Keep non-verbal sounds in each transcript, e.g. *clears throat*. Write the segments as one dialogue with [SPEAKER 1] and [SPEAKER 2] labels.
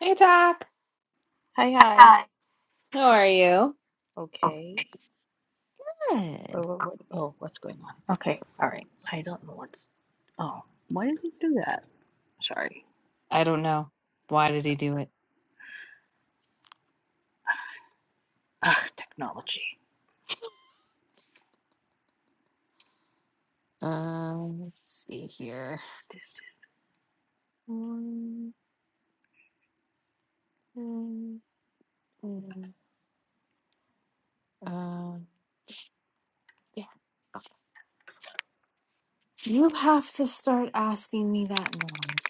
[SPEAKER 1] Hey, Doc.
[SPEAKER 2] Hi, hi.
[SPEAKER 1] Hi. How are you?
[SPEAKER 2] Okay. What,
[SPEAKER 1] Good.
[SPEAKER 2] what, what? Oh, what's going on? Okay. All right. I don't know what's. Oh, why does it do that? Sorry.
[SPEAKER 1] I don't know. Why did he do it?
[SPEAKER 2] Ugh, technology.
[SPEAKER 1] Um, let's see here.
[SPEAKER 2] This.
[SPEAKER 1] Um, um, um, uh, yeah, you have to start asking me that now.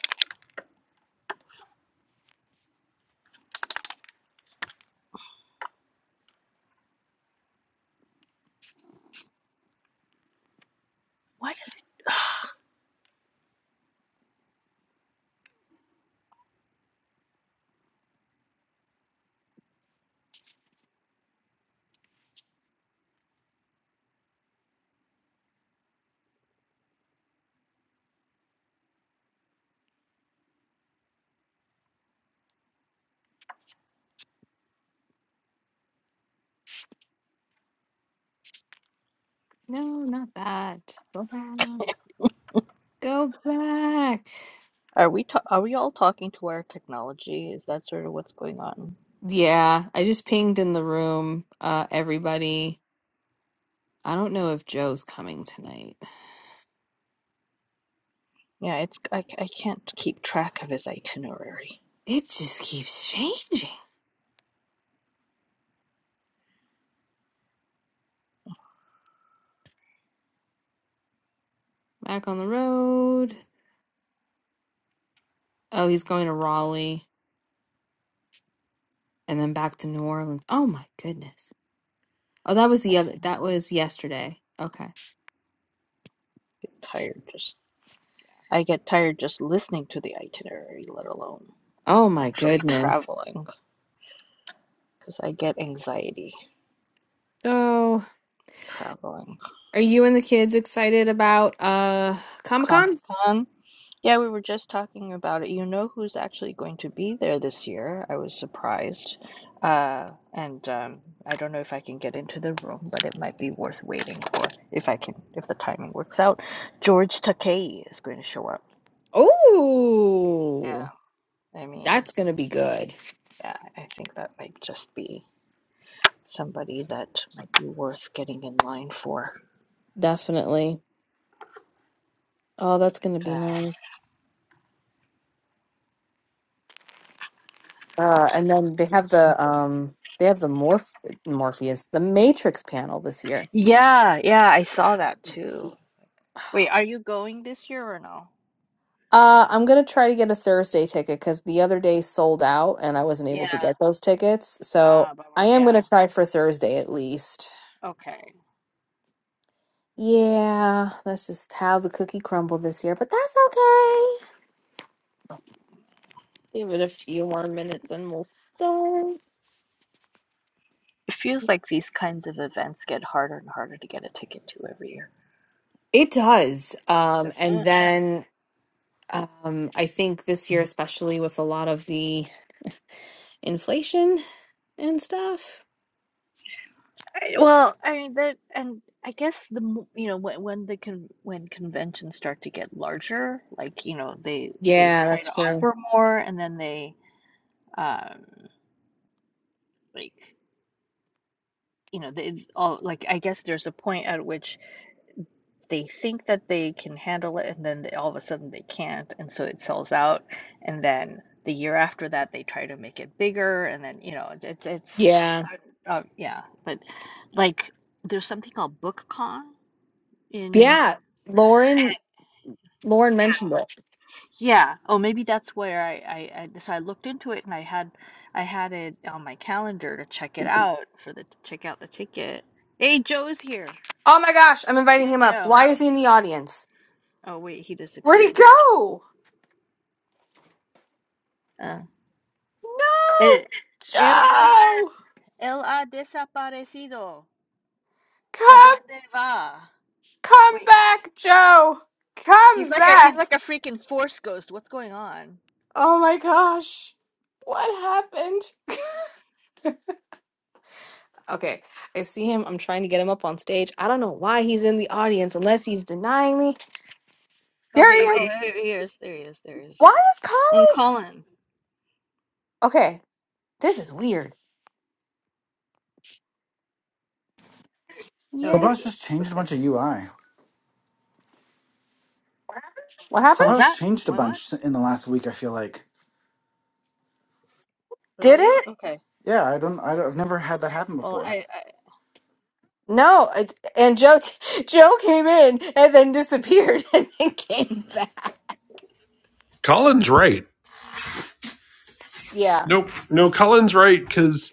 [SPEAKER 2] Why does it? Ugh.
[SPEAKER 1] No, not that. Go back. Go back.
[SPEAKER 2] Are we ta are we all talking to our technology? Is that sort of what's going on?
[SPEAKER 1] Yeah, I just pinged in the room, uh, everybody. I don't know if Joe's coming tonight.
[SPEAKER 2] Yeah, it's I, c- I can't keep track of his itinerary.
[SPEAKER 1] It just keeps changing. Back on the road. Oh, he's going to Raleigh and then back to New Orleans. Oh my goodness. Oh, that was
[SPEAKER 2] I
[SPEAKER 1] the other, that was yesterday. Okay.
[SPEAKER 2] get tired just I get tired just listening to the itinerary, let alone
[SPEAKER 1] Oh my
[SPEAKER 2] actually
[SPEAKER 1] goodness.
[SPEAKER 2] traveling, because I get anxiety
[SPEAKER 1] So,
[SPEAKER 2] traveling.
[SPEAKER 1] are you and the kids excited about uh
[SPEAKER 2] Comic
[SPEAKER 1] Comic-Con?
[SPEAKER 2] Con. Yeah, we were just talking about it. You know who's actually going to be there this year? I was surprised. Uh, and um, I don't know if I can get into the room, but it might be worth waiting for if I can, if the timing works out. George Takei is going to show up.
[SPEAKER 1] Oh,
[SPEAKER 2] Yeah, I mean,
[SPEAKER 1] that's going to be good.
[SPEAKER 2] yeah, I think that might just be somebody that might be worth getting in line for.
[SPEAKER 1] Definitely. Oh, that's going to be
[SPEAKER 2] Uh,
[SPEAKER 1] nice. Uh, and then they
[SPEAKER 2] we'll
[SPEAKER 1] have
[SPEAKER 2] see.
[SPEAKER 1] the um they have the Morph Morpheus, the Matrix panel this year.
[SPEAKER 2] Yeah, yeah, I saw that too. Wait, are you going this year or no?
[SPEAKER 1] Uh, I'm gonna try to get a Thursday ticket because the other day sold out and I wasn't able to
[SPEAKER 2] Yeah.
[SPEAKER 1] get those tickets. So
[SPEAKER 2] Ah, bummer.
[SPEAKER 1] I am
[SPEAKER 2] Yeah.
[SPEAKER 1] gonna try for Thursday at least.
[SPEAKER 2] Okay.
[SPEAKER 1] Yeah, that's just how the cookie crumbled this year, but that's okay. Give it a few more minutes and we'll start.
[SPEAKER 2] It feels like these kinds of events get harder and harder to get a ticket to every year.
[SPEAKER 1] It does. Um,
[SPEAKER 2] Doesn't
[SPEAKER 1] and
[SPEAKER 2] it?
[SPEAKER 1] then um, I think this year, especially with a lot of the inflation and stuff.
[SPEAKER 2] I, well, I mean that, and I guess the mo- you know when when the con when conventions start to get larger, like you know they they s-
[SPEAKER 1] Yeah,
[SPEAKER 2] try to
[SPEAKER 1] that's true.
[SPEAKER 2] offer more, and then they um like you know they all like I guess there's a point at which they think that they can handle it and then they, all of a sudden they can't and so it sells out and then the year after that they try to make it bigger and then you know it- it's it's
[SPEAKER 1] Yeah.
[SPEAKER 2] uh, uh, yeah but like there's something called bookcon in
[SPEAKER 1] Yeah. Lauren,
[SPEAKER 2] and
[SPEAKER 1] Lauren
[SPEAKER 2] yeah
[SPEAKER 1] mentioned it.
[SPEAKER 2] yeah oh maybe that's where I, I i so i looked into it and i had i had it on my calendar to check it out for the to check out the ticket hey joe's here
[SPEAKER 1] Oh my gosh, I'm
[SPEAKER 2] yeah
[SPEAKER 1] inviting him up.
[SPEAKER 2] joe
[SPEAKER 1] Why is he in the audience?
[SPEAKER 2] oh wait he
[SPEAKER 1] Where'd he
[SPEAKER 2] disappeared
[SPEAKER 1] go?
[SPEAKER 2] Uh,
[SPEAKER 1] No,
[SPEAKER 2] Eh, él ha,
[SPEAKER 1] Joe!
[SPEAKER 2] él ha desaparecido. ¿A
[SPEAKER 1] Come,
[SPEAKER 2] dónde va?
[SPEAKER 1] come
[SPEAKER 2] Wait, he, ca-
[SPEAKER 1] back, Joe!
[SPEAKER 2] he's
[SPEAKER 1] Come
[SPEAKER 2] like a he's
[SPEAKER 1] back!
[SPEAKER 2] like a freaking force ghost. What's going on?
[SPEAKER 1] Oh my gosh, what happened? Okay, I see him. I'm trying to get him up on stage. I don't know why he's in the audience unless he's denying me.
[SPEAKER 2] Oh hey,
[SPEAKER 1] There he
[SPEAKER 2] oh
[SPEAKER 1] is.
[SPEAKER 2] there he is, there he is, there he is.
[SPEAKER 1] Why is
[SPEAKER 2] And
[SPEAKER 1] Colin?
[SPEAKER 2] Colin.
[SPEAKER 1] Okay, this is weird.
[SPEAKER 2] Oh, there it
[SPEAKER 3] Clubhouse
[SPEAKER 1] Yes.
[SPEAKER 3] just
[SPEAKER 2] is.
[SPEAKER 3] changed a
[SPEAKER 2] Okay.
[SPEAKER 3] bunch of UI.
[SPEAKER 1] What happened?
[SPEAKER 2] Was
[SPEAKER 3] Clubhouse
[SPEAKER 2] that?
[SPEAKER 3] changed a
[SPEAKER 2] What? What?
[SPEAKER 3] bunch in the last week. I feel like,
[SPEAKER 1] Did
[SPEAKER 2] Really?
[SPEAKER 1] it?
[SPEAKER 2] Okay.
[SPEAKER 3] yeah, I don't, I don't I've never had that happen
[SPEAKER 2] Well,
[SPEAKER 3] before.
[SPEAKER 2] I, I
[SPEAKER 1] No, it- and Joe *laughs* Joe came in and then disappeared *laughs* and then came back.
[SPEAKER 4] Colin's right.
[SPEAKER 1] Yeah,
[SPEAKER 4] Nope, no, Colin's right because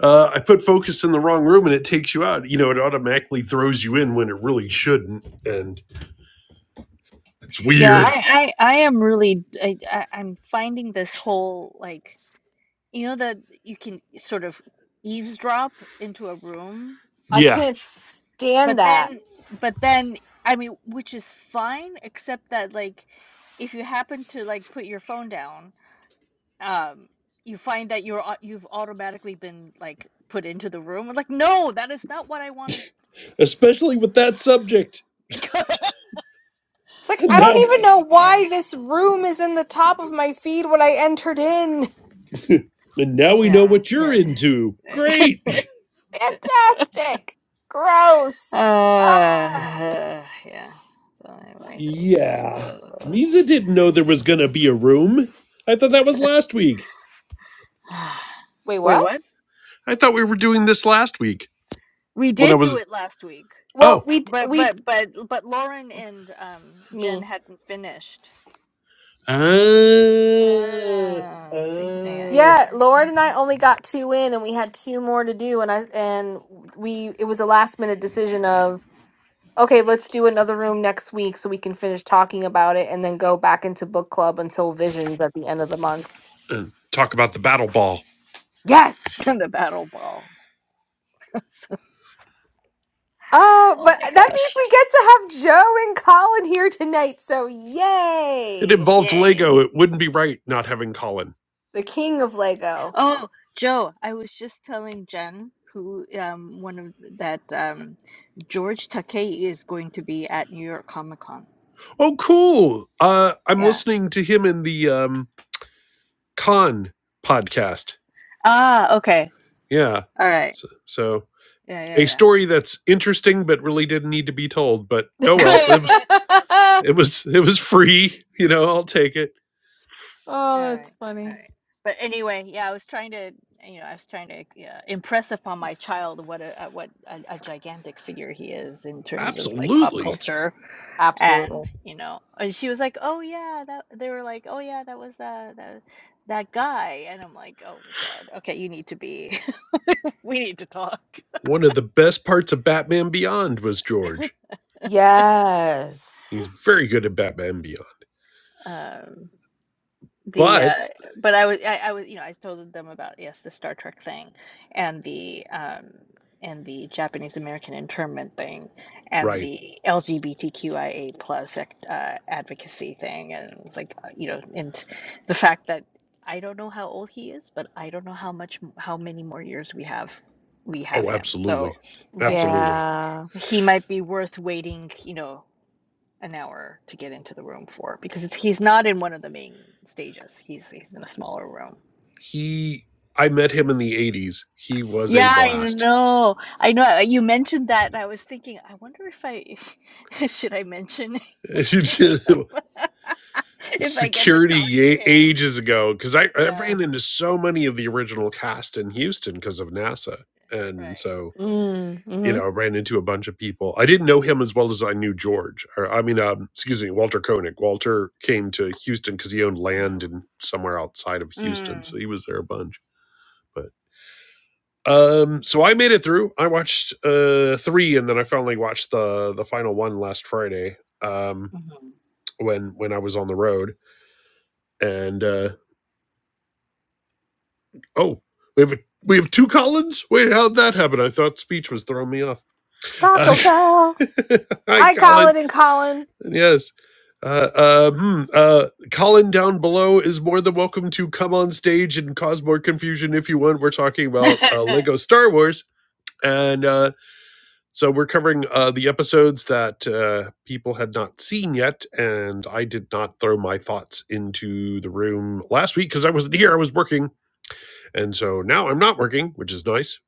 [SPEAKER 4] uh, I put focus in the wrong room and it takes you out. You know, it automatically throws you in when it really shouldn't, and it's
[SPEAKER 2] yeah, I,
[SPEAKER 4] weird.
[SPEAKER 2] I, I am really, I, I, I'm finding this whole like, you know, that you can sort of eavesdrop into a room
[SPEAKER 1] I
[SPEAKER 4] Yeah.
[SPEAKER 1] can't stand
[SPEAKER 2] But
[SPEAKER 1] that.
[SPEAKER 2] then, but then, I mean, which is fine, except that like, if you happen to like put your phone down, um, you find that you're au- you've automatically been like put into the room. Like, no, that is not what I wanted.
[SPEAKER 4] Especially with that subject.
[SPEAKER 1] It's like
[SPEAKER 4] And
[SPEAKER 1] I
[SPEAKER 2] Well,
[SPEAKER 1] don't
[SPEAKER 2] I
[SPEAKER 4] now,
[SPEAKER 1] even know
[SPEAKER 2] yeah yeah
[SPEAKER 1] why this room is in the top of my feed when I entered in.
[SPEAKER 4] and now we know
[SPEAKER 2] yeah
[SPEAKER 4] what you're into.
[SPEAKER 2] yeah.
[SPEAKER 4] Great. *laughs*
[SPEAKER 1] *laughs* Fantastic.
[SPEAKER 2] *laughs*
[SPEAKER 1] Gross. Ah.
[SPEAKER 2] uh, yeah. So anyway, that was just
[SPEAKER 4] Yeah,
[SPEAKER 2] uh.
[SPEAKER 4] Misa didn't know there was gonna be a room. I thought that was last week.
[SPEAKER 2] *sighs*
[SPEAKER 1] Wait,
[SPEAKER 2] Wait,
[SPEAKER 1] what?
[SPEAKER 2] what?
[SPEAKER 4] I thought we were doing this last week
[SPEAKER 2] We
[SPEAKER 4] when I
[SPEAKER 2] did do
[SPEAKER 4] was.
[SPEAKER 2] it last week,
[SPEAKER 1] Well,
[SPEAKER 4] Oh,
[SPEAKER 1] we d-
[SPEAKER 2] but
[SPEAKER 1] we d-
[SPEAKER 2] but but but Lauren and um Jen
[SPEAKER 1] me.
[SPEAKER 2] hadn't finished.
[SPEAKER 4] Uh,
[SPEAKER 2] Ah, see, yeah,
[SPEAKER 4] uh.
[SPEAKER 2] yeah,
[SPEAKER 1] Yeah,
[SPEAKER 2] yeah.
[SPEAKER 1] Lauren and I
[SPEAKER 2] Mhm.
[SPEAKER 1] only got two in and we had two more to do and I and we it was a last minute decision of Okay, let's do another room next week so we can finish talking about it and then go back into book club until visions at the end of the month.
[SPEAKER 4] *clears throat* uh, talk about the battle ball.
[SPEAKER 1] Yes.
[SPEAKER 2] *laughs* The battle ball. *laughs*
[SPEAKER 1] Oh,
[SPEAKER 2] Oh
[SPEAKER 1] but
[SPEAKER 2] my
[SPEAKER 1] that means
[SPEAKER 2] gosh.
[SPEAKER 1] we get to have Joe and Colin here tonight. So
[SPEAKER 4] It
[SPEAKER 1] yay!
[SPEAKER 4] involved
[SPEAKER 2] Yay.
[SPEAKER 4] Lego. It wouldn't be right not having Colin.
[SPEAKER 1] The king of Lego.
[SPEAKER 2] Oh, Joe, I was just telling Jen who um one of th- that um George Takei is going to be at New York Comic Con.
[SPEAKER 4] Oh, cool. Uh, I'm
[SPEAKER 2] Yeah.
[SPEAKER 4] listening to him in the um, Con podcast.
[SPEAKER 2] Ah, okay.
[SPEAKER 4] Yeah.
[SPEAKER 2] All right.
[SPEAKER 4] So, so a
[SPEAKER 2] Yeah,
[SPEAKER 4] story that's interesting but really didn't need to be told. But oh
[SPEAKER 1] *laughs*
[SPEAKER 4] well,
[SPEAKER 2] yeah,
[SPEAKER 4] it
[SPEAKER 2] yeah. *laughs*
[SPEAKER 4] was
[SPEAKER 1] oh,
[SPEAKER 4] it was it was free. *laughs* You know, I'll take it.
[SPEAKER 2] All right.
[SPEAKER 1] that's
[SPEAKER 2] All
[SPEAKER 1] funny.
[SPEAKER 2] right. But anyway, yeah, I was trying to, you know, I was trying to yeah, impress upon my child what a, a what a, a gigantic figure he is in terms of like pop
[SPEAKER 4] Absolutely.
[SPEAKER 2] culture,
[SPEAKER 1] Absolutely.
[SPEAKER 2] and you know, and she was like, "Oh yeah, that they were like, oh yeah, that was uh, that that guy," and I'm like, "Oh God, okay, you need to be, *laughs* we need to talk."
[SPEAKER 4] One of the best parts of Batman Beyond was George.
[SPEAKER 1] Yes.
[SPEAKER 4] He's very good at Batman Beyond.
[SPEAKER 2] Um, the uh
[SPEAKER 4] But
[SPEAKER 2] but I was I, I was you know I told them about yes the Star Trek thing and the um and the Japanese American internment thing and
[SPEAKER 4] right.
[SPEAKER 2] the LGBTQIA plus uh, advocacy thing and like uh, you know and the fact that I don't know how old he is but I don't know how much how many more years we have we have
[SPEAKER 4] Oh,
[SPEAKER 2] him
[SPEAKER 4] absolutely.
[SPEAKER 2] so I think
[SPEAKER 4] Absolutely.
[SPEAKER 1] Yeah.
[SPEAKER 2] he might be worth waiting you know an hour to get into the room for because it's, he's not in one of the main stages. He's he's in a smaller room.
[SPEAKER 4] He, I met him in the 80s. He was
[SPEAKER 2] Yeah,
[SPEAKER 4] a
[SPEAKER 2] I
[SPEAKER 4] blast.
[SPEAKER 2] know. I know. uh, You mentioned that, and I was thinking, I wonder if I *laughs* should I mention *laughs*
[SPEAKER 4] *laughs*
[SPEAKER 2] if I get to
[SPEAKER 4] Security
[SPEAKER 2] talk to him.
[SPEAKER 4] ages ago, because I, I
[SPEAKER 2] Yeah,
[SPEAKER 4] ran into so many of the original cast in Houston because of NASA. And
[SPEAKER 2] right.
[SPEAKER 4] so,
[SPEAKER 1] Mm,
[SPEAKER 4] you
[SPEAKER 1] hmm
[SPEAKER 4] know, I ran into a bunch of people. I didn't know him as well as I knew George. Or, I mean, um, excuse me, Walter Koenig. Walter came to Houston because he owned land
[SPEAKER 2] Mm-hmm.
[SPEAKER 4] in somewhere outside of Houston. So
[SPEAKER 2] Mm.
[SPEAKER 4] he was there a bunch. but. Um, so I made it through. I watched uh three, and then I finally watched the the final one last Friday. Um, when when I was on the road, and uh, oh, we have a, we have two Collins. Wait, how'd that happen? I thought speech was throwing me off. Uh,
[SPEAKER 1] Taco Bell.
[SPEAKER 4] *laughs* hi,
[SPEAKER 1] Hi,
[SPEAKER 4] Colin.
[SPEAKER 1] Colin and Colin.
[SPEAKER 4] Yes. Uh, uh, hmm, uh, Colin down below is more than welcome to come on stage and cause more confusion if you want. We're talking about uh, Lego
[SPEAKER 2] Mm-hmm.
[SPEAKER 4] Star Wars, and uh, So we're covering uh, the episodes that uh, people had not seen yet, and I did not throw my thoughts into the room last week because I wasn't here. I was working, and so now I'm not working, which is nice.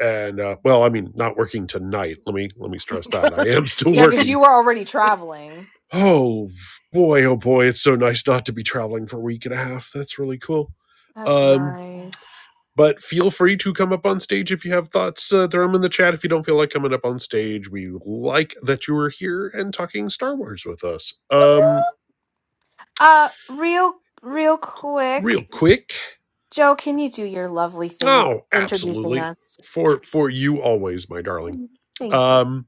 [SPEAKER 4] And uh, well, I mean, not working tonight. Let me let me stress that I am *laughs*
[SPEAKER 2] *laughs*
[SPEAKER 4] still
[SPEAKER 2] yeah.
[SPEAKER 1] Yeah, because
[SPEAKER 4] working.
[SPEAKER 1] you were already traveling.
[SPEAKER 4] Oh boy, oh boy, it's so nice not to be traveling for a week and a half. That's really cool.
[SPEAKER 1] That's
[SPEAKER 4] Um,
[SPEAKER 1] nice.
[SPEAKER 4] but feel free to come up on stage if you have thoughts. Uh, throw them in the chat if you don't feel like coming up on stage. We like that you were here and talking Star Wars with us. Um,
[SPEAKER 1] Woohoo! Uh, real, real quick,
[SPEAKER 4] real quick.
[SPEAKER 1] Joe, can you do your lovely thing of
[SPEAKER 4] Oh,
[SPEAKER 1] introducing
[SPEAKER 4] absolutely.
[SPEAKER 1] us?
[SPEAKER 4] For for you always, my darling.
[SPEAKER 1] Thank you.
[SPEAKER 4] Um,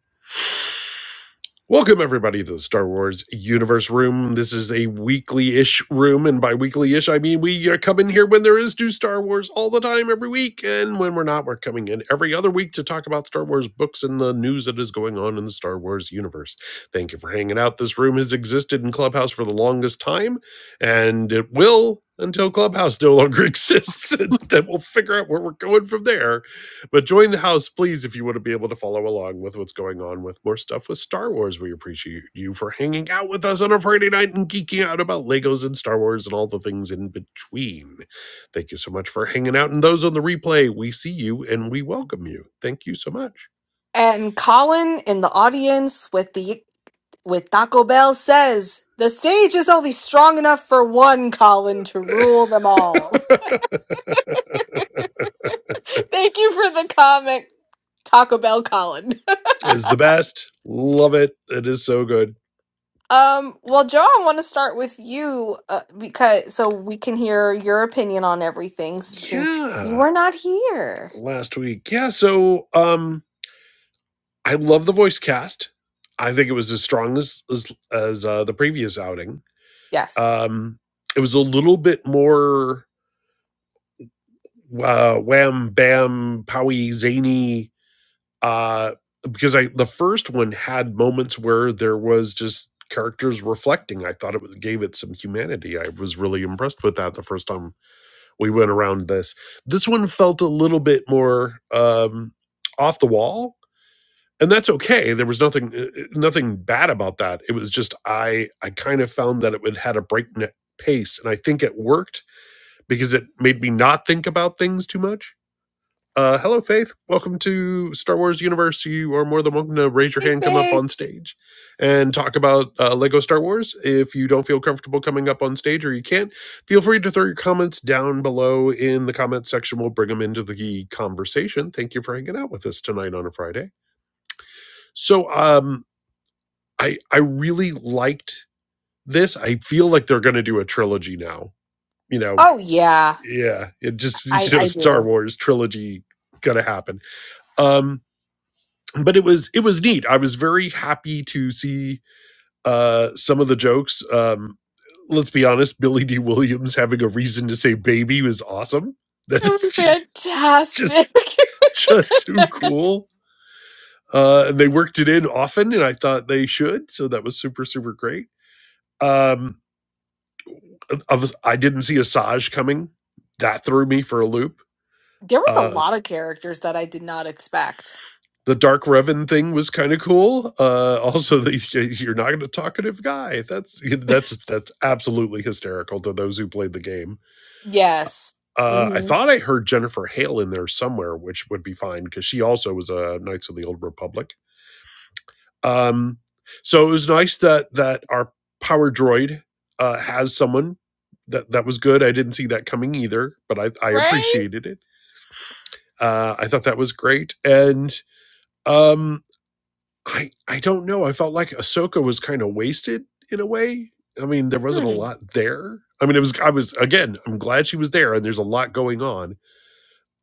[SPEAKER 4] Welcome, everybody, to the Star Wars Universe Room. This is a weekly ish room, and by weekly ish, I mean we uh, come in here when there is new Star Wars all the time, every week. And when we're not, we're coming in every other week to talk about Star Wars books and the news that is going on in the Star Wars universe. Thank you for hanging out. This room has existed in Clubhouse for the longest time, and it will until Clubhouse no longer *laughs* exists. And then we'll figure out where we're going from there but join the house, please, if you want to be able to follow along with what's going on with more stuff with Star Wars. We appreciate you for hanging out with us on a Friday night and geeking out about Legos and Star Wars and all the things in between. Thank you so much for hanging out. And those on the replay, we see you and we welcome you. Thank you so much.
[SPEAKER 1] And Colin in the audience with the with Taco Bell says the stage is only strong enough for one Colin to rule them
[SPEAKER 4] *laughs* it's
[SPEAKER 1] all. *laughs* Thank you for the comment, Taco Bell Colin.
[SPEAKER 4] the best. Love it. It is so good.
[SPEAKER 1] Um, well, Joe, I want to start with you uh, because so we can hear your opinion on everything since you
[SPEAKER 4] Yeah.
[SPEAKER 1] were not here.
[SPEAKER 4] Last week. Yeah. So um I love the voice cast. I think it was as strong as as, as uh, the previous outing.
[SPEAKER 1] Yes.
[SPEAKER 4] Um, it was a little bit more uh, wham bam powy zany uh, because I the first one had moments where there was just characters reflecting. I thought it was, gave it some humanity. I was really impressed with that the first time we went around this. This one felt a little bit more um, off the wall, and that's okay. There was nothing uh, uh, nothing bad about that. It was just I I kind of found that it would had a breakneck pace, and I think it worked because it made me not think about things too much. Uh, hello, Faith. Welcome to Star Wars Universe. You are more than welcome to raise your
[SPEAKER 1] Hey,
[SPEAKER 4] hand, come up on
[SPEAKER 1] Faith.
[SPEAKER 4] stage, and talk about uh, Lego Star Wars. If you don't feel comfortable coming up on stage or you can't, feel free to throw your comments down below in the comments section. We'll bring them into the conversation. Thank you for hanging out with us tonight on a Friday. So, um, I I really liked this. I feel like they're going to do a trilogy now. You know,
[SPEAKER 1] Oh yeah,
[SPEAKER 4] yeah it just *laughs*
[SPEAKER 1] I
[SPEAKER 4] you know
[SPEAKER 1] I
[SPEAKER 4] star
[SPEAKER 1] do.
[SPEAKER 4] wars trilogy gonna happen um but it was it was neat i was very happy to see uh some of the jokes um let's be honest billy d williams having a reason to say baby was awesome *laughs* that is
[SPEAKER 1] It was
[SPEAKER 4] just just
[SPEAKER 1] fantastic.
[SPEAKER 4] just
[SPEAKER 1] *laughs*
[SPEAKER 4] too cool uh and they worked it in often and i thought they should so that was super super great um i, was- I didn't see asajj coming that threw me for a loop
[SPEAKER 1] there was a
[SPEAKER 4] Uh,
[SPEAKER 1] lot of characters that I did not expect.
[SPEAKER 4] the Dark Revan thing was kind of cool. Uh, also, the, you're not a talkative guy. That's that's that's absolutely hysterical to those who played the game.
[SPEAKER 1] Yes.
[SPEAKER 4] Uh, I
[SPEAKER 1] hmm
[SPEAKER 4] thought I heard Jennifer Hale in there somewhere, which would be fine because she also was a Knights of the Old Republic. Um, so it was nice that that our power droid uh, has someone that that was good. I didn't see that coming either, but I I
[SPEAKER 1] Right?
[SPEAKER 4] appreciated it. Uh, I thought that was great and. Um, I I don't know. I felt like Ahsoka was kind of wasted in a way. I mean, there wasn't
[SPEAKER 1] Hmm.
[SPEAKER 4] a lot there. I mean, it was I was again, I'm glad she was there and there's a lot going on.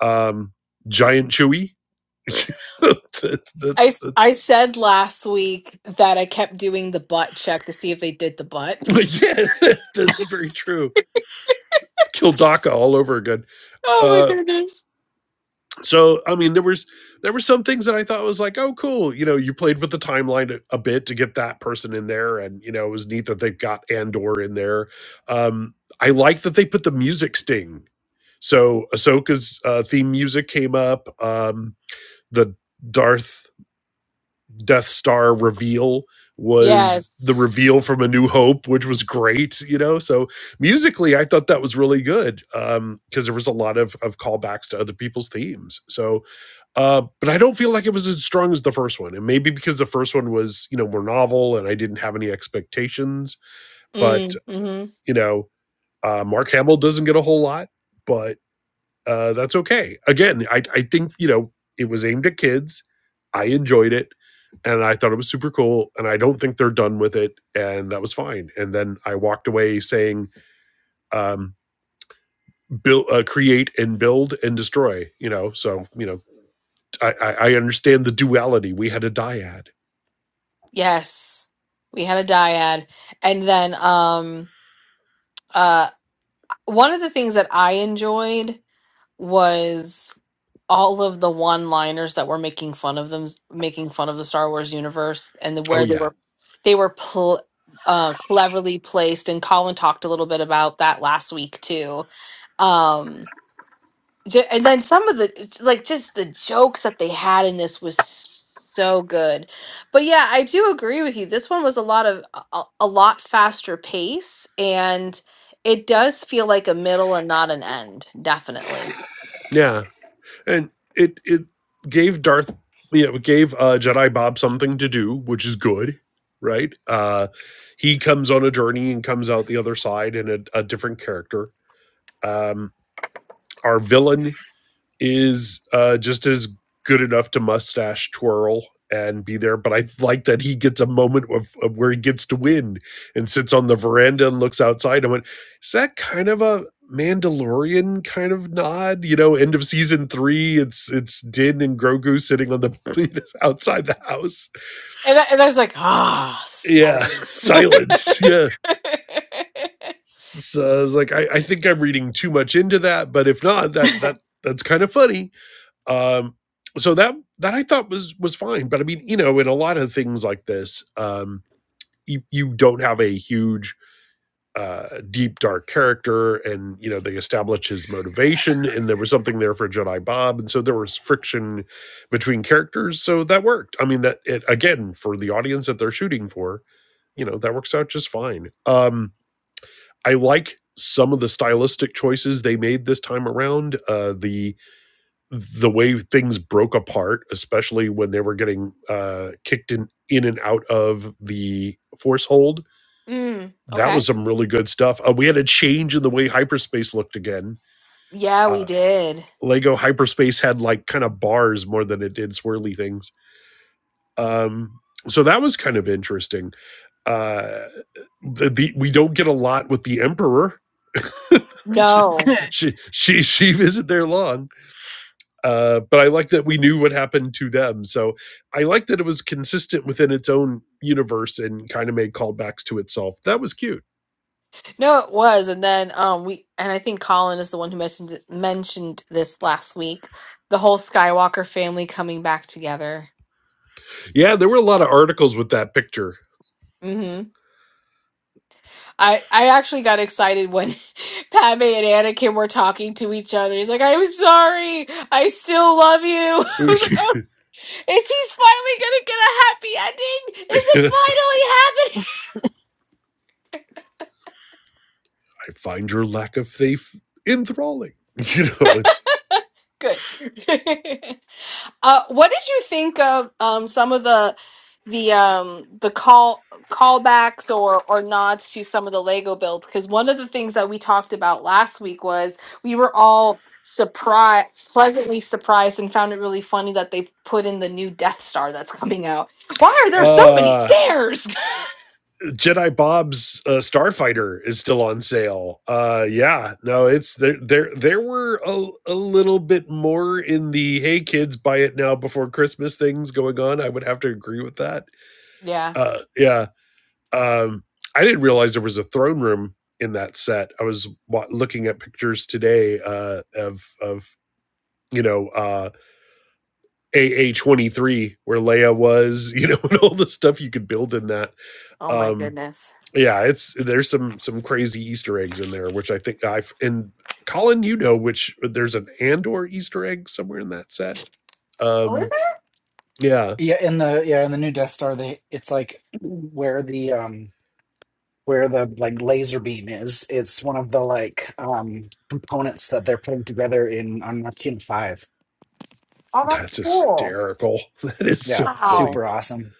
[SPEAKER 4] Um giant Chewie. *laughs* that,
[SPEAKER 1] I,
[SPEAKER 4] that's
[SPEAKER 1] s-
[SPEAKER 4] that's
[SPEAKER 1] I said last week that I kept doing the butt check to see if they did the
[SPEAKER 4] *laughs*
[SPEAKER 1] butt. *laughs*
[SPEAKER 4] yeah, that, that's very true. It's Kildaka all over again.
[SPEAKER 1] Oh
[SPEAKER 4] Uh.
[SPEAKER 1] my goodness.
[SPEAKER 4] so i mean there was there were some things that i thought was like oh cool you know you played with the timeline a, a bit to get that person in there and you know it was neat that they got andor in there um i like that they put the music sting so ahsoka's uh, theme music came up um the darth death star reveal was the
[SPEAKER 1] Yes.
[SPEAKER 4] reveal from a new hope which was great you know so musically i thought that was really good um because there was a lot of of callbacks to other people's themes so uh, but I don't feel like it was as strong as the first one. And maybe because the first one was, you know, more novel and I didn't have any expectations. But,
[SPEAKER 1] Mm, mhm.
[SPEAKER 4] you know, uh, Mark Hamill doesn't get a whole lot, but uh, that's okay. Again, I, I think, you know, it was aimed at kids. I enjoyed it and I thought it was super cool. And I don't think they're done with it. And that was fine. And then I walked away saying, um, build, uh, create and build and destroy, you know. So, you know, I, I, I understand the duality. We had a dyad.
[SPEAKER 1] Yes. We had a dyad. And then um uh one of the things that I enjoyed was all of the one-liners that were making fun of them making fun of the Star Wars universe and the,
[SPEAKER 4] Oh,
[SPEAKER 1] where they
[SPEAKER 4] yeah.
[SPEAKER 1] were they were pl- uh cleverly placed and Colin talked a little bit about that last week too. Um Ju- and then some of the it's like just the jokes that they had in this was so good but yeah i do agree with you this one was a lot of a, a a lot faster pace and it does feel like a middle and not an end definitely
[SPEAKER 4] Yeah, and it it gave Darth, you know, it gave uh, Jedi Bob something to do, which is good, right? Uh, he comes on a journey and comes out the other side in a, a different character. Um, our villain is uh, just as good enough to mustache twirl and be there. But I like that he gets a moment of, of where he gets to win and sits on the veranda and looks outside. I went, is that kind of a Mandalorian kind of nod? You know, end of season three, it's it's Din and Grogu sitting on the *laughs* outside the house.
[SPEAKER 1] and I, and I was like ah
[SPEAKER 4] Yeah, *laughs*
[SPEAKER 1] silence *laughs*
[SPEAKER 4] silence. Yeah. So I was like, I, I think I'm reading too much into that, but if not, that that that's kind of funny Um, so that that I thought was was fine, but I mean, you know, in a lot of things like this, um, you you don't have a huge uh deep dark character and you know they establish his motivation and there was something there for jedi bob and so there was friction between characters so that worked i mean that it again for the audience that they're shooting for you know that works out just fine um i like some of the stylistic choices they made this time around uh the the way things broke apart, especially when they were getting uh, kicked in, in and out of the force hold,
[SPEAKER 1] mm,
[SPEAKER 4] that
[SPEAKER 1] okay
[SPEAKER 4] was some really good stuff. Uh, we had a change in the way hyperspace looked again.
[SPEAKER 1] yeah we
[SPEAKER 4] Uh,
[SPEAKER 1] did
[SPEAKER 4] Lego hyperspace had like kind of bars more than it did swirly things. Um, so that was kind of interesting. Uh, the, the, we don't get a lot with the Emperor. *laughs* she,
[SPEAKER 1] no
[SPEAKER 4] she she she isn't there long uh, but I like that we knew what happened to them. So I like that it was consistent within its own universe and kind of made callbacks to itself. That was cute.
[SPEAKER 1] No, it was, and then um we and I think Colin is the one who mentioned it- mentioned this last week. The whole Skywalker family coming back together.
[SPEAKER 4] Yeah, there were a lot of articles with that picture.
[SPEAKER 1] hmm I I actually got excited when *laughs* Padme and Anakin were talking to each other. He's like, "I'm sorry, I still love you." *laughs*
[SPEAKER 4] *laughs*
[SPEAKER 1] I was like, "Oh, is he finally gonna get a happy ending?
[SPEAKER 4] I find your lack of faith enthralling. *laughs* You know, it's
[SPEAKER 1] Is it finally happening?" *laughs* Good. *laughs* Uh, what did you think of um, some of the the um, the call callbacks or or nods to some of the Lego builds? Because one of the things that we talked about last week was we were all surprised, pleasantly surprised, and found it really funny that they put in the new Death Star that's coming out. Why are there so many
[SPEAKER 4] uh
[SPEAKER 1] stairs?
[SPEAKER 4] Jedi Bob's uh, Starfighter is still on sale. Uh yeah, no, it's there there there were a, a little bit more in the hey kids buy it now before Christmas things going on. I would have to agree with that
[SPEAKER 1] *laughs* yeah.
[SPEAKER 4] Uh, yeah. Um, I didn't realize there was a throne room in that set. I was wa- looking at pictures today uh, of of you know uh, AA twenty three where Leia was, you know, *laughs* and all the stuff you could build in that.
[SPEAKER 1] Oh my
[SPEAKER 4] Um,
[SPEAKER 1] goodness.
[SPEAKER 4] yeah, it's there's some some crazy Easter eggs in there, which I think I've and Colin, you know, which there's an Andor Easter egg somewhere in that set.
[SPEAKER 1] Oh, is
[SPEAKER 4] Um,
[SPEAKER 1] there?
[SPEAKER 4] yeah,
[SPEAKER 3] Yeah, in the yeah, in the new Death Star, they it's like where the um where the like laser beam is. It's one of the like um components that they're putting together in on Arcane Five.
[SPEAKER 1] Oh, that's
[SPEAKER 4] that's
[SPEAKER 1] cool.
[SPEAKER 4] hysterical. *laughs* That is
[SPEAKER 3] Yeah,
[SPEAKER 4] so funny.
[SPEAKER 1] Wow.
[SPEAKER 3] super awesome.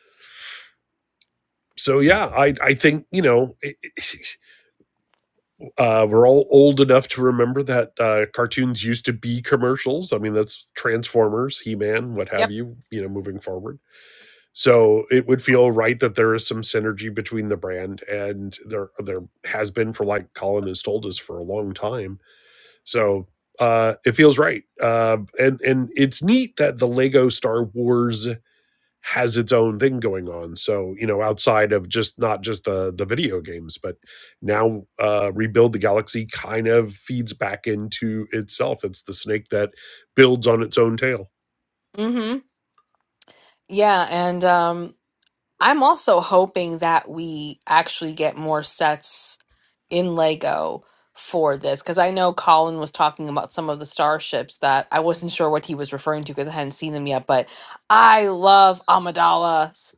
[SPEAKER 4] so yeah, I I think you know it- *laughs* uh, we're all old enough to remember that uh, cartoons used to be commercials. I mean, that's Transformers, He Man, what have
[SPEAKER 1] Yep.
[SPEAKER 4] you. You know, moving forward, so it would feel right that there is some synergy between the brand and there there has been for like Colin has told us for a long time. So uh, it feels right, uh, and and it's neat that the Lego Star Wars has its own thing going on. So, you know, outside of just not just the the video games, but now uh Rebuild the Galaxy kind of feeds back into itself. It's the snake that builds on its own tail.
[SPEAKER 1] Mm-hmm. Yeah, and um, I'm also hoping that we actually get more sets in Lego for this because I know Colin was talking about some of the starships that I wasn't sure what he was referring to because I hadn't seen them yet. But I love Amidala's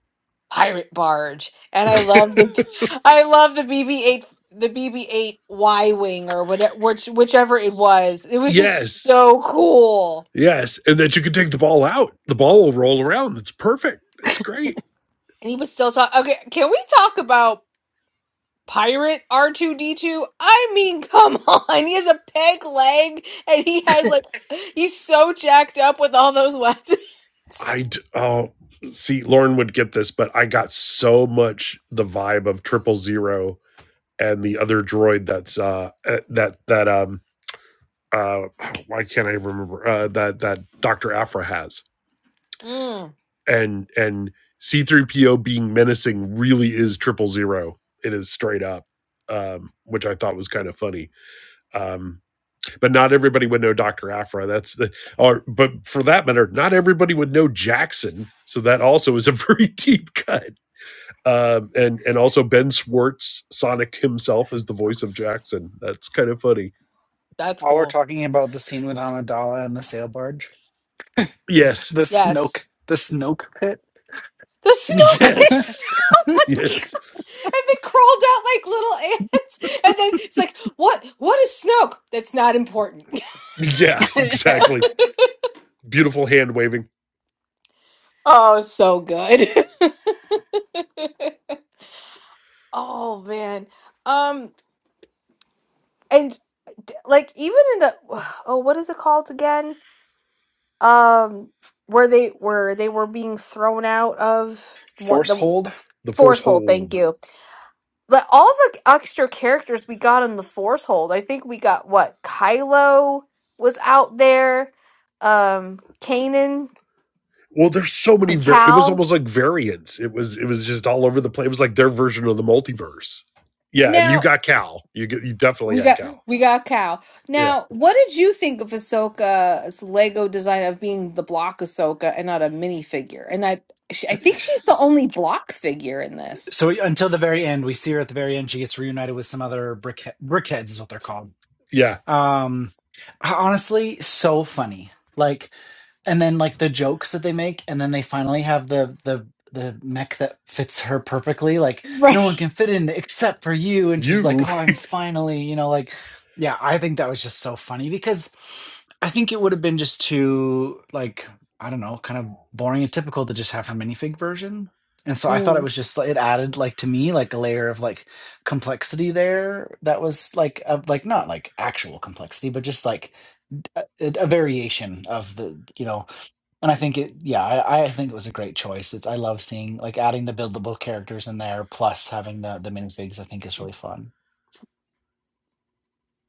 [SPEAKER 1] pirate barge, and I love the *laughs* I love the BB-8 the BB-8 Y-wing or whatever which, whichever it was. It was just
[SPEAKER 4] Yes.
[SPEAKER 1] so cool.
[SPEAKER 4] Yes, and that you can take the ball out. The ball will roll around. It's perfect. It's great.
[SPEAKER 1] And he was still talking. Okay, can we talk about? pirate R2D2? I mean, *laughs* come on. He has a peg leg and he has like he's so jacked up with all those weapons. *laughs*
[SPEAKER 4] I d- oh see Lauren would get this, but I got so much the vibe of Triple Zero and the other droid that's uh uh, that that um uh why can't I remember uh that that Dr. Afra has.
[SPEAKER 1] Mm,
[SPEAKER 4] And and C3PO being menacing really is triple zero. It is straight up. Um, which I thought was kind of funny. Um, but not everybody would know Dr. Afra. That's the or but for that matter, not everybody would know Jackson. So that also is a *laughs* very deep cut. Um and and also Ben Schwartz Sonic himself is the voice of Jackson. That's kind of funny.
[SPEAKER 1] that's
[SPEAKER 3] While we're
[SPEAKER 1] cool.
[SPEAKER 3] talking about the scene with Amidala and the sail barge,
[SPEAKER 4] Yes.
[SPEAKER 3] the
[SPEAKER 1] Yes.
[SPEAKER 3] Snoke, the Snoke pit,
[SPEAKER 1] The
[SPEAKER 4] *laughs*
[SPEAKER 1] Snoke
[SPEAKER 3] *laughs*
[SPEAKER 4] Yes.
[SPEAKER 1] bitch. *laughs* Oh my
[SPEAKER 4] Yes
[SPEAKER 1] god. *laughs* And they crawled out like little *laughs* ants. And then it's like, what what is Snoke? That's not important. *laughs*
[SPEAKER 4] *laughs* Yeah,
[SPEAKER 2] *laughs* *laughs*
[SPEAKER 4] exactly. Beautiful hand waving.
[SPEAKER 1] Oh, so good. *laughs* oh man. Um and like even in the *sighs* oh, what is it called again? um where they were they were being thrown out of what
[SPEAKER 3] force
[SPEAKER 1] the
[SPEAKER 3] hold.
[SPEAKER 4] The force
[SPEAKER 1] force hold thank
[SPEAKER 4] hold.
[SPEAKER 1] you but all the extra characters we got in the force hold i think we got what kylo was out there um kanan
[SPEAKER 4] Well, there's so many. Var- it was
[SPEAKER 1] cal
[SPEAKER 4] almost like variants. It was. It was just all over the place. It was like their version of the multiverse. Yeah, and you
[SPEAKER 1] Now
[SPEAKER 4] got Cal. You get, you definitely
[SPEAKER 1] we
[SPEAKER 4] had
[SPEAKER 1] got
[SPEAKER 4] Cal.
[SPEAKER 1] we got Cal.
[SPEAKER 4] Yeah,
[SPEAKER 1] Now, what did you think of Ahsoka's Lego design of being the block Ahsoka and not a minifigure? And that she, I think she's the only block figure in this.
[SPEAKER 3] so until the very end, we see her at the very end. She gets reunited with some other brick brickheads, is what they're called.
[SPEAKER 4] yeah.
[SPEAKER 3] Um, honestly, so funny. Like, and then like the jokes that they make, and then they finally have the the the mech that fits her perfectly. Like, no
[SPEAKER 1] right
[SPEAKER 3] one can fit in except for you, and she's like,
[SPEAKER 4] You.
[SPEAKER 3] "Oh, I'm finally," you know, like, yeah. I think that was just so funny because I think it would have been just too like I don't know, kind of boring and typical to just have her minifig version. And so I thought it was just it added like to me like a layer of like complexity there that was like of like not like actual complexity but just like a, a variation of the you know and i think it yeah I, I think it was a great choice it's i love seeing like adding the buildable characters in there plus having the the minifigs i think is really fun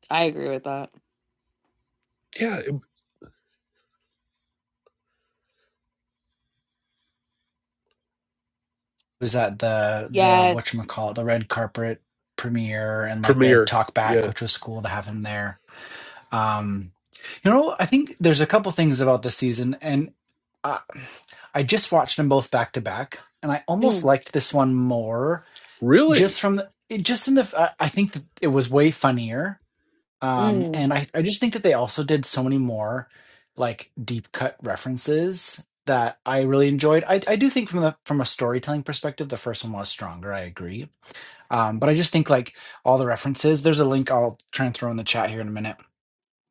[SPEAKER 1] I agree with that.
[SPEAKER 4] Yeah,
[SPEAKER 3] it was at the the
[SPEAKER 1] Yes.
[SPEAKER 3] whatchamacallit the red carpet premiere and like the
[SPEAKER 4] Premiere.
[SPEAKER 3] talk back
[SPEAKER 4] Yeah,
[SPEAKER 3] which was cool to have him there Um, you know, I think there's a couple things about this season, and I, I just watched them both back to back, and I
[SPEAKER 1] Mm,
[SPEAKER 3] almost liked this one more just
[SPEAKER 4] really.
[SPEAKER 3] from the it, just in the. f- I I think that it was way funnier, um,
[SPEAKER 1] mm,
[SPEAKER 3] and I I just think that they also did so many more like deep cut references that I really enjoyed. I I do think from the from a storytelling perspective, the first one was stronger. I agree, um, but I just think like all the references. There's a link I'll try and throw in the chat here in a minute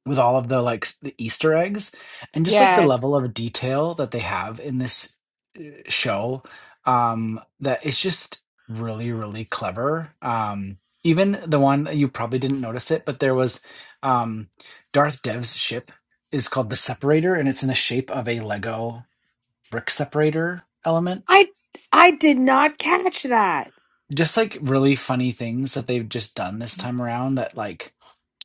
[SPEAKER 3] with all of the like s- the Easter eggs and just like the level
[SPEAKER 1] yes.
[SPEAKER 3] of detail that they have in this uh, show um that it's just really really clever um even the one you probably didn't notice it but there was um Darth Dev's ship is called the separator and it's in the shape of a Lego brick separator element
[SPEAKER 1] I I did not catch that.
[SPEAKER 3] just like really funny things that they've just done this time around that like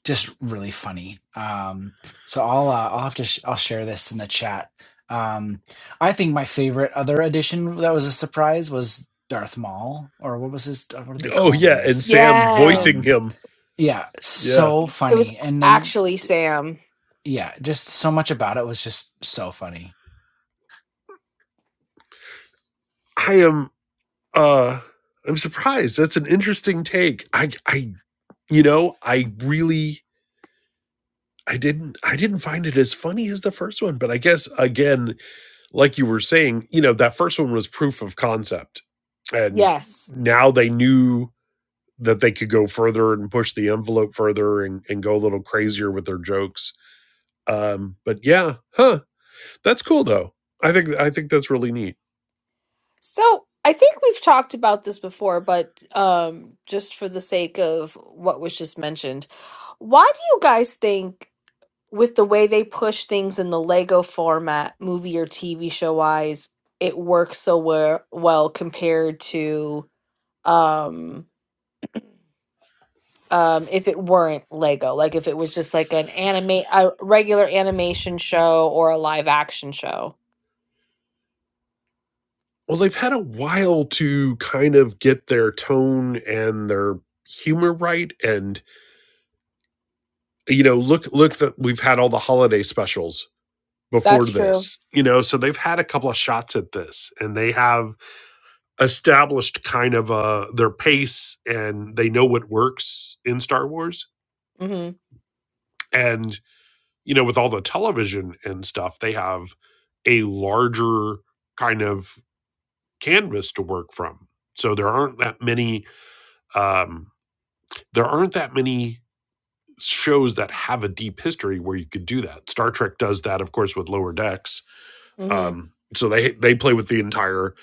[SPEAKER 3] just really funny. Um, so I'll uh, I'll have to sh- I'll share this in the chat. Um, I think my favorite other addition that was a surprise was Darth Maul, or what was his? What did they
[SPEAKER 4] Oh
[SPEAKER 3] call him in
[SPEAKER 4] yeah, and
[SPEAKER 3] this?
[SPEAKER 4] Sam voicing
[SPEAKER 1] Yes.
[SPEAKER 3] Um,
[SPEAKER 4] him.
[SPEAKER 3] yeah,
[SPEAKER 4] Yeah,
[SPEAKER 3] so
[SPEAKER 1] It was
[SPEAKER 3] funny, and then
[SPEAKER 1] actually Sam.
[SPEAKER 3] yeah, just so much about it was just so funny.
[SPEAKER 4] I am. uh I'm surprised. That's an interesting take. I. I. You know, I really I didn't I didn't find it as funny as the first one, but I guess again, like you were saying, you know, that first one was proof of concept. And
[SPEAKER 1] Yes.
[SPEAKER 4] now they knew that they could go further and push the envelope further and, and go a little crazier with their jokes. Um, but yeah, huh. That's cool though. I think I think that's really neat.
[SPEAKER 1] So I think we've talked about this before, but um, just for the sake of what was just mentioned, why do you guys think, with the way they push things in the Lego format, movie or TV show wise, it works so well, well compared to? um, um if it weren't lego like if it was just like an anime a regular animation show or a live action show
[SPEAKER 4] Well, they've had a while to kind of get their tone and their humor right and you know look look that we've had all the holiday specials before
[SPEAKER 1] that's true
[SPEAKER 4] this, you know. So they've had a couple of shots at this, and they have established kind of uh their pace, and they know what works in Star Wars.
[SPEAKER 1] mhm
[SPEAKER 4] And you know, with all the television and stuff, they have a larger kind of canvas to work from. So there aren't that many. Um, there aren't that many shows that have a deep history where you could do that. Star Trek does that, of course, with Lower Decks
[SPEAKER 1] mhm
[SPEAKER 4] Um, so they they play with the entire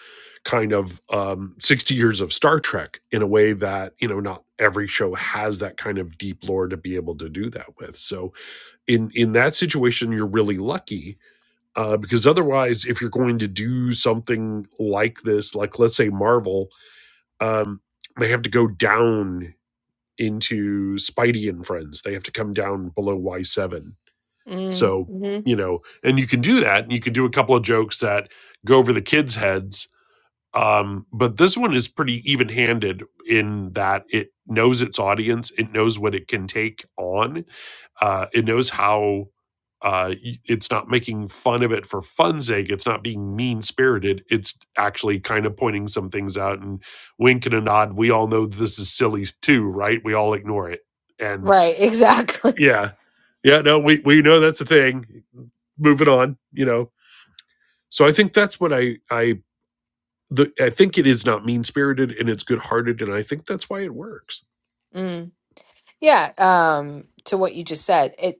[SPEAKER 4] kind of um, 60 years of Star Trek in a way that you know not every show has that kind of deep lore to be able to do that with. So in in that situation, you're really lucky uh, because otherwise, if you're going to do something like this, like let's say Marvel, um, they have to go down into Spidey and Friends. They have to come down below Y7
[SPEAKER 1] mhm
[SPEAKER 4] so,
[SPEAKER 1] mhm
[SPEAKER 4] you know, and you can do that. And you can do a couple of jokes that go over the kids' heads. Um, but this one is pretty even handed in that it knows its audience, it knows what it can take on, uh, it knows how. Uh, y- it's not making fun of it for fun's sake. It's not being mean spirited. It's actually kind of pointing some things out and wink and a nod. We all know this is silly too, right? We all ignore it, and
[SPEAKER 1] right *laughs* exactly
[SPEAKER 4] yeah yeah no we we know that's a thing moving on you know so i think that's what i i the, i think it is not mean spirited and it's good hearted and i think that's why it works
[SPEAKER 1] mm. yeah um to what you just said it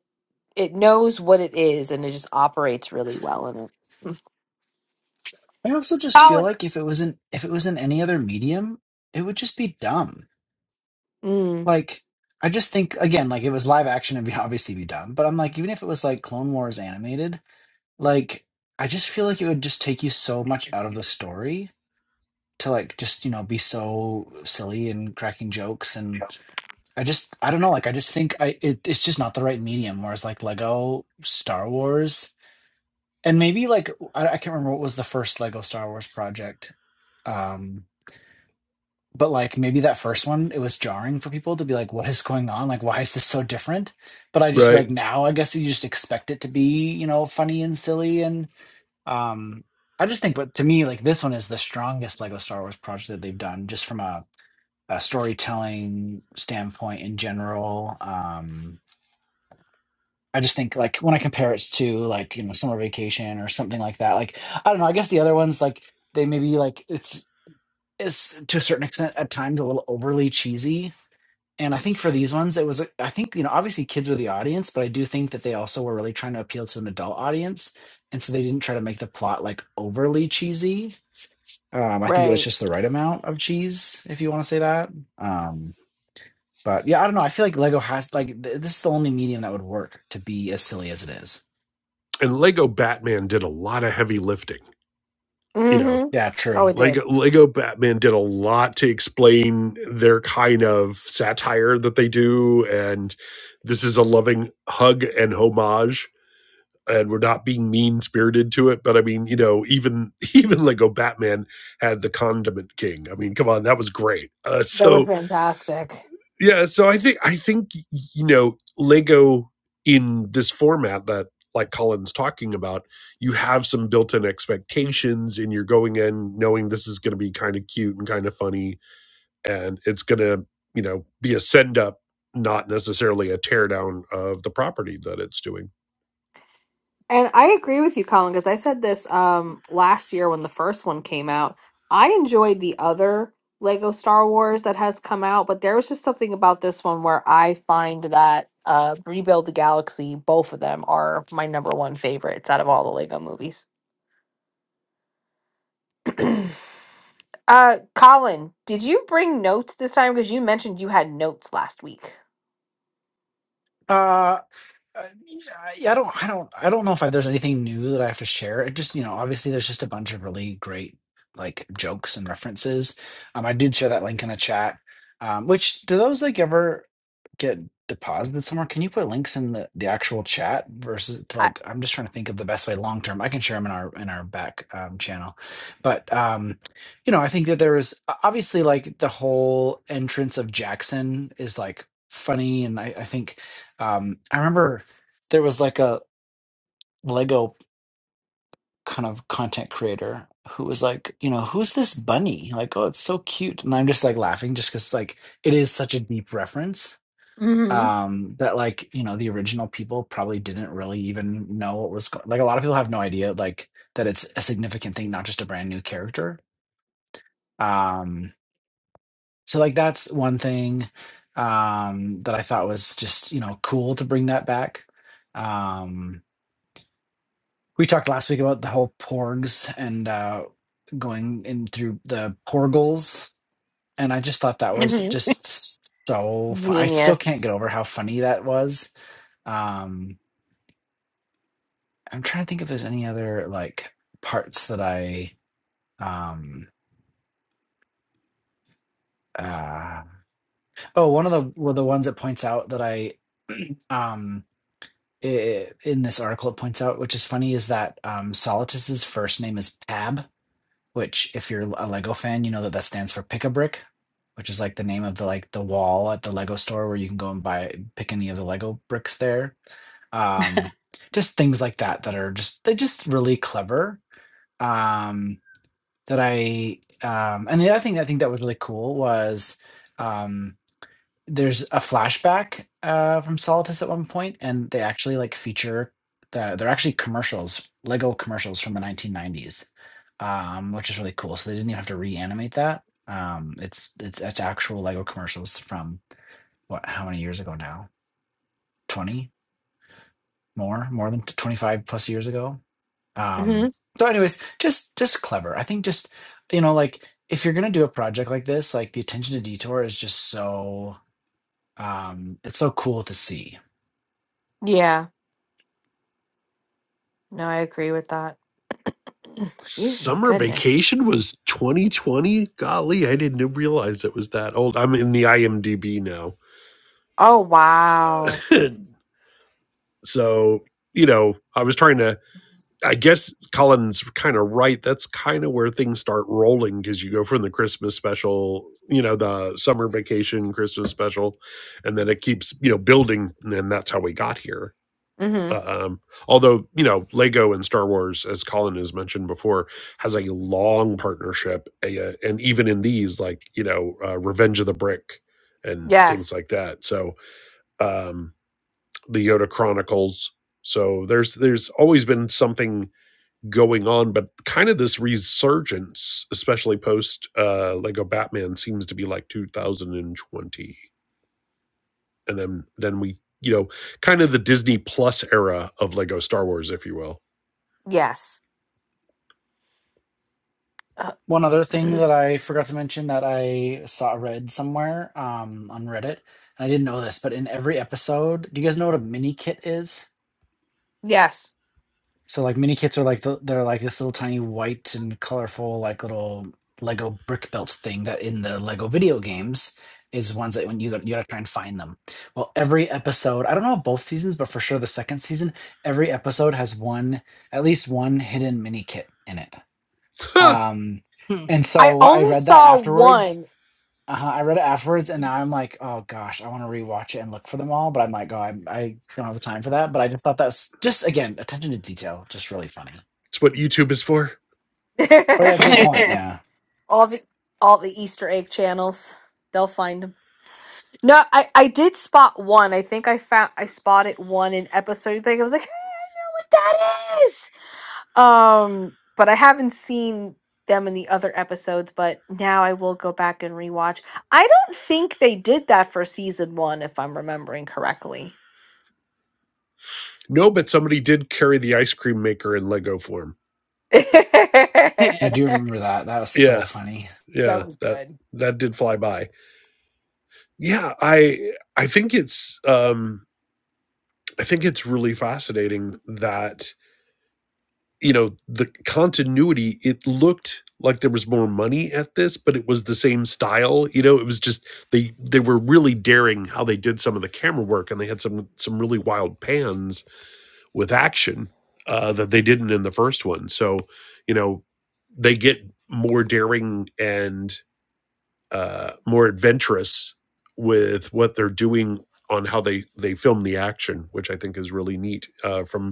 [SPEAKER 1] it knows what it is and it just operates really well in it.
[SPEAKER 3] I also just feel
[SPEAKER 1] Solid.
[SPEAKER 3] like if it wasn't if it was in any other medium, it would just be dumb.
[SPEAKER 1] Mm,
[SPEAKER 3] Like I just think again, like it was live action, it'd be obviously be dumb. But I'm like, even if it was like Clone Wars animated. Like, I just feel like it would just take you so much out of the story to like just, you know, be so silly and cracking jokes and I just I don't know, like I just think I it, it's just not the right medium whereas like Lego Star Wars and maybe like I, I can't remember what was the first Lego Star Wars project. Um but like maybe that first one it was jarring for people to be like what is going on? Like why is this so different? But I just feel
[SPEAKER 4] right
[SPEAKER 3] like now I guess you just expect it to be, you know, funny and silly and. Um, I just think, but to me, like this one is the strongest Lego Star Wars project that they've done, just from a, a storytelling standpoint in general. Um, I just think, like, when I compare it to like you know Summer Vacation or something like that, like I don't know. I guess the other ones, like they maybe like it's it's to a certain extent at times a little overly cheesy. And I think for these ones, it was uh, I think you know obviously kids were the audience, but I do think that they also were really trying to appeal to an adult audience and so they didn't try to make the plot like overly cheesy Um, I think it was
[SPEAKER 1] right.
[SPEAKER 3] just the right amount of cheese, if you want to say that. Um, but yeah, I don't know. I feel like Lego has like th- this is the only medium that would work to be as silly as it is.
[SPEAKER 4] and lego batman did a lot of heavy lifting you
[SPEAKER 1] hmm
[SPEAKER 4] know
[SPEAKER 3] Yeah,
[SPEAKER 1] Oh,
[SPEAKER 3] true.
[SPEAKER 1] it did.
[SPEAKER 4] lego lego batman did a lot to explain their kind of satire that they do and this is a loving hug and homage and we're not being mean spirited to it but i mean you know even *laughs* even lego batman had the condiment king i mean come on that was great uh,
[SPEAKER 1] That was
[SPEAKER 4] so
[SPEAKER 1] fantastic.
[SPEAKER 4] yeah so i think i think you know lego in this format that like colin's talking about you have some built-in expectations and you're going in knowing this is going to be kind of cute and kind of funny and it's going to you know be a send up not necessarily a tear-down of the property that it's doing
[SPEAKER 1] And I agree with you, Colin, because I said this um last year when the first one came out. I enjoyed the other Lego Star Wars that has come out, but there was just something about this one where I find that uh Rebuild the Galaxy, both of them are my number one favorites out of all the Lego movies. *clears throat* Uh, Colin, did you bring notes this time? Because you mentioned you had notes last week.
[SPEAKER 3] Uh, Uh, yeah, yeah, I don't, I don't, I don't know if I, there's anything new that I have to share. It just, you know, obviously there's just a bunch of really great like jokes and references. Um, I did share that link in the chat. Um, which do those like ever get deposited somewhere? Can you put links in the the actual chat versus to
[SPEAKER 1] I,
[SPEAKER 3] like? I'm just trying to think of the best way long term. I can share them in our in our back um, channel, but um, you know, I think that there was o- obviously like the whole entrance of Jackson is like funny, and I, I think um, I remember there was like a Lego kind of content creator who was like, you know, who's this bunny? Like, oh, it's so cute. And I'm just like laughing just because like it is such a deep reference
[SPEAKER 1] mm-hmm.
[SPEAKER 3] um that like you know the original people probably didn't really even know what was going like a lot of people have no idea like that it's a significant thing not just a brand new character um so like that's one thing um that i thought was just you know cool to bring that back Um we talked last week about the whole porgs and uh, going in through the porgles, and I just thought that was
[SPEAKER 1] Mm-hmm.
[SPEAKER 3] just so. Fu- I still can't
[SPEAKER 1] Genius.
[SPEAKER 3] get over how funny that was. Um, I'm trying to think if there's any other like parts that I. Um, uh, oh, one of the well, the ones that points out that I *clears throat* um i in this article it points out, which is funny, is that um, Solitus's first name is Pab which if you're a Lego fan, you know that that stands for Pick a Brick, which is like the name of the like the wall at the Lego store where you can go and buy pick any of the Lego bricks there. Um, just things like that that are just they're just really clever. Um, that I um, and the other thing I think that was really cool was. Um, there's a flashback uh, from Solidus at one point, and they actually like feature the they're actually commercials, Lego commercials from the 1990s, um, which is really cool. So they didn't even have to reanimate that. Um, it's it's it's actual Lego commercials from what how many years ago now? Twenty more more than twenty five plus years ago. Um,
[SPEAKER 1] Mm-hmm.
[SPEAKER 3] so, anyways, just just clever. I think just you know like if you're gonna do a project like this, like the attention to detour is just so um it's so cool to see
[SPEAKER 1] Yeah. No, I agree with that. *clears throat* Excuse me.
[SPEAKER 4] summer
[SPEAKER 1] Goodness.
[SPEAKER 4] vacation was 2020 golly i didn't realize it was that old i'm in the imdb now
[SPEAKER 1] Oh, wow.
[SPEAKER 4] *laughs* so you know i was trying to I guess Colin's kind of right. That's kind of where things start rolling because you go from the Christmas special, you know, the summer vacation Christmas special, and then it keeps, you know, building. And that's how we got here.
[SPEAKER 1] Mm-hmm.
[SPEAKER 4] Um, although, you know, Lego and Star Wars, as Colin has mentioned before, has a long partnership. a- uh, And even in these, like, you know, uh, Revenge of the Brick and things
[SPEAKER 1] Yes.
[SPEAKER 4] like that. So um, the Yoda Chronicles. So there's there's always been something going on, but kind of this resurgence, especially post uh Lego Batman, seems to be like 2020. And then then we, you know, kind of the Disney Plus era of Lego Star Wars, if you will.
[SPEAKER 1] Yes. Uh,
[SPEAKER 3] One other thing
[SPEAKER 1] *clears throat*
[SPEAKER 3] that I forgot to mention that I saw read somewhere um, on Reddit, and I didn't know this, but in every episode, do you guys know what a mini kit is?
[SPEAKER 1] yes.
[SPEAKER 3] So like mini kits are like the, they're like this little tiny white and colorful like little Lego brick built thing that in the Lego video games is ones that when you gotta, you gotta try and find them. Well, every episode, I don't know if both seasons, but for sure the second season, every episode has one at least one hidden mini kit in it.
[SPEAKER 4] Huh.
[SPEAKER 3] Um,
[SPEAKER 2] Hmm.
[SPEAKER 3] and
[SPEAKER 1] I
[SPEAKER 3] so when I
[SPEAKER 1] only
[SPEAKER 3] read that
[SPEAKER 1] saw
[SPEAKER 3] afterwards,
[SPEAKER 1] one.
[SPEAKER 3] uh, I read it afterwards, and now I'm like, oh gosh, I want to rewatch it and look for them all, but I'm like, oh, I, I don't have the time for that. But I just thought that's just again attention to detail, just really funny.
[SPEAKER 4] It's what YouTube is for.
[SPEAKER 3] Oh yeah, good
[SPEAKER 1] *laughs*
[SPEAKER 3] point. Yeah,
[SPEAKER 1] all the all the Easter egg channels. They'll find them. No, I, I did spot one. I think I found I spotted one in episode thing. I was like, what that is? Um, but I haven't seen them in the other episodes, but now I will go back and rewatch. I don't think they did that for season one, if I'm remembering correctly.
[SPEAKER 4] No, but somebody did carry the ice cream maker in Lego form.
[SPEAKER 1] *laughs*
[SPEAKER 3] I do
[SPEAKER 1] that
[SPEAKER 3] remember that. That was so
[SPEAKER 4] Yeah,
[SPEAKER 3] funny.
[SPEAKER 4] yeah.
[SPEAKER 1] was
[SPEAKER 4] That
[SPEAKER 1] good.
[SPEAKER 4] that did fly by. Yeah, I I think it's um I think it's really fascinating that you know the continuity it looked like there was more money at this but it was the same style you know it was just they they were really daring how they did some of the camera work and they had some some really wild pans with action uh that they didn't in the first one so you know they get more daring and uh more adventurous with what they're doing on how they they film the action which i think is really neat uh from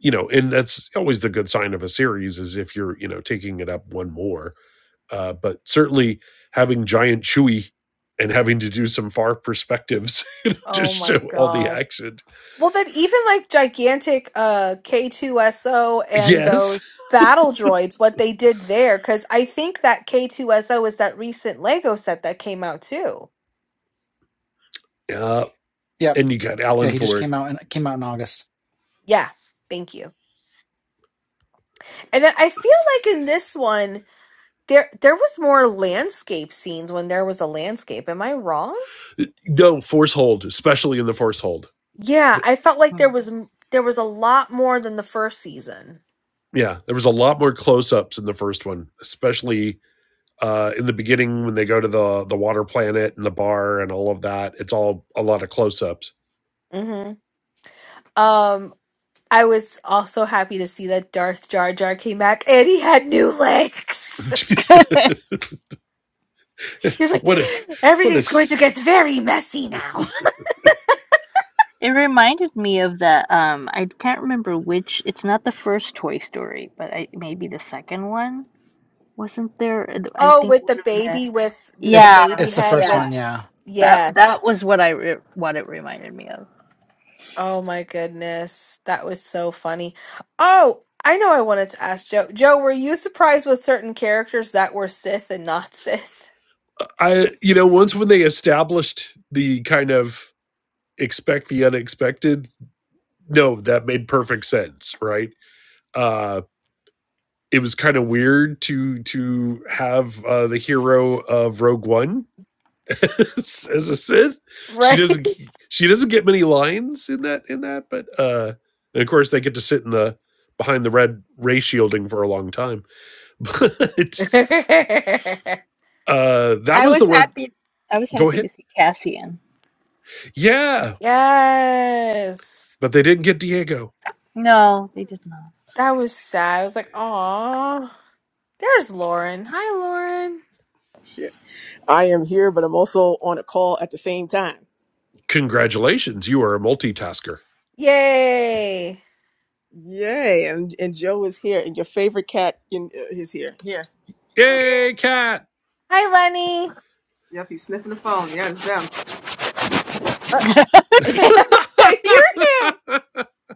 [SPEAKER 4] you know, and that's always the good sign of a series is if you're, you know, taking it up one more. Uh, but certainly having Giant Chewy and having to do some far perspectives *laughs* to
[SPEAKER 1] Oh my
[SPEAKER 4] show all the
[SPEAKER 1] gosh.
[SPEAKER 4] action.
[SPEAKER 1] Well, then even like gigantic uh K2SO and
[SPEAKER 4] Yes.
[SPEAKER 1] those battle droids, what they did there, because I think that K2SO is that recent Lego set that came out too.
[SPEAKER 4] Uh,
[SPEAKER 3] Yep.
[SPEAKER 4] and you got
[SPEAKER 3] Yeah,
[SPEAKER 4] Alan
[SPEAKER 3] he just
[SPEAKER 4] for it.
[SPEAKER 3] came out and came out in August.
[SPEAKER 1] Yeah, thank you. And then I feel like in this one, there there was more landscape scenes when there was a landscape. Am I wrong?
[SPEAKER 4] No, force hold, especially in the force hold.
[SPEAKER 1] Yeah, I felt like
[SPEAKER 2] *laughs*
[SPEAKER 1] there was m- there was a lot more than the first season.
[SPEAKER 4] Yeah, there was a lot more close ups in the first one, especially uh, in the beginning when they go to the the water planet and the bar and all of that. It's all a lot of close ups.
[SPEAKER 1] hmm Um, I was also happy to see that Darth Jar Jar came back and he had new legs. *laughs*
[SPEAKER 4] *laughs*
[SPEAKER 1] He's like,
[SPEAKER 4] what a what a
[SPEAKER 1] everything's going to get very messy now. *laughs*
[SPEAKER 2] It reminded me of that. Um, I can't remember which. It's not the first Toy Story, but I, maybe the second one. Wasn't there? uh, I
[SPEAKER 1] Oh,
[SPEAKER 2] think
[SPEAKER 1] with the
[SPEAKER 2] one of the.
[SPEAKER 1] baby, with the, the
[SPEAKER 2] Yeah,
[SPEAKER 3] It's
[SPEAKER 1] baby
[SPEAKER 3] it's the
[SPEAKER 1] head,
[SPEAKER 3] first
[SPEAKER 1] with
[SPEAKER 2] yeah.
[SPEAKER 3] one. Yeah.
[SPEAKER 2] That that
[SPEAKER 1] yes.
[SPEAKER 2] was what I re what it reminded me of.
[SPEAKER 1] Oh my goodness, that was so funny. Oh, I know. I wanted to ask Joe. Joe, were you surprised with certain characters that were Sith and not Sith?
[SPEAKER 4] I you know once when they established the kind of expect the unexpected no that made perfect sense right uh it was kind of weird to to have uh the hero of Rogue One *laughs* as a Sith
[SPEAKER 1] *laughs*
[SPEAKER 4] she
[SPEAKER 1] Right?
[SPEAKER 4] doesn't she doesn't get many lines in that in that but uh and of course they get to sit in the behind the red ray shielding for a long time *laughs* but
[SPEAKER 1] *laughs*
[SPEAKER 4] uh that
[SPEAKER 2] I
[SPEAKER 4] was
[SPEAKER 2] was
[SPEAKER 4] the one
[SPEAKER 2] happy. I was
[SPEAKER 4] go
[SPEAKER 2] happy to
[SPEAKER 4] ahead
[SPEAKER 2] see Cassian.
[SPEAKER 4] yeah
[SPEAKER 1] Yes,
[SPEAKER 4] But they didn't get Diego.
[SPEAKER 2] No, they did
[SPEAKER 1] that was sad. I was like, "Aw, there's Lauren. Hi, Lauren.
[SPEAKER 5] Shit. I am here, but I'm also on a call at the same time.
[SPEAKER 4] Congratulations, you are a multitasker.
[SPEAKER 1] Yay!
[SPEAKER 5] Yay! And and Joe is here, and your favorite cat in, uh, is here. Here.
[SPEAKER 4] Yay, cat!
[SPEAKER 1] Hi, Lenny.
[SPEAKER 5] Yep, he's sniffing the phone. Yeah, it's them.
[SPEAKER 1] *laughs*
[SPEAKER 4] *laughs*
[SPEAKER 1] I hear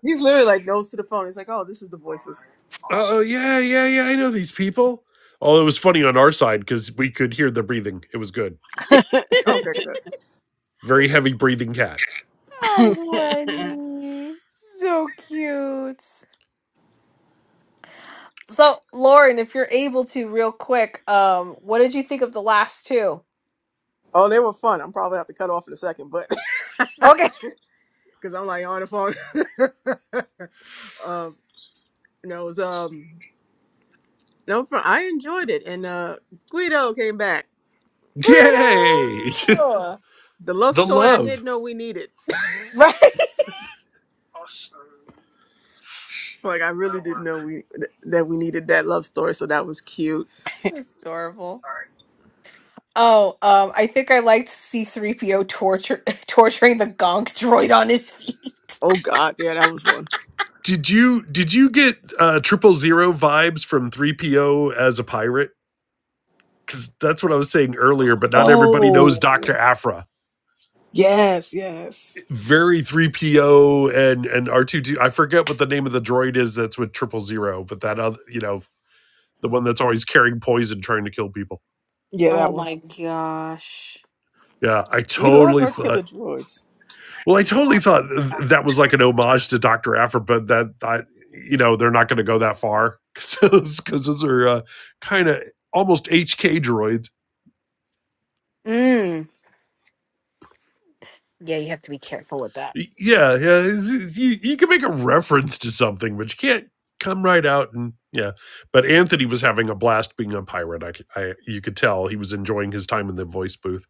[SPEAKER 5] He's literally like nose to the phone. He's like, "Oh, this is the voices."
[SPEAKER 4] oh yeah, yeah, yeah. I know these people. Oh, it was funny on our side because we could hear the breathing. It was good.
[SPEAKER 1] him.
[SPEAKER 5] Oh,
[SPEAKER 2] not.
[SPEAKER 5] good, good.
[SPEAKER 4] Very heavy breathing cat.
[SPEAKER 1] Hi,
[SPEAKER 2] *laughs*
[SPEAKER 1] Lenny. So cute. So, Lauren, if you're able to, real quick, um, what did you think of the last two?
[SPEAKER 5] Oh, they were fun. I'm probably have to cut off in a second, but *laughs*
[SPEAKER 1] Okay,
[SPEAKER 5] because I'm like on the phone. *laughs* um, no, it was um, no, fun. I enjoyed it, and uh, Guido came back.
[SPEAKER 1] *laughs*
[SPEAKER 4] Yay!
[SPEAKER 1] Guido.
[SPEAKER 5] The
[SPEAKER 4] *laughs*
[SPEAKER 5] love
[SPEAKER 4] the
[SPEAKER 5] story I didn't
[SPEAKER 4] love.
[SPEAKER 5] know we needed.
[SPEAKER 1] Right,
[SPEAKER 5] Like I really didn't know we th- that we needed that love story, so that was cute.
[SPEAKER 1] it's adorable. Oh, um, I think I liked C-3PO torture *laughs* torturing the gonk droid on his feet.
[SPEAKER 5] Oh God, yeah, that was one.
[SPEAKER 4] Did you did you get uh triple zero vibes from 3PO as a pirate? Because that's what I was saying earlier, but not everybody knows
[SPEAKER 5] Oh
[SPEAKER 4] Dr. Afra.
[SPEAKER 5] yes, yes,
[SPEAKER 4] very 3PO and and R2D. I forget what the name of the droid is that's with triple zero, but that other, you know, the one that's always carrying poison trying to kill people.
[SPEAKER 5] yeah,
[SPEAKER 1] Oh
[SPEAKER 5] that one.
[SPEAKER 1] my gosh.
[SPEAKER 4] Yeah, I
[SPEAKER 5] We love
[SPEAKER 4] totally
[SPEAKER 5] our killer
[SPEAKER 4] thought.
[SPEAKER 5] droids.
[SPEAKER 4] Well, I totally thought th- that was like an homage to Doctor Aphra, but that I, you know, they're not going to go that far because *laughs* those, 'cause those are uh, kind of almost HK droids
[SPEAKER 1] Mm. Yeah, you have to be careful with that.
[SPEAKER 4] Yeah, yeah. it's- You, you can make a reference to something, but you can't come right out and yeah. But Anthony was having a blast being a pirate. I, c- I- you could tell he was enjoying his time in the voice booth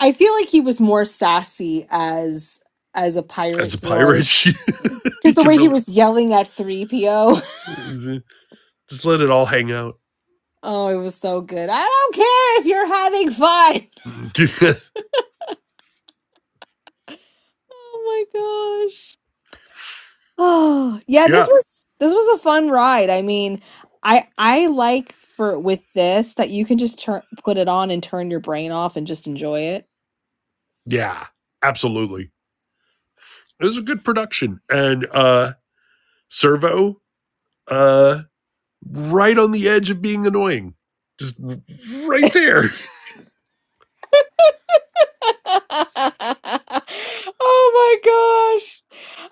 [SPEAKER 1] I feel like he was more sassy as as a
[SPEAKER 4] as
[SPEAKER 1] pirate
[SPEAKER 4] a
[SPEAKER 1] droid
[SPEAKER 4] pirate. *laughs*
[SPEAKER 1] because
[SPEAKER 4] he
[SPEAKER 1] the
[SPEAKER 4] can
[SPEAKER 1] way he
[SPEAKER 4] really
[SPEAKER 1] was yelling at three PO. *laughs*
[SPEAKER 4] just let it all hang out.
[SPEAKER 1] Oh, it was so good. I don't care if you're having fun.
[SPEAKER 4] *laughs*
[SPEAKER 1] Oh my gosh. *sighs* Oh yeah, this
[SPEAKER 4] yeah,
[SPEAKER 1] was this was a fun ride. I mean, I I like for with this that you can just turn put it on and turn your brain off and just enjoy it.
[SPEAKER 4] yeah, absolutely. It was a good production, and uh Servo, uh, right on the edge of being annoying, just right there.
[SPEAKER 1] *laughs* oh my gosh.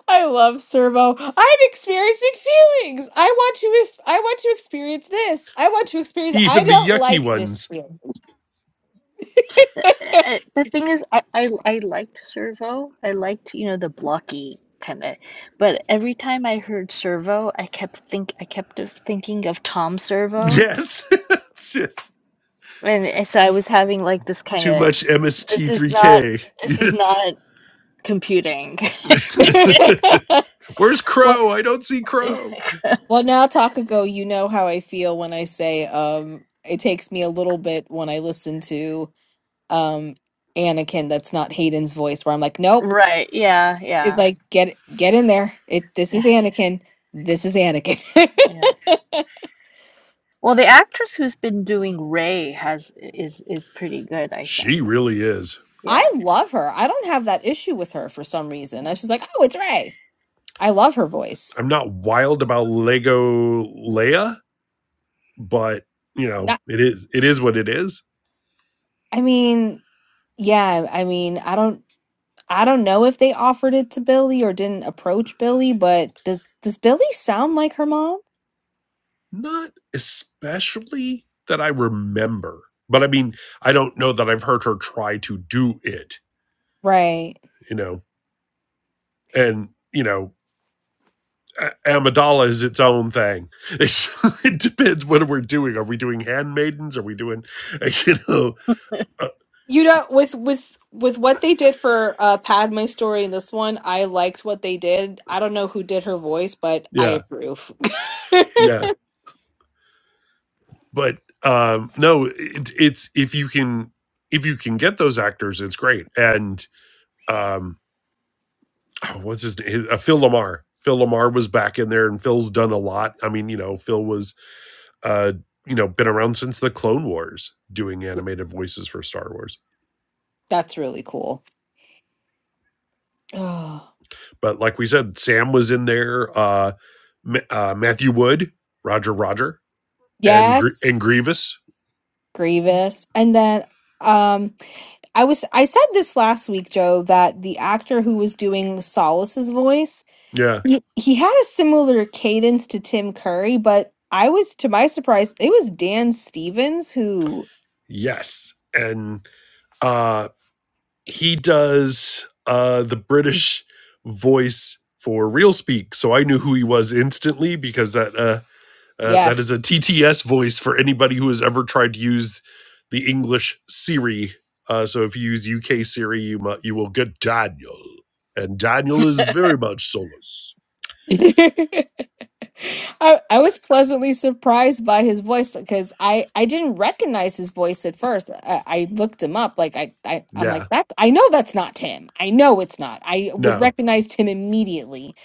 [SPEAKER 1] I love Servo. I'm experiencing feelings. I want to if I want to experience this. I want to
[SPEAKER 4] *laughs*
[SPEAKER 1] experience I
[SPEAKER 4] Even the
[SPEAKER 1] don't
[SPEAKER 4] yucky
[SPEAKER 1] like this
[SPEAKER 4] ones.
[SPEAKER 1] feeling.
[SPEAKER 2] Uh, uh, The thing is, I, I I liked Servo. I liked, you know, the blocky kind of, but every time I heard Servo, I kept think I kept of thinking of Tom Servo,
[SPEAKER 4] Yes. *laughs* It's just
[SPEAKER 2] and uh, so I was having like this kind
[SPEAKER 4] too
[SPEAKER 2] of
[SPEAKER 4] much
[SPEAKER 2] this is not
[SPEAKER 4] MST3K.
[SPEAKER 2] this is not computing. *laughs*
[SPEAKER 1] *laughs*
[SPEAKER 4] *laughs* Where's
[SPEAKER 1] well,
[SPEAKER 4] Crow? I don't see Crow.
[SPEAKER 1] well now Takago, you know how I feel when I say um it takes me a little bit when I listen to um Anakin that's not Hayden's voice where I'm like, nope.
[SPEAKER 2] Right. Yeah.
[SPEAKER 1] It
[SPEAKER 2] Yeah.
[SPEAKER 1] like get get in there. It this
[SPEAKER 2] Yeah.
[SPEAKER 1] is Anakin. This is Anakin. *laughs*
[SPEAKER 2] Yeah. Well, the actress who's been doing Ray has is is pretty good, I
[SPEAKER 4] She
[SPEAKER 2] think.
[SPEAKER 4] really is.
[SPEAKER 1] I
[SPEAKER 2] Yeah.
[SPEAKER 1] love her. I don't have that issue with her for some reason. I was just like, oh, it's Ray. I love her voice.
[SPEAKER 4] I'm not wild about Lego Leia, but you know,
[SPEAKER 1] That-
[SPEAKER 4] it is it is what it is.
[SPEAKER 1] I mean, yeah, I mean, I don't I don't know if they offered it to Billy or didn't approach Billy, but does does Billy sound like her mom?
[SPEAKER 4] Not especially that I remember. But I mean, I don't know that I've heard her try to do it,
[SPEAKER 1] Right.
[SPEAKER 4] you know. And, you know, Amidala is its own thing. *laughs* It's, it depends what we're doing. Are we doing handmaidens? Are we doing, *laughs* you know, uh,
[SPEAKER 1] You know, with with with what they did for uh Padme story in this one, I liked what they did. I don't know who did her voice, but I
[SPEAKER 4] yeah,
[SPEAKER 1] approve. *laughs*
[SPEAKER 4] yeah. But um, no, it, it's if you can if you can get those actors, it's great. And um, oh, what's his name? Uh, Phil Lamar. Phil Lamar was back in there, and Phil's done a lot. I mean, you know, Phil was uh, you know been around since the Clone Wars, doing animated voices for Star Wars.
[SPEAKER 1] That's really cool. *sighs* Oh,
[SPEAKER 4] But like we said, Sam was in there. Uh, uh, Matthew Wood, Roger Roger, and Gr-
[SPEAKER 1] yes,
[SPEAKER 4] and Grievous.
[SPEAKER 1] Grievous. And then um I was I said this last week, Joe, that the actor who was doing Solace's voice,
[SPEAKER 4] Yeah.
[SPEAKER 1] he, he had a similar cadence to Tim Curry, but I was to my surprise, it was Dan Stevens who
[SPEAKER 4] Yes. And uh, he does uh, the British voice for Real Speak, so I knew who he was instantly because that uh, uh, that is a
[SPEAKER 1] yes.
[SPEAKER 4] TTS voice for anybody who has ever tried to use the English Siri. Uh, so if you use UK Siri, you mu- you will get Daniel, and Daniel is very much solus.
[SPEAKER 1] *laughs* I, I was pleasantly surprised by his voice because I, I didn't recognize his voice at first. I, I looked him up like I, I I'm
[SPEAKER 4] Yeah
[SPEAKER 1] like that's I know that's not Tim. I know it's not. I would
[SPEAKER 4] No,
[SPEAKER 1] recognize him immediately.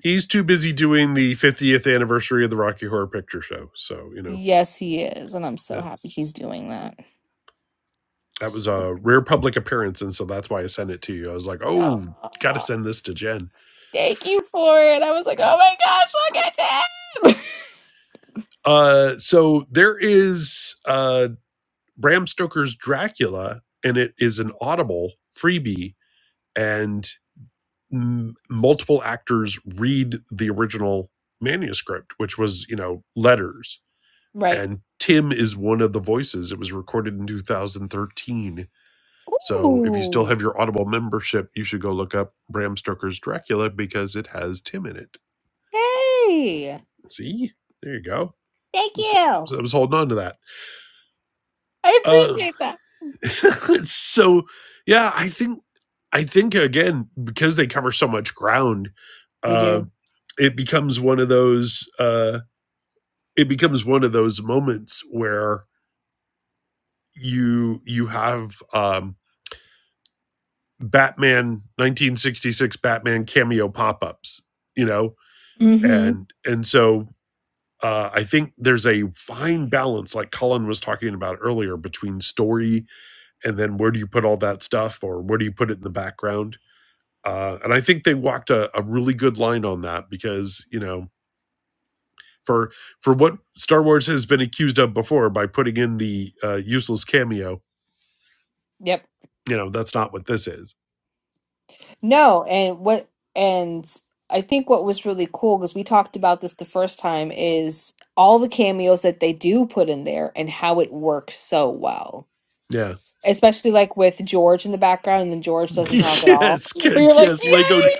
[SPEAKER 4] he's too busy doing the 50th anniversary of the Rocky Horror Picture Show. So you know,
[SPEAKER 1] Yes, he is, and I'm so
[SPEAKER 4] yeah,
[SPEAKER 1] happy he's doing that.
[SPEAKER 4] that was
[SPEAKER 1] So,
[SPEAKER 4] a rare public appearance, and so that's why I sent it to you. I was like, oh, got to
[SPEAKER 1] uh,
[SPEAKER 4] send this to Jen.
[SPEAKER 1] thank you for it. I was like, oh my gosh, look at him.
[SPEAKER 4] Uh, so there is uh Bram Stoker's Dracula, and it is an Audible freebie, and m- multiple actors read the original manuscript, which was you know letters,
[SPEAKER 1] *laughs* right.
[SPEAKER 4] and Tim is one of the voices. It was recorded in 2013 So if you still
[SPEAKER 1] Ooh.
[SPEAKER 4] have your Audible membership, you should go look up Bram Stoker's Dracula because it has Tim in it.
[SPEAKER 1] Hey.
[SPEAKER 4] See, there you go.
[SPEAKER 1] Thank
[SPEAKER 4] So,
[SPEAKER 1] you.
[SPEAKER 4] so I was holding on to that.
[SPEAKER 1] I
[SPEAKER 4] Uh,
[SPEAKER 1] appreciate that.
[SPEAKER 4] *laughs* so yeah, I think I think again because they cover so much ground,
[SPEAKER 1] They
[SPEAKER 4] uh,
[SPEAKER 1] do.
[SPEAKER 4] it becomes one of those. Uh, it becomes one of those moments where you you have um, Batman 1966 Batman cameo pop ups. You know,
[SPEAKER 1] Mm-hmm.
[SPEAKER 4] and and so uh, I think there's a fine balance, like Colin was talking about earlier, between story and then where do you put all that stuff, or where do you put it in the background? Uh, and I think they walked a, a really good line on that because you know for for what Star Wars has been accused of before by putting in the uh, useless cameo,
[SPEAKER 1] Yep.
[SPEAKER 4] you know that's not what this is.
[SPEAKER 1] No, and what and I think what was really cool because we talked about this the first time is all the cameos that they do put in there and how it works so well.
[SPEAKER 4] Yeah.
[SPEAKER 1] Especially like with George in the background and then George
[SPEAKER 4] *laughs*
[SPEAKER 1] doesn't talk at all.
[SPEAKER 4] yes.
[SPEAKER 1] But you're like,
[SPEAKER 4] Yes. Lego.
[SPEAKER 1] Yay,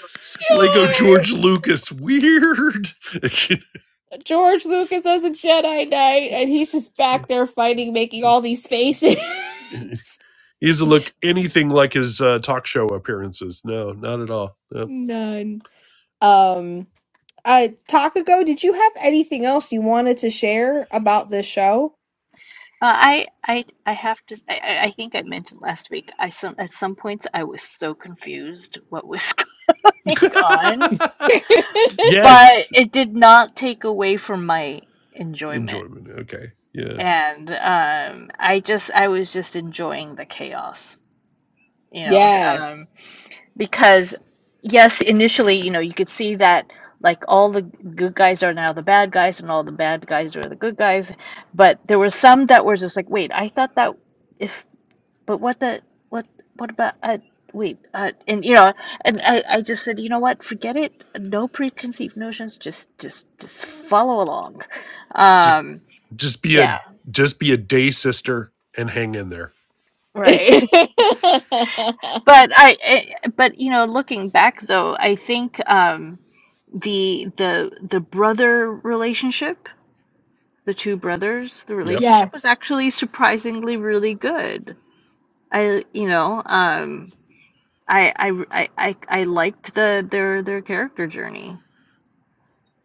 [SPEAKER 4] Lego
[SPEAKER 1] George!
[SPEAKER 4] George Lucas. Weird.
[SPEAKER 1] George Lucas as a Jedi Knight and he's just back there fighting, making all these faces.
[SPEAKER 4] *laughs* *laughs* He doesn't look anything like his uh, talk show appearances. No, not at all.
[SPEAKER 1] *laughs*
[SPEAKER 4] No.
[SPEAKER 1] None. Um uh Takago, did you have anything else you wanted to share about this show?
[SPEAKER 2] Uh, I I I have to. I, I I think I mentioned last week. I some at some points I was so confused what was *laughs* going on,
[SPEAKER 4] *laughs*
[SPEAKER 1] *laughs*
[SPEAKER 2] but
[SPEAKER 4] yes,
[SPEAKER 2] it did not take away from my enjoyment.
[SPEAKER 4] enjoyment. Okay, yeah.
[SPEAKER 2] And um, I just I was just enjoying the chaos, you know. th- Um,
[SPEAKER 1] yes.
[SPEAKER 2] because yes, initially, you know, you could see that like all the good guys are now the bad guys, and all the bad guys are the good guys. But there were some that were just like, wait, I thought that. if. But what the what what about uh wait uh and you know and I I just said you know what forget it no preconceived notions just just just follow along
[SPEAKER 4] Just,
[SPEAKER 2] um
[SPEAKER 4] just be a,
[SPEAKER 2] yeah
[SPEAKER 4] just be a day sister and hang in there.
[SPEAKER 1] *laughs*
[SPEAKER 2] right *laughs* but I, I but you know looking back though I think um the the the brother relationship the two brothers the
[SPEAKER 4] Yep.
[SPEAKER 2] relationship was
[SPEAKER 1] yes.
[SPEAKER 2] actually surprisingly really good I you know um I I I I I liked the their their character journey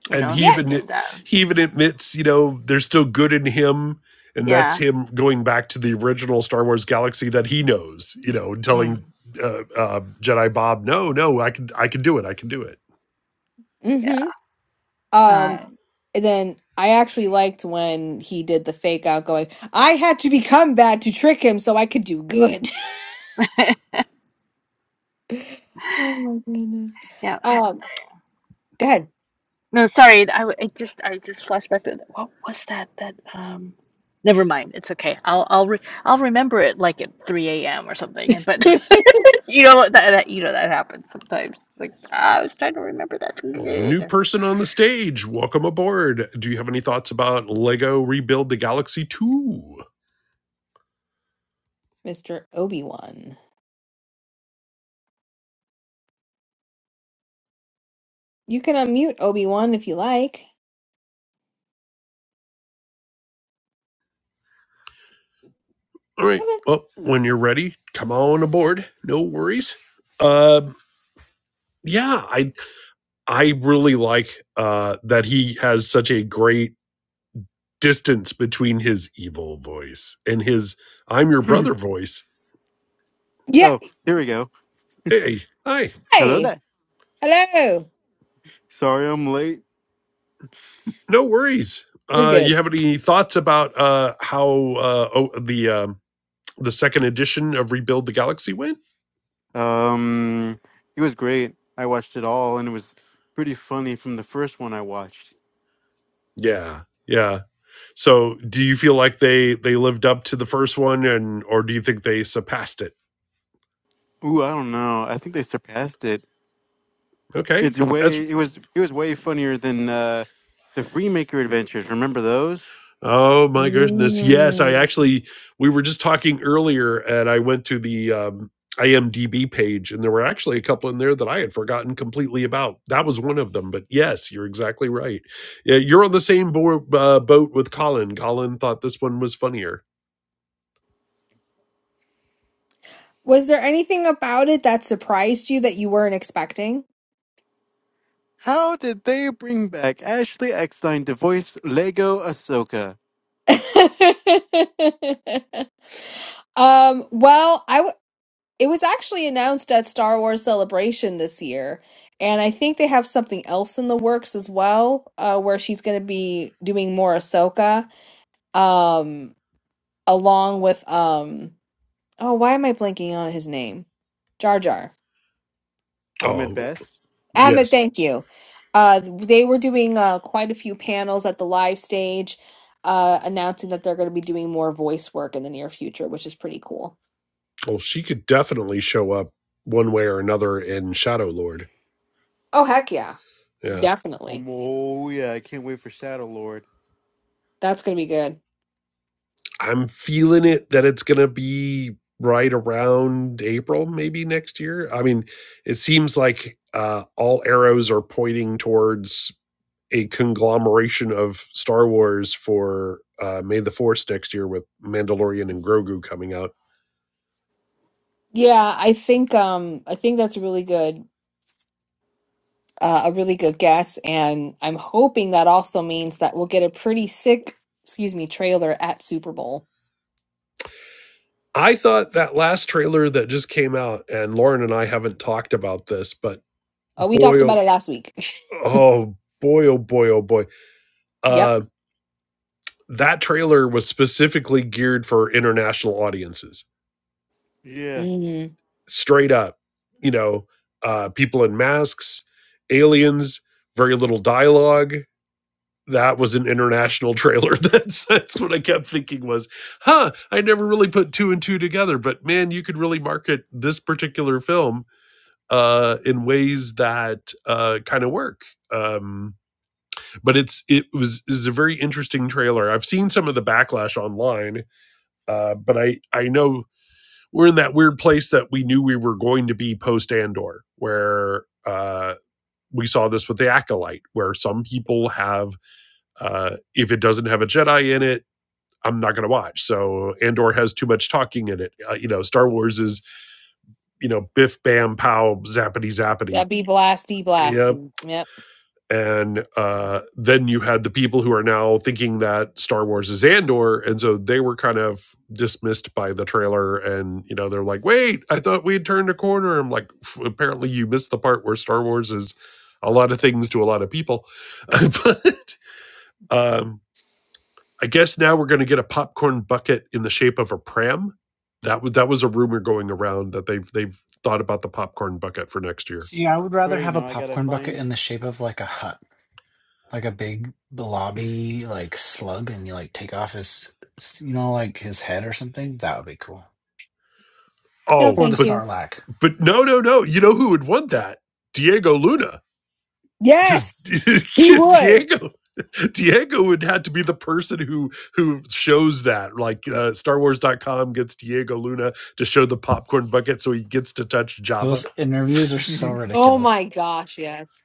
[SPEAKER 2] you
[SPEAKER 4] And
[SPEAKER 2] know,
[SPEAKER 4] he
[SPEAKER 1] Yeah.
[SPEAKER 4] even
[SPEAKER 2] Sagan down.
[SPEAKER 4] he even admits, you know, there's still good in him, and that's
[SPEAKER 2] Yeah.
[SPEAKER 4] him going back to the original Star Wars galaxy that he knows. You know,
[SPEAKER 2] Mm,
[SPEAKER 4] telling uh, uh, Jedi Bob, no, no, I can I can do it. I can do it.
[SPEAKER 2] yeah.
[SPEAKER 1] hmm Um,
[SPEAKER 2] Uh,
[SPEAKER 1] and then I actually liked when he did the fake out going, I had to become bad to trick him so I could do good.
[SPEAKER 2] *laughs*
[SPEAKER 1] *laughs* oh my goodness. *laughs*
[SPEAKER 2] yeah. I-
[SPEAKER 1] Um, go ahead.
[SPEAKER 2] No, sorry. I, w- I just I just flashed back to what was that that um never mind. It's okay. I'll I'll re I'll remember it like at 3 a.m. or something. And but
[SPEAKER 1] *laughs*
[SPEAKER 2] *laughs* you know what that, that you know that happens sometimes. It's like "Ah, I was trying to remember that.
[SPEAKER 4] Well, new
[SPEAKER 2] Good.
[SPEAKER 4] person on the stage, welcome aboard. Do you have any thoughts about Lego Rebuild the Galaxy 2?
[SPEAKER 1] Mr. Obi-Wan. You can unmute Obi-Wan if you like.
[SPEAKER 4] All right.
[SPEAKER 1] Okay.
[SPEAKER 4] Well, when you're ready, come on aboard. No worries. Um, yeah, I I really like uh that he has such a great distance between his evil voice and his I'm your brother voice.
[SPEAKER 1] Yeah.
[SPEAKER 6] Oh, here we go.
[SPEAKER 4] Hey, hi.
[SPEAKER 6] Hello
[SPEAKER 1] Hey.
[SPEAKER 6] there.
[SPEAKER 1] Hello.
[SPEAKER 6] Sorry I'm late.
[SPEAKER 4] No worries.
[SPEAKER 1] You're
[SPEAKER 4] Uh you
[SPEAKER 1] good.
[SPEAKER 4] have any thoughts about uh how uh oh, the um the second edition of Rebuild the Galaxy went?
[SPEAKER 6] Um, it was great. I watched it all, and it was pretty funny from the first one I watched.
[SPEAKER 4] Yeah. Yeah. So do you feel like they they lived up to the first one and or do you think they surpassed it?
[SPEAKER 6] Ooh, I don't know. I think they surpassed it.
[SPEAKER 4] Okay.
[SPEAKER 6] It's
[SPEAKER 4] That's
[SPEAKER 6] way. It was. It was way funnier than uh, the Freemaker Adventures. Remember those?
[SPEAKER 4] oh my goodness. Yes, I
[SPEAKER 1] Mm.
[SPEAKER 4] actually we were just talking earlier and I went to the um IMDb page and there were actually a couple in there that I had forgotten completely about. That was one of them, but yes, you're exactly right. Yeah, you're on the same board, uh, boat with Colin. Colin thought this one was funnier.
[SPEAKER 1] Was there anything about it that surprised you that you weren't expecting?
[SPEAKER 6] How did they bring back Ashley Eckstein to voice Lego Ahsoka?
[SPEAKER 1] *laughs* um, well, I w- it was actually announced at Star Wars Celebration this year, and I think they have something else in the works as well, uh, where she's going to be doing more Ahsoka, um, along with um, oh, why am I blanking on his name? Jar Jar.
[SPEAKER 6] Ahmed
[SPEAKER 4] Oh,
[SPEAKER 6] Best.
[SPEAKER 1] Ahmed,
[SPEAKER 4] yes.
[SPEAKER 1] thank you. Uh, they were doing uh, quite a few panels at the live stage, uh, announcing that they're going to be doing more voice work in the near future, which is pretty cool.
[SPEAKER 4] Well, she could definitely show up one way or another in Shadow Lord.
[SPEAKER 1] Oh heck yeah,
[SPEAKER 4] Yeah.
[SPEAKER 6] Um,
[SPEAKER 1] definitely.
[SPEAKER 6] oh yeah, I can't wait for Shadow Lord.
[SPEAKER 1] That's going to be good.
[SPEAKER 4] I'm feeling it that it's going to be right around April, maybe next year. I mean, it seems like uh, all arrows are pointing towards a conglomeration of Star Wars for uh, May the 4th next year with Mandalorian and Grogu coming out.
[SPEAKER 1] Yeah, I think um, I think that's really good. Uh, a really good guess, and I'm hoping that also means that we'll get a pretty sick, excuse me, trailer at Super Bowl.
[SPEAKER 4] I thought that last trailer that just came out, and Lauren and I haven't talked about this, but
[SPEAKER 1] Oh, we talked
[SPEAKER 4] boy,
[SPEAKER 1] about
[SPEAKER 4] oh,
[SPEAKER 1] it last week.
[SPEAKER 4] oh boy, oh boy, oh boy
[SPEAKER 1] *laughs* yep.
[SPEAKER 4] uh, that trailer was specifically geared for international audiences.
[SPEAKER 6] Yeah,
[SPEAKER 1] Mm-hmm.
[SPEAKER 4] Straight up, you know, uh, people in masks, aliens, very little dialogue. That was an international trailer. *laughs* That's that's what I kept thinking was, huh? I never really put two and two together, but man, you could really market this particular film uh, in ways that uh, kind of work. Um, but it's it was it was a very interesting trailer. I've seen some of the backlash online Uh, but I I know we're in that weird place that we knew we were going to be post Andor, where uh, we saw this with the acolyte, where some people have uh, if it doesn't have a Jedi in it. I'm not going to watch. So Andor has too much talking in it. Uh, you know, Star Wars is you know biff bam pow zappity zappity.
[SPEAKER 1] That'd be blasty
[SPEAKER 4] Yep,
[SPEAKER 1] blasty. Yep.
[SPEAKER 4] and uh, then you had the people who are now thinking that Star Wars is Andor, and so they were kind of dismissed by the trailer, and you know they're like, "Wait, I thought we had turned a corner." I'm like, apparently you missed the part where Star Wars is a lot of things to a lot of people, *laughs* but um, I guess now we're going to get a popcorn bucket in the shape of a pram. That was that was a rumor going around that they've they've thought about the popcorn bucket for next year.
[SPEAKER 3] See, I would rather
[SPEAKER 6] great.
[SPEAKER 3] have a
[SPEAKER 6] Now I gotta
[SPEAKER 3] popcorn bucket
[SPEAKER 6] find.
[SPEAKER 3] in the shape of like a hut. like a big blobby like slug and you like take off his you know like his head or something that would be cool
[SPEAKER 1] No,
[SPEAKER 4] Oh,
[SPEAKER 3] or the
[SPEAKER 1] thank
[SPEAKER 4] but
[SPEAKER 1] you.
[SPEAKER 3] sarlacc
[SPEAKER 4] but no, no, no. You know who would want that? Diego Luna, because *laughs*
[SPEAKER 1] Yes, he would.
[SPEAKER 4] Diego Diego would have to be the person who who shows that. Like uh, Star Wars dot com gets Diego Luna to show the popcorn bucket, so he gets to touch
[SPEAKER 3] those
[SPEAKER 4] Jabba.
[SPEAKER 3] interviews are
[SPEAKER 6] *laughs*
[SPEAKER 3] so
[SPEAKER 1] Oh
[SPEAKER 3] ridiculous
[SPEAKER 1] my gosh, yes.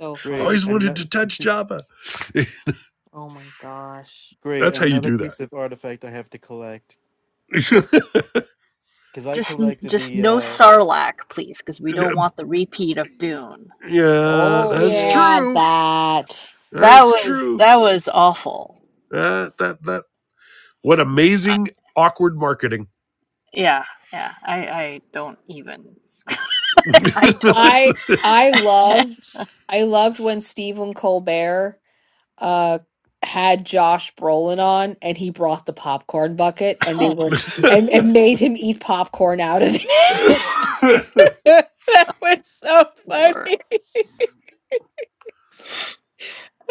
[SPEAKER 1] So
[SPEAKER 6] great.
[SPEAKER 1] funny.
[SPEAKER 4] Always wanted
[SPEAKER 6] Another.
[SPEAKER 4] to
[SPEAKER 6] *laughs*
[SPEAKER 4] touch Jabba.
[SPEAKER 1] Oh my gosh.
[SPEAKER 6] Great,
[SPEAKER 4] That's how you
[SPEAKER 6] another
[SPEAKER 4] do
[SPEAKER 6] piece of artifact I have to collect
[SPEAKER 4] that.
[SPEAKER 6] because I
[SPEAKER 2] Just n-
[SPEAKER 6] collected
[SPEAKER 2] just
[SPEAKER 6] the.
[SPEAKER 2] no
[SPEAKER 6] uh
[SPEAKER 2] Sarlacc, please, because we don't want the repeat of Dune.
[SPEAKER 4] *laughs* yeah,
[SPEAKER 6] Oh
[SPEAKER 4] that's
[SPEAKER 6] yeah.
[SPEAKER 1] Yeah,
[SPEAKER 4] true.
[SPEAKER 1] that.
[SPEAKER 2] That
[SPEAKER 4] That's
[SPEAKER 2] was
[SPEAKER 4] true.
[SPEAKER 2] that was awful.
[SPEAKER 4] That That that What
[SPEAKER 2] I,
[SPEAKER 4] amazing awkward marketing.
[SPEAKER 2] yeah, yeah. I I don't even.
[SPEAKER 4] *laughs*
[SPEAKER 2] *laughs* I
[SPEAKER 4] you
[SPEAKER 2] don't.
[SPEAKER 1] I I loved I loved when Stephen Colbert uh had Josh Brolin on and he brought the popcorn bucket and they
[SPEAKER 2] *laughs*
[SPEAKER 1] were and, and made him eat popcorn out of it. *laughs* that was so
[SPEAKER 2] Lord.
[SPEAKER 1] funny.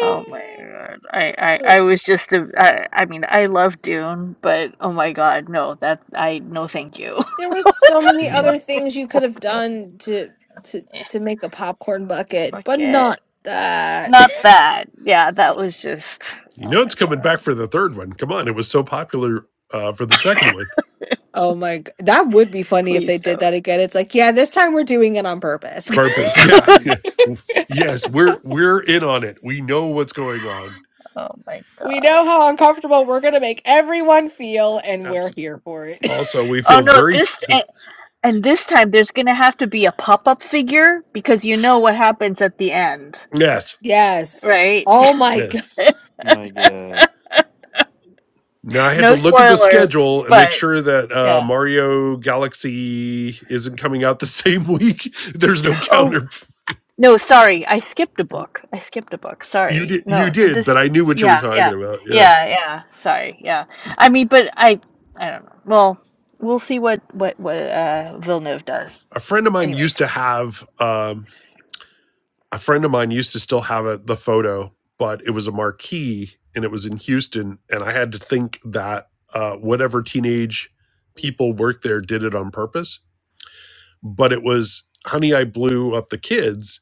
[SPEAKER 2] Oh my god. I, I, I was just a, I, I mean, I love Dune, but oh my god, no, that I no thank you.
[SPEAKER 1] There were
[SPEAKER 2] *laughs*
[SPEAKER 1] so
[SPEAKER 6] *laughs*
[SPEAKER 1] many
[SPEAKER 2] That's
[SPEAKER 1] other
[SPEAKER 2] just
[SPEAKER 1] things you could have
[SPEAKER 2] horrible.
[SPEAKER 1] done to to
[SPEAKER 2] Yeah,
[SPEAKER 1] to make a popcorn bucket,
[SPEAKER 2] fuck
[SPEAKER 1] but
[SPEAKER 2] it.
[SPEAKER 1] not that. *laughs*
[SPEAKER 2] Not that. Yeah, that was just oh
[SPEAKER 4] know it's
[SPEAKER 2] my
[SPEAKER 4] coming
[SPEAKER 2] god.
[SPEAKER 4] back for the third one. Come on, it was so popular uh, for the second one.
[SPEAKER 1] Oh my, g- that would be funny if they
[SPEAKER 2] Please
[SPEAKER 1] did that
[SPEAKER 2] don't.
[SPEAKER 1] again. It's like, yeah, this time we're doing it on purpose.
[SPEAKER 4] Purpose, yeah,
[SPEAKER 2] *laughs*
[SPEAKER 4] *laughs*
[SPEAKER 1] *laughs*
[SPEAKER 4] yes, we're we're in on it. We know what's going on.
[SPEAKER 2] Oh my
[SPEAKER 1] We
[SPEAKER 2] god.
[SPEAKER 1] know how uncomfortable we're going to make everyone feel, and we're
[SPEAKER 4] Absolutely.
[SPEAKER 1] here for it. *laughs*
[SPEAKER 4] Also, we
[SPEAKER 2] Oh
[SPEAKER 4] feel
[SPEAKER 2] no,
[SPEAKER 4] very
[SPEAKER 2] this
[SPEAKER 4] s-
[SPEAKER 2] and, and this time there's gonna have to be a pop-up figure because you know what happens at the end,
[SPEAKER 4] yes,
[SPEAKER 1] Yes.
[SPEAKER 2] right?
[SPEAKER 1] Oh my God.
[SPEAKER 4] yes.
[SPEAKER 6] My
[SPEAKER 2] *laughs*
[SPEAKER 6] God.
[SPEAKER 4] Now I had
[SPEAKER 2] No
[SPEAKER 4] to look at the
[SPEAKER 2] spoilers,
[SPEAKER 4] schedule and make
[SPEAKER 2] but
[SPEAKER 4] sure that uh,
[SPEAKER 2] yeah.
[SPEAKER 4] Mario Galaxy isn't coming out the same week. *laughs* There's no
[SPEAKER 2] Oh,
[SPEAKER 4] counter.
[SPEAKER 2] no, sorry. I skipped a book. I skipped a book.
[SPEAKER 4] You
[SPEAKER 2] Sorry.
[SPEAKER 4] did, you
[SPEAKER 2] No, th-
[SPEAKER 4] did, but
[SPEAKER 2] this
[SPEAKER 4] I knew what you were
[SPEAKER 2] yeah,
[SPEAKER 4] talking
[SPEAKER 2] yeah.
[SPEAKER 4] about. Yeah.
[SPEAKER 2] Yeah, yeah. Sorry. Yeah. I mean, but I I don't know. Well, we'll see what what what uh Villeneuve does.
[SPEAKER 4] a friend of mine used
[SPEAKER 2] Anyways.
[SPEAKER 4] to have um, a friend of mine used to still have a, the photo but it was a marquee and it was in houston and i had to think that uh, whatever teenage people worked there did it on purpose but it was honey i blew up the kids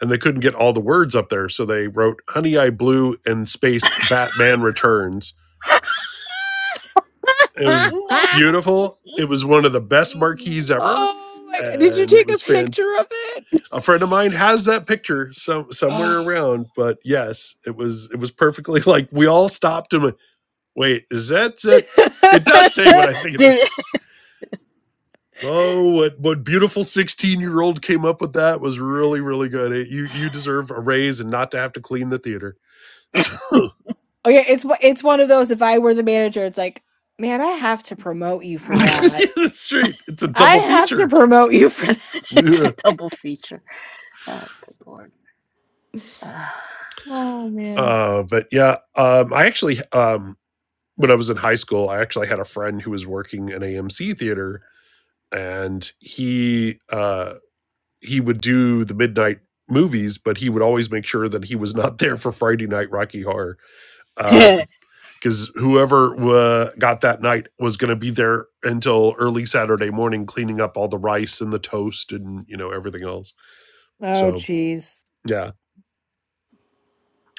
[SPEAKER 4] and they couldn't get all the words up there so they wrote honey i blew and space batman returns it
[SPEAKER 1] *laughs*
[SPEAKER 4] was
[SPEAKER 2] No.
[SPEAKER 4] beautiful it was one of the best marquees ever
[SPEAKER 1] Oh my God. Did you
[SPEAKER 4] and it
[SPEAKER 1] take a
[SPEAKER 4] was fantastic
[SPEAKER 1] picture of it?
[SPEAKER 4] a friend of mine has that picture some
[SPEAKER 2] Oh,
[SPEAKER 4] somewhere around but yes it was it was perfectly *laughs* like we all stopped and went, wait is that it? it does say what
[SPEAKER 1] *laughs*
[SPEAKER 4] i think
[SPEAKER 2] *laughs*
[SPEAKER 4] it is oh what what beautiful 16 year old came up with that was really really good It- you you deserve a raise and not to have to clean the theater so *laughs*
[SPEAKER 1] Oh yeah, it's one- it's one of those. If I were the manager, it's like, man, I have to promote you for
[SPEAKER 4] yeah,
[SPEAKER 1] that.
[SPEAKER 4] that's right it's a
[SPEAKER 1] I
[SPEAKER 4] double
[SPEAKER 1] have to
[SPEAKER 4] feature
[SPEAKER 1] promote you for that.
[SPEAKER 2] it's a
[SPEAKER 4] yeah.
[SPEAKER 2] double feature. Oh, good lord. *sighs* Ah.
[SPEAKER 1] Oh man.
[SPEAKER 4] uh but yeah um i actually um when i was in high school i actually had a friend who was working an amc theater and he uh, he would do the midnight movies, but he would always make sure that he was not *laughs* there for Friday Night Rocky Horror
[SPEAKER 2] *laughs*
[SPEAKER 4] uh,
[SPEAKER 2] oh
[SPEAKER 4] because whoever uh, got that night was going to be there until early Saturday morning, cleaning up all the rice and the toast and you know everything else.
[SPEAKER 1] Oh
[SPEAKER 4] So
[SPEAKER 1] jeez.
[SPEAKER 4] yeah,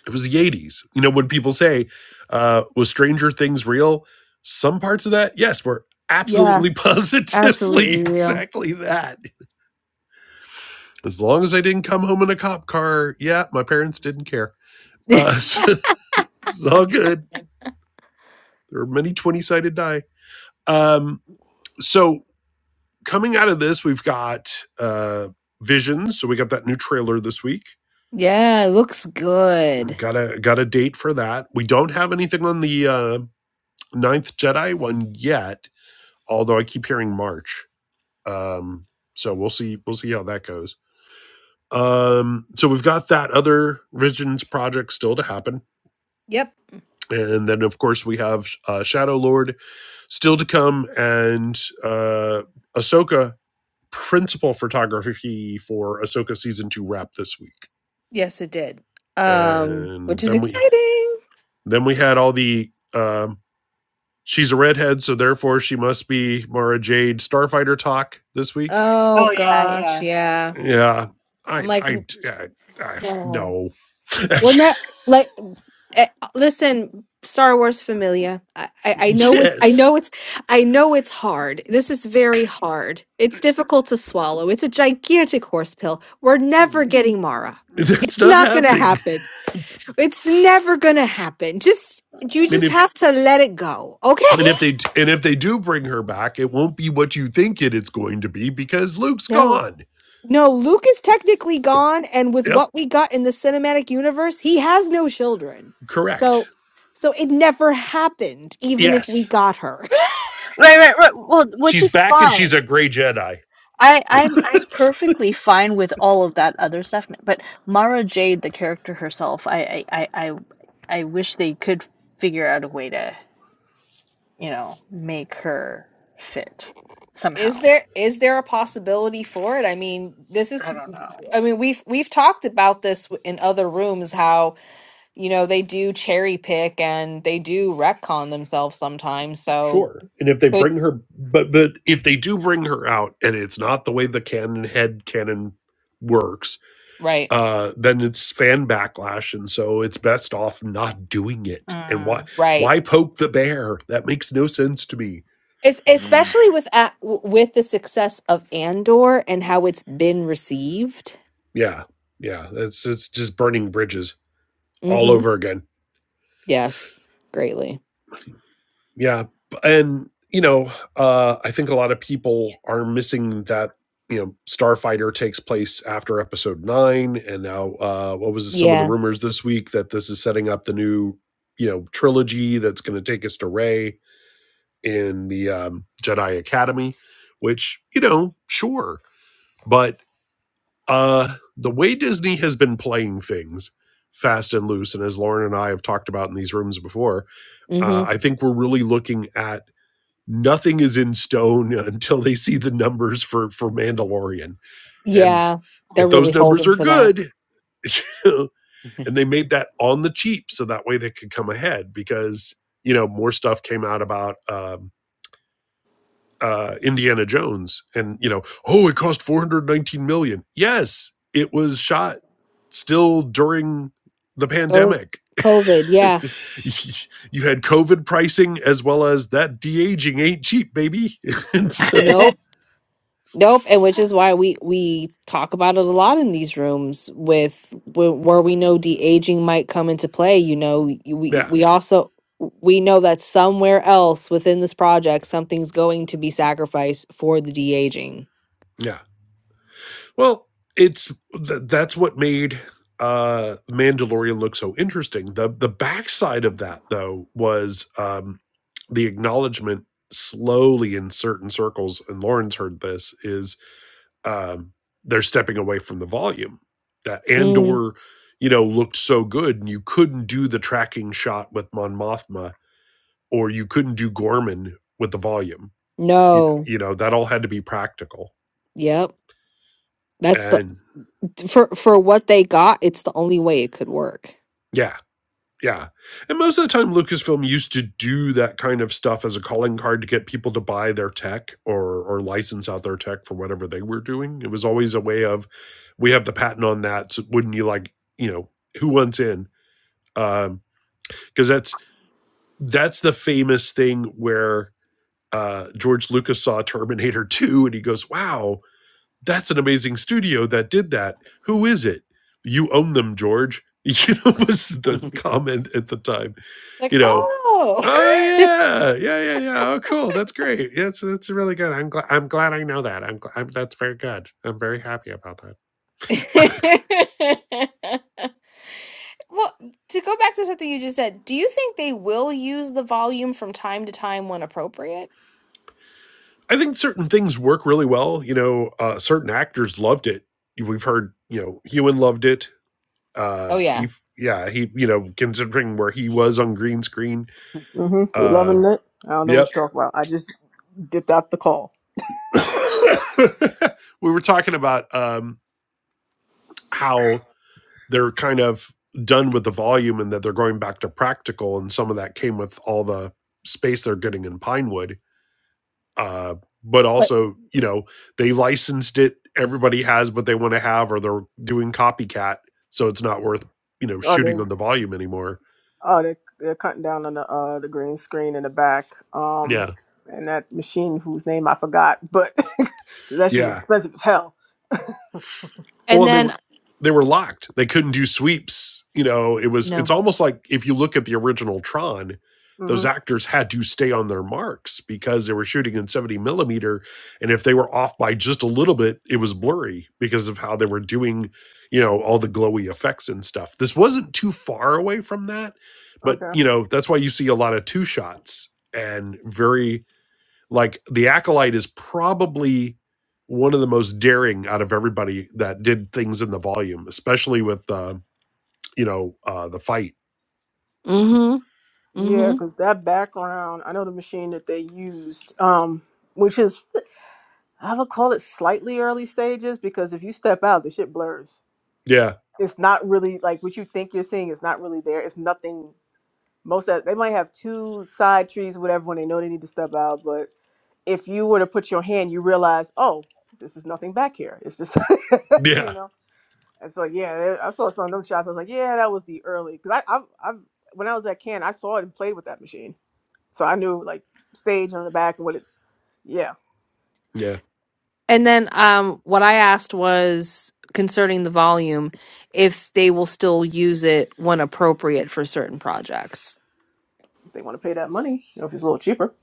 [SPEAKER 4] it was the '80s. You know when people say uh, was Stranger Things real? Some parts of that, yes, were
[SPEAKER 1] Yeah.
[SPEAKER 4] absolutely *laughs* positively
[SPEAKER 1] Absolutely real.
[SPEAKER 4] exactly that As long as I didn't come home in a cop car, yeah, my parents didn't care.
[SPEAKER 1] *laughs*
[SPEAKER 4] Uh, *laughs* so it's all good. There are many 20 sided die. Um, so coming out of this, we've got uh, Visions. So we got that new trailer this week.
[SPEAKER 1] yeah, it looks good.
[SPEAKER 4] Got a got a date for that. We don't have anything on the uh, Ninth Jedi one yet, although I keep hearing March. Um, so we'll see. We'll see how that goes. Um, so we've got that other Visions project still to happen
[SPEAKER 1] Yep.
[SPEAKER 4] And then, of course, we have uh, Shadow Lord still to come, and uh, Ahsoka principal photography for Ahsoka season two wrap this week.
[SPEAKER 1] Yes, it did. Um, which
[SPEAKER 4] And
[SPEAKER 1] is
[SPEAKER 4] then we
[SPEAKER 1] exciting.
[SPEAKER 4] then we had all the um, she's a redhead, so therefore she must be Mara Jade Starfighter talk this week.
[SPEAKER 1] Oh
[SPEAKER 2] yeah,
[SPEAKER 1] gosh,
[SPEAKER 2] yeah.
[SPEAKER 1] yeah.
[SPEAKER 4] Yeah,
[SPEAKER 1] I'm
[SPEAKER 4] I
[SPEAKER 1] like,
[SPEAKER 4] I yeah, I, I
[SPEAKER 1] oh.
[SPEAKER 4] no *laughs*
[SPEAKER 1] we're not like. eh, Listen, Star Wars familia. I, I I know it's I
[SPEAKER 4] yes,
[SPEAKER 1] know it's I know it's hard. This is very hard. It's difficult to swallow. It's a gigantic horse pill. We're never getting Mara.
[SPEAKER 4] that's
[SPEAKER 1] It's
[SPEAKER 4] not
[SPEAKER 1] not gonna
[SPEAKER 4] happening.
[SPEAKER 1] happen. It's never gonna happen. Just you
[SPEAKER 4] And
[SPEAKER 1] just
[SPEAKER 4] if
[SPEAKER 1] have to let it go, okay? *laughs*
[SPEAKER 4] And if they and if they do bring her back, it won't be what you think it is going to be because Luke's
[SPEAKER 1] No.
[SPEAKER 4] gone.
[SPEAKER 1] No, Luke is technically gone, and with
[SPEAKER 4] Yep,
[SPEAKER 1] what we got in the cinematic universe, he has no children.
[SPEAKER 4] correct.
[SPEAKER 1] So so it never happened, even if we
[SPEAKER 4] Yes.
[SPEAKER 1] got her. *laughs*
[SPEAKER 2] Right, right, right. Well, which
[SPEAKER 4] She's
[SPEAKER 2] is
[SPEAKER 4] back and
[SPEAKER 2] fine.
[SPEAKER 4] she's a gray Jedi.
[SPEAKER 2] I I'm I'm
[SPEAKER 4] *laughs*
[SPEAKER 2] perfectly fine with all of that other stuff, but Mara Jade, the character herself, I I I I, I wish they could figure out a way to, you know, make her fit
[SPEAKER 1] Is
[SPEAKER 2] somehow.
[SPEAKER 1] there is there a possibility for it? I mean, this is
[SPEAKER 2] I don't know.
[SPEAKER 1] I mean, we've we've talked about this w- in other rooms how, you know, they do cherry pick and they do retcon themselves sometimes. So
[SPEAKER 4] sure. And if they
[SPEAKER 1] could
[SPEAKER 4] bring her but but if they do bring her out and it's not the way the canon head canon works,
[SPEAKER 1] right.
[SPEAKER 4] uh then it's fan backlash and so it's best off not doing it. And why
[SPEAKER 2] Mm.
[SPEAKER 1] Right.
[SPEAKER 4] why poke the bear? That makes no sense to me.
[SPEAKER 1] Es-
[SPEAKER 6] Mm.
[SPEAKER 1] especially with a- with the success of Andor and how it's been received.
[SPEAKER 4] Yeah. Yeah, it's it's just burning bridges all
[SPEAKER 1] hmm
[SPEAKER 4] over again.
[SPEAKER 1] Yes, greatly.
[SPEAKER 4] Yeah, and you know, uh, I think a lot of people are missing that. You know, Starfighter takes place after Episode Nine, and now uh, what was some of the
[SPEAKER 1] Yeah.
[SPEAKER 4] rumors this week that this is setting up the new you know trilogy that's going to take us to Ray in the um, Jedi Academy, which you know, sure, but uh, the way Disney has been playing things fast and loose, and as Lauren and I have talked about in these rooms before,
[SPEAKER 1] hmm
[SPEAKER 4] uh, I think we're really looking at nothing is in stone *laughs* until they see the numbers for for Mandalorian. And
[SPEAKER 1] Yeah, they're
[SPEAKER 4] if
[SPEAKER 1] really
[SPEAKER 4] those numbers
[SPEAKER 1] holding
[SPEAKER 4] are
[SPEAKER 1] for that.
[SPEAKER 4] good, *laughs* and they
[SPEAKER 6] *laughs*
[SPEAKER 4] made that on the cheap, so that way they could come ahead because you know more stuff came out about um, uh, Indiana Jones, and you know, oh, it cost four hundred nineteen million. dollars. Yes, it was shot still during the
[SPEAKER 1] Oh,
[SPEAKER 4] pandemic.
[SPEAKER 1] COVID.
[SPEAKER 4] *laughs*
[SPEAKER 1] Yeah.
[SPEAKER 4] you had COVID pricing as well as that de aging ain't cheap, baby. *laughs* and so,
[SPEAKER 2] Mm.
[SPEAKER 1] Nope. Nope. And which is why we we talk about it a lot in these rooms with wh- where we know de aging might come into play. You know, y- we
[SPEAKER 4] yeah,
[SPEAKER 1] we also we know that somewhere else within this project something's going to be sacrificed for the de aging
[SPEAKER 4] yeah. Well, it's th- that's what made uh Mandalorian look so interesting. The the backside of that though was um the acknowledgement slowly in certain circles, and Lauren's heard this, is um they're stepping away from the volume. That
[SPEAKER 1] Mm,
[SPEAKER 4] Andor, you know, looked so good and you couldn't do the tracking shot with Mon Mothma, or you couldn't do Gorman with the volume. You know,
[SPEAKER 1] no.
[SPEAKER 4] you know, that all had to be practical.
[SPEAKER 1] Yep. That's the
[SPEAKER 4] And
[SPEAKER 1] for for what they got, it's the only way it could work.
[SPEAKER 4] yeah, Yeah. And most of the time, Lucasfilm used to do that kind of stuff as a calling card to get people to buy their tech or, or license out their tech for whatever they were doing. It was always a way of, we have the patent on that. So wouldn't you like, you know, who wants in? Um, cause that's, that's the famous thing where, uh, George Lucas saw Terminator *laughs* 2 and he goes, wow, that's an amazing studio that did that. Who is it? You own them, George. *laughs* You know, was the comment at the time
[SPEAKER 1] Like,
[SPEAKER 4] you know
[SPEAKER 1] oh,
[SPEAKER 4] Oh
[SPEAKER 1] *laughs*
[SPEAKER 4] yeah, yeah, yeah, yeah. Oh, cool. That's great. Yeah, it's it's really good. I'm glad. I'm glad I know that. I'm, gl- I'm that's very good. I'm very happy about that.
[SPEAKER 1] well, to go back to something you just said, do you think they will use the volume from time to time when appropriate?
[SPEAKER 4] I think certain things work really well. You know, uh, certain actors loved it. We've heard. You know, Ewan loved it. Uh,
[SPEAKER 1] Oh,
[SPEAKER 4] he, f- yeah, he. You know, considering where he was on green screen.
[SPEAKER 5] hmm We
[SPEAKER 4] Uh,
[SPEAKER 5] loving it. I don't know
[SPEAKER 4] yep.
[SPEAKER 5] what you're talking about. I just dipped out the call.
[SPEAKER 4] *coughs* *laughs* we were talking about um, how they're kind of done with the volume and that they're going back to practical and some of that came with all the space they're getting in pinewood uh, but
[SPEAKER 1] But
[SPEAKER 4] also you know they licensed it everybody has what they want to have or they're doing copycat so it's not worth you know
[SPEAKER 5] Are there?
[SPEAKER 4] shooting on the volume anymore
[SPEAKER 5] Oh, they're, they're cutting down on the uh, the green screen in the back. Um,
[SPEAKER 4] yeah
[SPEAKER 5] and that machine whose name I forgot, but *laughs* 'cause that shit is
[SPEAKER 4] yeah
[SPEAKER 5] expensive as hell.
[SPEAKER 1] and
[SPEAKER 4] well they
[SPEAKER 1] then uh,
[SPEAKER 4] were they were locked they couldn't do sweeps you know it was it's
[SPEAKER 1] no.
[SPEAKER 4] almost like if you look at the original tron
[SPEAKER 5] hmm
[SPEAKER 4] those actors had to stay on their marks because they were shooting in 70 millimeter and if they were off by just a little bit it was blurry because of how they were doing you know all the glowy effects and stuff this wasn't too far away from that but
[SPEAKER 5] Okay.
[SPEAKER 4] you know that's why you see a lot of two shots and very like the acolyte is probably one of the most daring out of everybody that did things in the volume especially with uh you know uh the fight
[SPEAKER 1] Mm-hmm.
[SPEAKER 5] Yeah,
[SPEAKER 1] Mm-hmm.
[SPEAKER 5] because that background, I know the machine that they used, um, which is I would call it slightly early stages because if you step out, the shit blurs.
[SPEAKER 4] yeah
[SPEAKER 5] It's not really like what you think you're seeing is not really there. It's nothing most of, they might have two side trees whatever when they know they need to step out but if you were to put your hand you realize oh this is nothing back here it's just *laughs* you
[SPEAKER 4] yeah
[SPEAKER 5] know and so yeah there- i saw some of them shots i was like yeah that was the early because I, I i when i was at can i saw it and played with that machine so i knew like stage on the back and what it yeah
[SPEAKER 4] yeah
[SPEAKER 1] And then um what I asked was concerning the volume if they will still use it when appropriate for certain projects.
[SPEAKER 5] if they want to pay that money you know if it's a little cheaper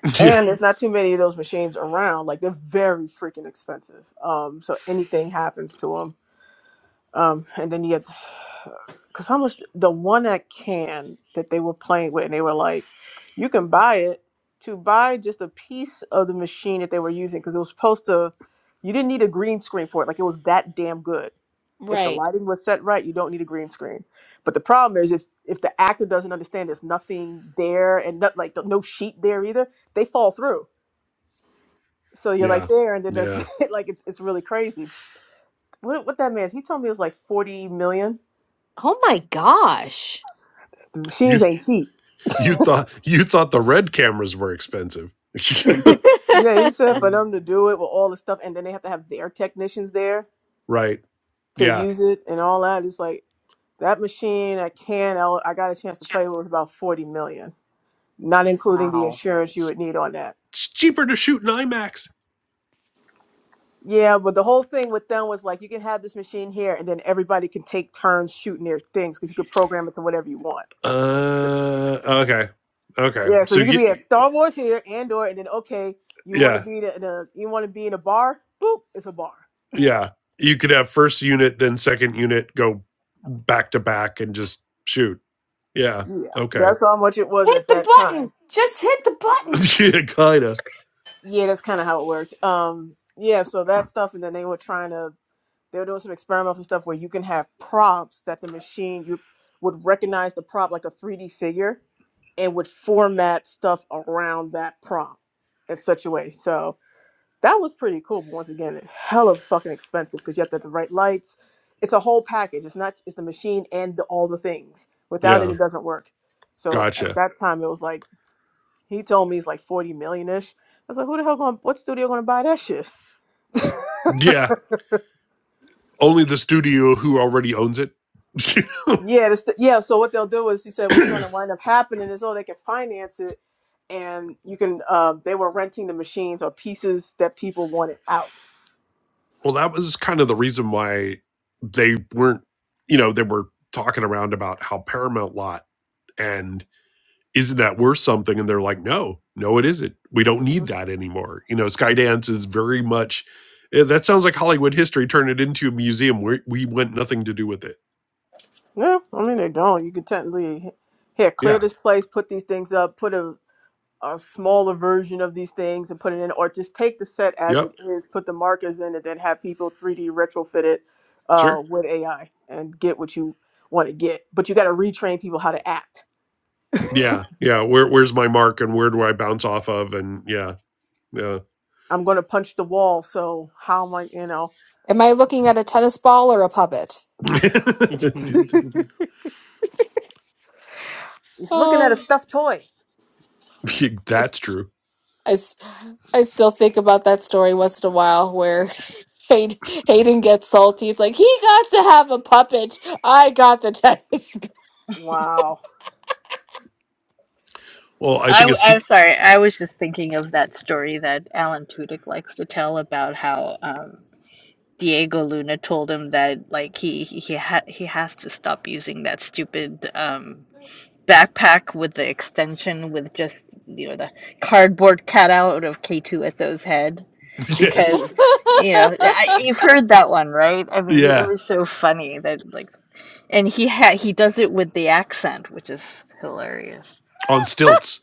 [SPEAKER 4] *laughs* yeah
[SPEAKER 5] and there's not too many of those machines around like they're very freaking expensive um so anything happens to them Um, and then you had, because how much the one at can that they were playing with, and they were like, you can buy it to buy just a piece of the machine that they were using because it was supposed to, you didn't need a green screen for it. Like it was that damn good. If the
[SPEAKER 1] Right.
[SPEAKER 5] lighting was set right, you don't need a green screen. But the problem is if if the actor doesn't understand, there's nothing there and not like no no sheet there either. They fall through. So you're
[SPEAKER 4] yeah
[SPEAKER 5] like there, and then the,
[SPEAKER 4] yeah
[SPEAKER 5] *laughs* like it's it's really crazy. What what that man? He told me it was like forty million
[SPEAKER 1] Oh my gosh.
[SPEAKER 5] The
[SPEAKER 4] you
[SPEAKER 5] machines ain't cheap.
[SPEAKER 4] you thought you thought the red cameras were expensive *laughs*
[SPEAKER 5] Yeah, he
[SPEAKER 1] *laughs*
[SPEAKER 5] said for them to do it with all the stuff, and then they have to have their technicians there
[SPEAKER 4] right
[SPEAKER 5] to
[SPEAKER 4] yeah
[SPEAKER 5] use it and all that. It's like that machine. I can. I I got a chance to play with was about forty million, not including the
[SPEAKER 1] Wow.
[SPEAKER 5] insurance you
[SPEAKER 4] it's,
[SPEAKER 5] would need on that.
[SPEAKER 4] it's cheaper to shoot an imax
[SPEAKER 5] Yeah, but the whole thing with them was like you can have this machine here, and then everybody can take turns shooting their things because you could program it to whatever you want.
[SPEAKER 4] uh okay okay
[SPEAKER 5] Yeah, so
[SPEAKER 4] so
[SPEAKER 5] you could be
[SPEAKER 4] y-
[SPEAKER 5] at Star Wars here, Andor, and then okay, you want
[SPEAKER 4] yeah
[SPEAKER 5] to be in a you want to be in a bar? Boop, it's a bar.
[SPEAKER 4] yeah, you could have first unit, then second unit go back to back and just shoot. Yeah.
[SPEAKER 5] Yeah,
[SPEAKER 4] Okay.
[SPEAKER 5] that's how much it was
[SPEAKER 1] Hit
[SPEAKER 5] at
[SPEAKER 1] Wow. the
[SPEAKER 5] that time.
[SPEAKER 1] button. Just hit the button.
[SPEAKER 4] *laughs* yeah, kinda.
[SPEAKER 5] Yeah, that's kind of how it worked. Um, yeah, so that stuff, and then they were trying to, they were doing some experimental stuff where you can have prompts that the machine you would recognize the prop like a 3D figure and would format stuff around that prompt in such a way. So that was pretty cool. But once again, hella fucking expensive because you have to have the right lights. It's a whole package. It's not. It's the machine and the, all the things. Without it,
[SPEAKER 4] Yeah.
[SPEAKER 5] it doesn't work. So at
[SPEAKER 4] Gotcha.
[SPEAKER 5] that time, it was like. He told me it's like 40 million ish. I was like, who the hell going, what studio going to buy that shit? *laughs*
[SPEAKER 4] Yeah. Only the studio who already owns it. *laughs* well,
[SPEAKER 5] yeah, the st- yeah. So what they'll do is, he said, what's going to
[SPEAKER 4] that
[SPEAKER 5] wind up happening is, oh, they can finance it and you can, um, they were renting the machines or pieces that people wanted out.
[SPEAKER 4] was kind of the reason why they weren't, you know, they were talking around about how Paramount lot and isn't that worth something? And they're like, no, no, it isn't. We don't
[SPEAKER 5] Mm-hmm.
[SPEAKER 4] need that anymore. You know, Skydance is very much, eh, that sounds like Hollywood history. Turn it into a museum. We, we want nothing to do with it.
[SPEAKER 5] Yeah, I mean they don't. You could technically here clear
[SPEAKER 4] Yeah.
[SPEAKER 5] this place, put these things up, put a, a smaller version of these things and put it in, or just take the set as it
[SPEAKER 4] Yep.
[SPEAKER 5] is, put the markers in it, then have people 3D retrofit it uh,
[SPEAKER 4] Sure.
[SPEAKER 5] with AI and get what you want to get. But you got to retrain people how to act.
[SPEAKER 4] Yeah. Yeah. Where, where's my mark and where do I bounce off of? And yeah. Yeah.
[SPEAKER 5] I'm going to punch the wall, so how am I? You know,
[SPEAKER 1] Am I looking at a tennis ball or a puppet?
[SPEAKER 5] *laughs*
[SPEAKER 4] *laughs*
[SPEAKER 5] he's looking at a
[SPEAKER 1] Oh,
[SPEAKER 5] stuffed toy.
[SPEAKER 4] That's
[SPEAKER 1] it's
[SPEAKER 4] true.
[SPEAKER 1] I, s- I still think about that story once in a while where *laughs* Hay- Hayden gets salty. It's like he got to have a puppet. I got the task. *laughs*
[SPEAKER 5] Wow.
[SPEAKER 4] Well,
[SPEAKER 2] *laughs*
[SPEAKER 4] I think
[SPEAKER 2] I,
[SPEAKER 4] it's,
[SPEAKER 2] am
[SPEAKER 4] Ste-
[SPEAKER 2] sorry. I was just thinking of that story that Alan Tudyk likes to tell about how um, Diego Luna told him that like he he he, ha- he has to stop using that stupid um, backpack with the extension with just you know the cardboard cutout of K2SO's head
[SPEAKER 4] *laughs* yes.
[SPEAKER 2] because you know I, you've heard that one right I mean it
[SPEAKER 4] Yeah.
[SPEAKER 2] was so funny that like and he ha he does it with the accent which is hilarious
[SPEAKER 4] On stilts.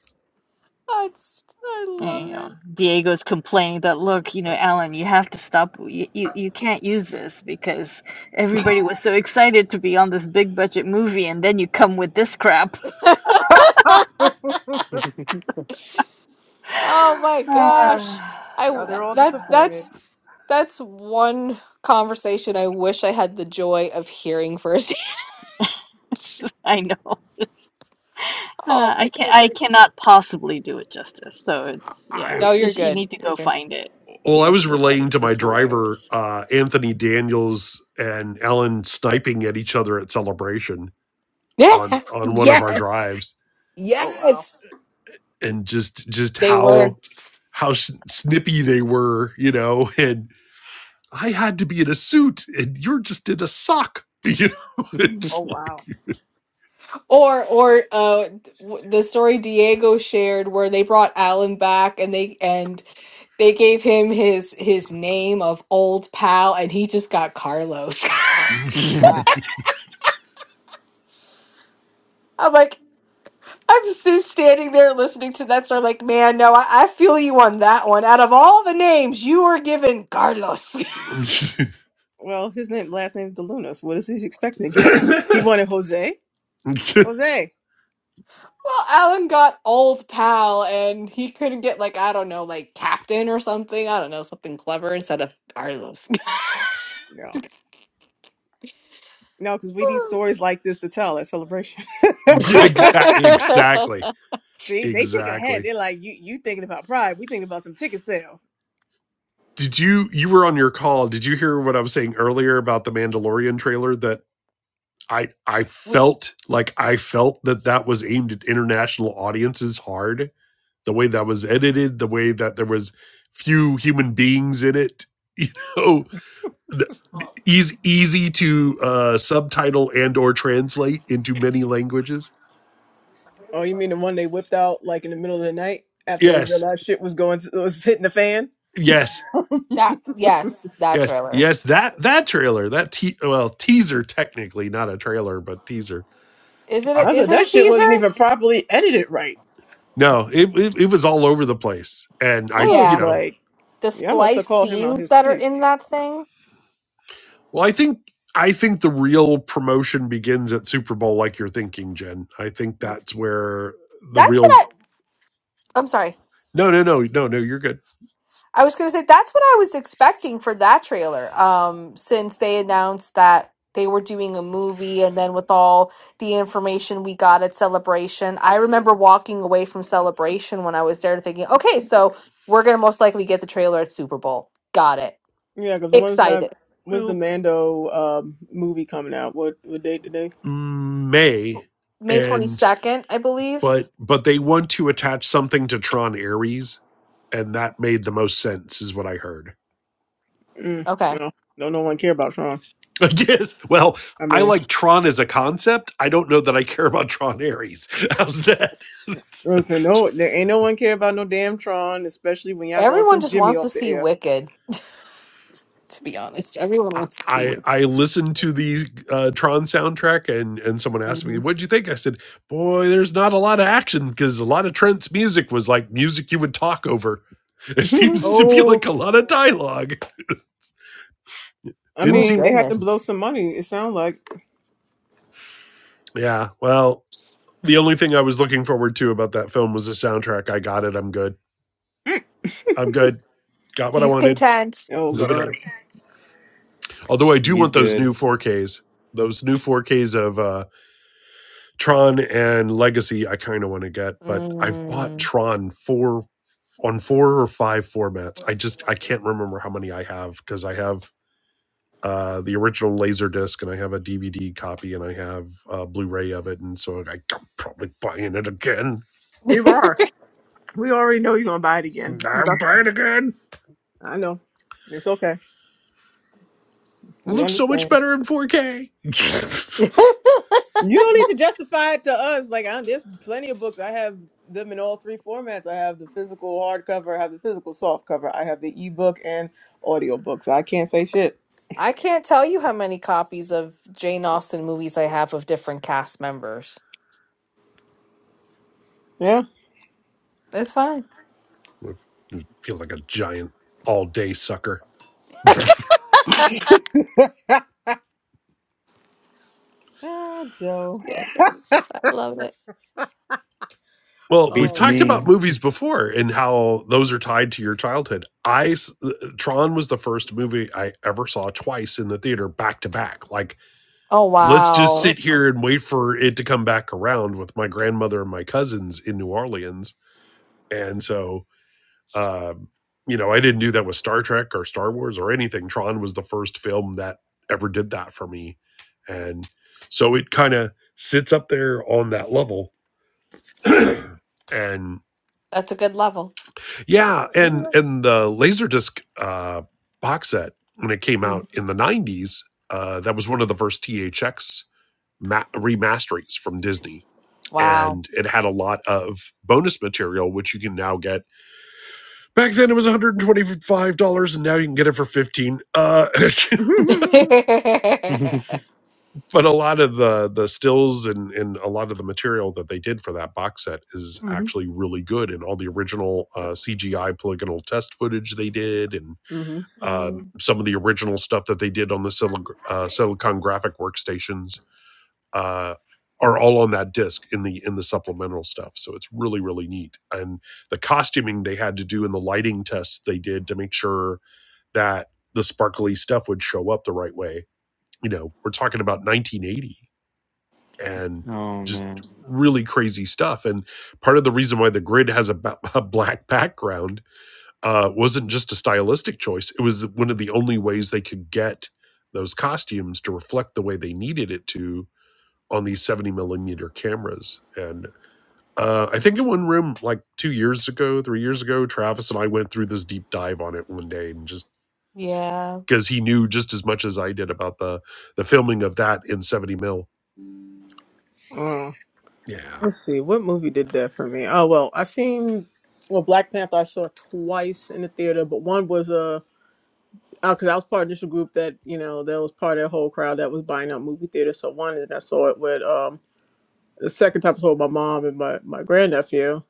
[SPEAKER 1] I
[SPEAKER 2] And,
[SPEAKER 1] love
[SPEAKER 2] you know Diego's complaining that look you know Alan you have to stop you, you, you can't use this because everybody was so excited to be on this big budget movie and then you come with this crap
[SPEAKER 1] her.
[SPEAKER 5] *laughs*
[SPEAKER 1] *laughs*
[SPEAKER 2] *sighs*
[SPEAKER 1] Oh my gosh.
[SPEAKER 2] Ah,
[SPEAKER 1] I
[SPEAKER 2] so
[SPEAKER 5] now
[SPEAKER 1] w-
[SPEAKER 5] they're
[SPEAKER 2] that
[SPEAKER 5] all
[SPEAKER 2] was, uh,
[SPEAKER 1] that's
[SPEAKER 5] disappointed.
[SPEAKER 1] that's that's one conversation I wish I had the joy of hearing firsthand. *laughs*
[SPEAKER 2] *laughs* I know. Just, uh,
[SPEAKER 1] Oh
[SPEAKER 2] I
[SPEAKER 1] my
[SPEAKER 2] can I
[SPEAKER 1] goodness.
[SPEAKER 2] cannot possibly do it justice. So it's
[SPEAKER 4] I.
[SPEAKER 2] yeah.
[SPEAKER 1] No,
[SPEAKER 2] You
[SPEAKER 1] you're
[SPEAKER 2] sh you
[SPEAKER 1] good.
[SPEAKER 2] need to
[SPEAKER 1] you're
[SPEAKER 2] go
[SPEAKER 1] good.
[SPEAKER 2] find it.
[SPEAKER 4] Well,
[SPEAKER 2] You
[SPEAKER 4] I
[SPEAKER 2] need to
[SPEAKER 4] was
[SPEAKER 2] go find it
[SPEAKER 4] relating to
[SPEAKER 2] because
[SPEAKER 4] my
[SPEAKER 2] it's
[SPEAKER 4] driver,
[SPEAKER 2] hilarious.
[SPEAKER 4] uh, Anthony Daniels and Ellen sniping at each other at celebration
[SPEAKER 1] Yeah.
[SPEAKER 4] on on one of our
[SPEAKER 1] Yes.
[SPEAKER 4] drives,
[SPEAKER 5] Oh wow.
[SPEAKER 1] Yes.
[SPEAKER 4] and just just
[SPEAKER 1] They were.
[SPEAKER 4] how how s- snippy they were, you know. *laughs* And I had to be in a suit, and you're just in a sock. *laughs* You know,
[SPEAKER 5] Oh
[SPEAKER 4] it's like
[SPEAKER 5] wow.
[SPEAKER 1] Or or uh w- the story Diego shared where they brought Alan back and they and they gave him his his name of old pal and he just got Carlos.
[SPEAKER 4] *laughs* *laughs* yeah,
[SPEAKER 5] Wow.
[SPEAKER 1] *laughs* I'm like I'm just standing there listening to that story I'm like man no I, I feel you on that one. Out of all the names you were given Carlos. *laughs*
[SPEAKER 5] Well, his name last name is DeLunas. What is he expecting to get? *laughs* he wanted Jose. Jose.
[SPEAKER 1] Well, Alan got old pal and he couldn't get like, I don't know, like captain or something. I don't know, something clever instead of Carlos.
[SPEAKER 5] No. No, because we need stories like this to tell at celebration. *laughs*
[SPEAKER 1] *laughs*
[SPEAKER 4] exa- exactly,
[SPEAKER 5] See, they think ahead.
[SPEAKER 4] exactly.
[SPEAKER 5] They're like, you you thinking about pride. We thinking about them ticket sales.
[SPEAKER 4] Did you you were on your call? Did you hear what I was saying earlier about the Mandalorian trailer that I I
[SPEAKER 1] we
[SPEAKER 4] felt like I felt that that was aimed at international audiences hard. The way that was edited, the way that there was few human beings in it, *laughs* you know, the- easy easy to uh, subtitle and or translate into many languages.
[SPEAKER 5] Oh, you mean the one they whipped out like in the middle of the night after they
[SPEAKER 4] Yes,
[SPEAKER 5] realized shit was going was hitting the fan?
[SPEAKER 4] yes,
[SPEAKER 1] that yes, that
[SPEAKER 4] yes,
[SPEAKER 1] trailer.
[SPEAKER 4] yes. That that trailer, that te- well teaser, technically not a trailer, but teaser.
[SPEAKER 1] Is it
[SPEAKER 4] Uh,
[SPEAKER 5] I
[SPEAKER 1] a, is
[SPEAKER 5] said that
[SPEAKER 1] it a
[SPEAKER 5] shit wasn't
[SPEAKER 1] teaser?
[SPEAKER 5] even properly edited right.
[SPEAKER 4] no, it, it it was all over the place, and
[SPEAKER 5] I
[SPEAKER 4] I you
[SPEAKER 5] was
[SPEAKER 1] Yeah.
[SPEAKER 4] know
[SPEAKER 5] like,
[SPEAKER 1] The
[SPEAKER 5] yeah, I must have
[SPEAKER 1] splice
[SPEAKER 5] called him out
[SPEAKER 1] scenes
[SPEAKER 5] his
[SPEAKER 1] that are
[SPEAKER 5] sleep.
[SPEAKER 1] in that thing.
[SPEAKER 4] Well, I think I think the real promotion begins at Super Bowl, like you're thinking, Jen. I think that's where the
[SPEAKER 1] That's what
[SPEAKER 4] real
[SPEAKER 1] I I'm sorry.
[SPEAKER 4] no, no, no, no, no. You're good.
[SPEAKER 1] I was gonna say that's what I was expecting for that trailer. Um, since they announced that they were doing a movie, and then with all the information we got at Celebration, I remember walking away from Celebration when I was there, thinking, "Okay, so we're gonna most likely get the trailer at Super Bowl." Got it.
[SPEAKER 5] Yeah, because once that
[SPEAKER 1] Excited.
[SPEAKER 5] when's the
[SPEAKER 4] Well,
[SPEAKER 5] Mando um, movie coming out? What what date today?
[SPEAKER 4] mm, May
[SPEAKER 1] May twenty
[SPEAKER 4] and
[SPEAKER 1] second, I believe.
[SPEAKER 4] but but they want to attach something to Tron Ares, and that made the most sense, is what I heard.
[SPEAKER 5] Mm,
[SPEAKER 1] Okay.
[SPEAKER 5] no, no, no one care about Tron.
[SPEAKER 4] *laughs* I guess. Well,
[SPEAKER 5] I
[SPEAKER 4] I
[SPEAKER 5] mean,
[SPEAKER 4] like Tron as a concept. I don't know that I care about Tron Ares. *laughs* How's that? *laughs*
[SPEAKER 5] listen,
[SPEAKER 4] It's
[SPEAKER 5] no, there ain't no one care about no damn Tron, especially when y'all done
[SPEAKER 1] Everyone
[SPEAKER 5] took
[SPEAKER 1] just
[SPEAKER 5] Jimmy
[SPEAKER 1] wants to
[SPEAKER 5] off the
[SPEAKER 1] see
[SPEAKER 5] air.
[SPEAKER 1] Wicked. *laughs* to be honest. Everyone
[SPEAKER 4] I
[SPEAKER 1] wants to see
[SPEAKER 4] I
[SPEAKER 1] what
[SPEAKER 4] I listened to the uh, Tron soundtrack and and someone asked me,
[SPEAKER 5] hmm
[SPEAKER 4] "What'd you think?" I said, "Boy, there's not a lot of action because a lot of Trent's music was like music you would talk over. *laughs* It seems
[SPEAKER 5] *laughs*
[SPEAKER 4] to be like a lot of
[SPEAKER 1] Oh,
[SPEAKER 4] dialogue.
[SPEAKER 5] I
[SPEAKER 4] Didn't
[SPEAKER 1] oh
[SPEAKER 5] mean, they
[SPEAKER 4] seem
[SPEAKER 5] had to blow
[SPEAKER 1] goodness.
[SPEAKER 5] some money. It sounds like,
[SPEAKER 4] yeah. Well, the only thing I was looking forward to about that film was the soundtrack. I got it. I'm good. I'm good. Got what I
[SPEAKER 1] He's
[SPEAKER 4] wanted.
[SPEAKER 1] content.
[SPEAKER 5] oh
[SPEAKER 4] Moving
[SPEAKER 5] god,
[SPEAKER 4] on. Although I do
[SPEAKER 6] He's
[SPEAKER 4] want those
[SPEAKER 6] good.
[SPEAKER 4] new 4Ks. Those new 4Ks of uh Tron and Legacy, I kind of want to get, but I've bought
[SPEAKER 1] Mm.
[SPEAKER 4] Tron four on four or five formats. I just I can't remember how many I have because I have uh the original Laserdisc, and I have a DVD copy and I have a Blu-ray of it, and so I, I'm probably buying it again.
[SPEAKER 5] you
[SPEAKER 1] *laughs*
[SPEAKER 5] are. We already know you're gonna buy it again. You about,
[SPEAKER 4] I'm buying it again.
[SPEAKER 5] *laughs* I know. It's okay.
[SPEAKER 4] It
[SPEAKER 5] We
[SPEAKER 4] looks so much
[SPEAKER 5] understand.
[SPEAKER 4] better in 4K. *laughs*
[SPEAKER 5] You don't need to justify it to us. Like, I, there's plenty of books. I have them in all three formats. I have the physical hardcover. I have the physical softcover. I have the ebook and audiobooks. I can't say shit.
[SPEAKER 1] I can't tell you how many copies of Jane Austen movies I have of different cast members.
[SPEAKER 5] Yeah.
[SPEAKER 1] That's fine.
[SPEAKER 4] I feel like a giant all-day sucker.
[SPEAKER 5] *laughs* ah, Joe.
[SPEAKER 1] Yeah,
[SPEAKER 5] *laughs*
[SPEAKER 1] it's- I love it.
[SPEAKER 4] Well, we've
[SPEAKER 6] Beats
[SPEAKER 5] oh, oh
[SPEAKER 4] talked about
[SPEAKER 6] me.
[SPEAKER 4] movies before and how those are tied to your childhood. I s- Tron was the first movie I ever saw twice in the theater back to back. Like,
[SPEAKER 1] Oh
[SPEAKER 4] let's just
[SPEAKER 1] wow,
[SPEAKER 4] sit
[SPEAKER 5] wow.
[SPEAKER 4] here and wait for it to come back around with my grandmother and my cousins in New Orleans. And so, um, you know, I didn't do that with Star Trek or Star Wars or anything. Tron was the first film that ever did that for me. And so it kind of sits up there on that level. *clears throat* and
[SPEAKER 1] that's a good level.
[SPEAKER 4] Yeah,
[SPEAKER 5] Look at
[SPEAKER 4] and
[SPEAKER 5] us.
[SPEAKER 4] and the Laserdisc uh, box set when it came
[SPEAKER 5] Mm-hmm.
[SPEAKER 4] out in the '90s, uh, that was one of the first THX ma- remasterings from Disney,
[SPEAKER 1] Wow.
[SPEAKER 4] and it had a lot of bonus material which you can now get. Back then, it was 125 dollars, and now you can get it for 15. Uh, *laughs*
[SPEAKER 1] *laughs*
[SPEAKER 4] but a lot of the the stills and and a lot of the material that they did for that box set is actually really good, and all the original uh, CGI polygonal test footage they did, and
[SPEAKER 5] Mm-hmm.
[SPEAKER 4] um,
[SPEAKER 1] Mm,
[SPEAKER 4] some of the original stuff that they did on the Silicon, uh, Silicon Graphic workstations uh, are all on that disc in the in the supplemental stuff. So it's really really neat. And the costuming they had to do and the lighting tests they did to make sure that the sparkly stuff would show up the right way. You know, we're talking about 1980 and
[SPEAKER 6] *laughs* oh
[SPEAKER 4] just
[SPEAKER 6] man,
[SPEAKER 4] really crazy stuff. And part of the reason why the grid has a, ba- *laughs* a black background uh, wasn't just a stylistic choice. It was one of the only ways they could get those costumes to reflect the way they needed it to on these 70 millimeter cameras. And uh, I think in one room, like two years ago, three years ago, Travis and I went through this deep dive on it one day and just
[SPEAKER 1] yeah,
[SPEAKER 4] because he knew just as much as I did about the the filming of that in 70 mil.
[SPEAKER 5] Uh, *laughs*
[SPEAKER 4] Yeah.
[SPEAKER 5] let's see, what movie did that for me? Oh well, I seen well Black Panther. I saw twice in the theater, but one was uh because I was part of this group that you know that was part of that whole crowd that was buying out movie theaters. So one, and I saw it with um the second time I saw it with my mom and my my grandnephew.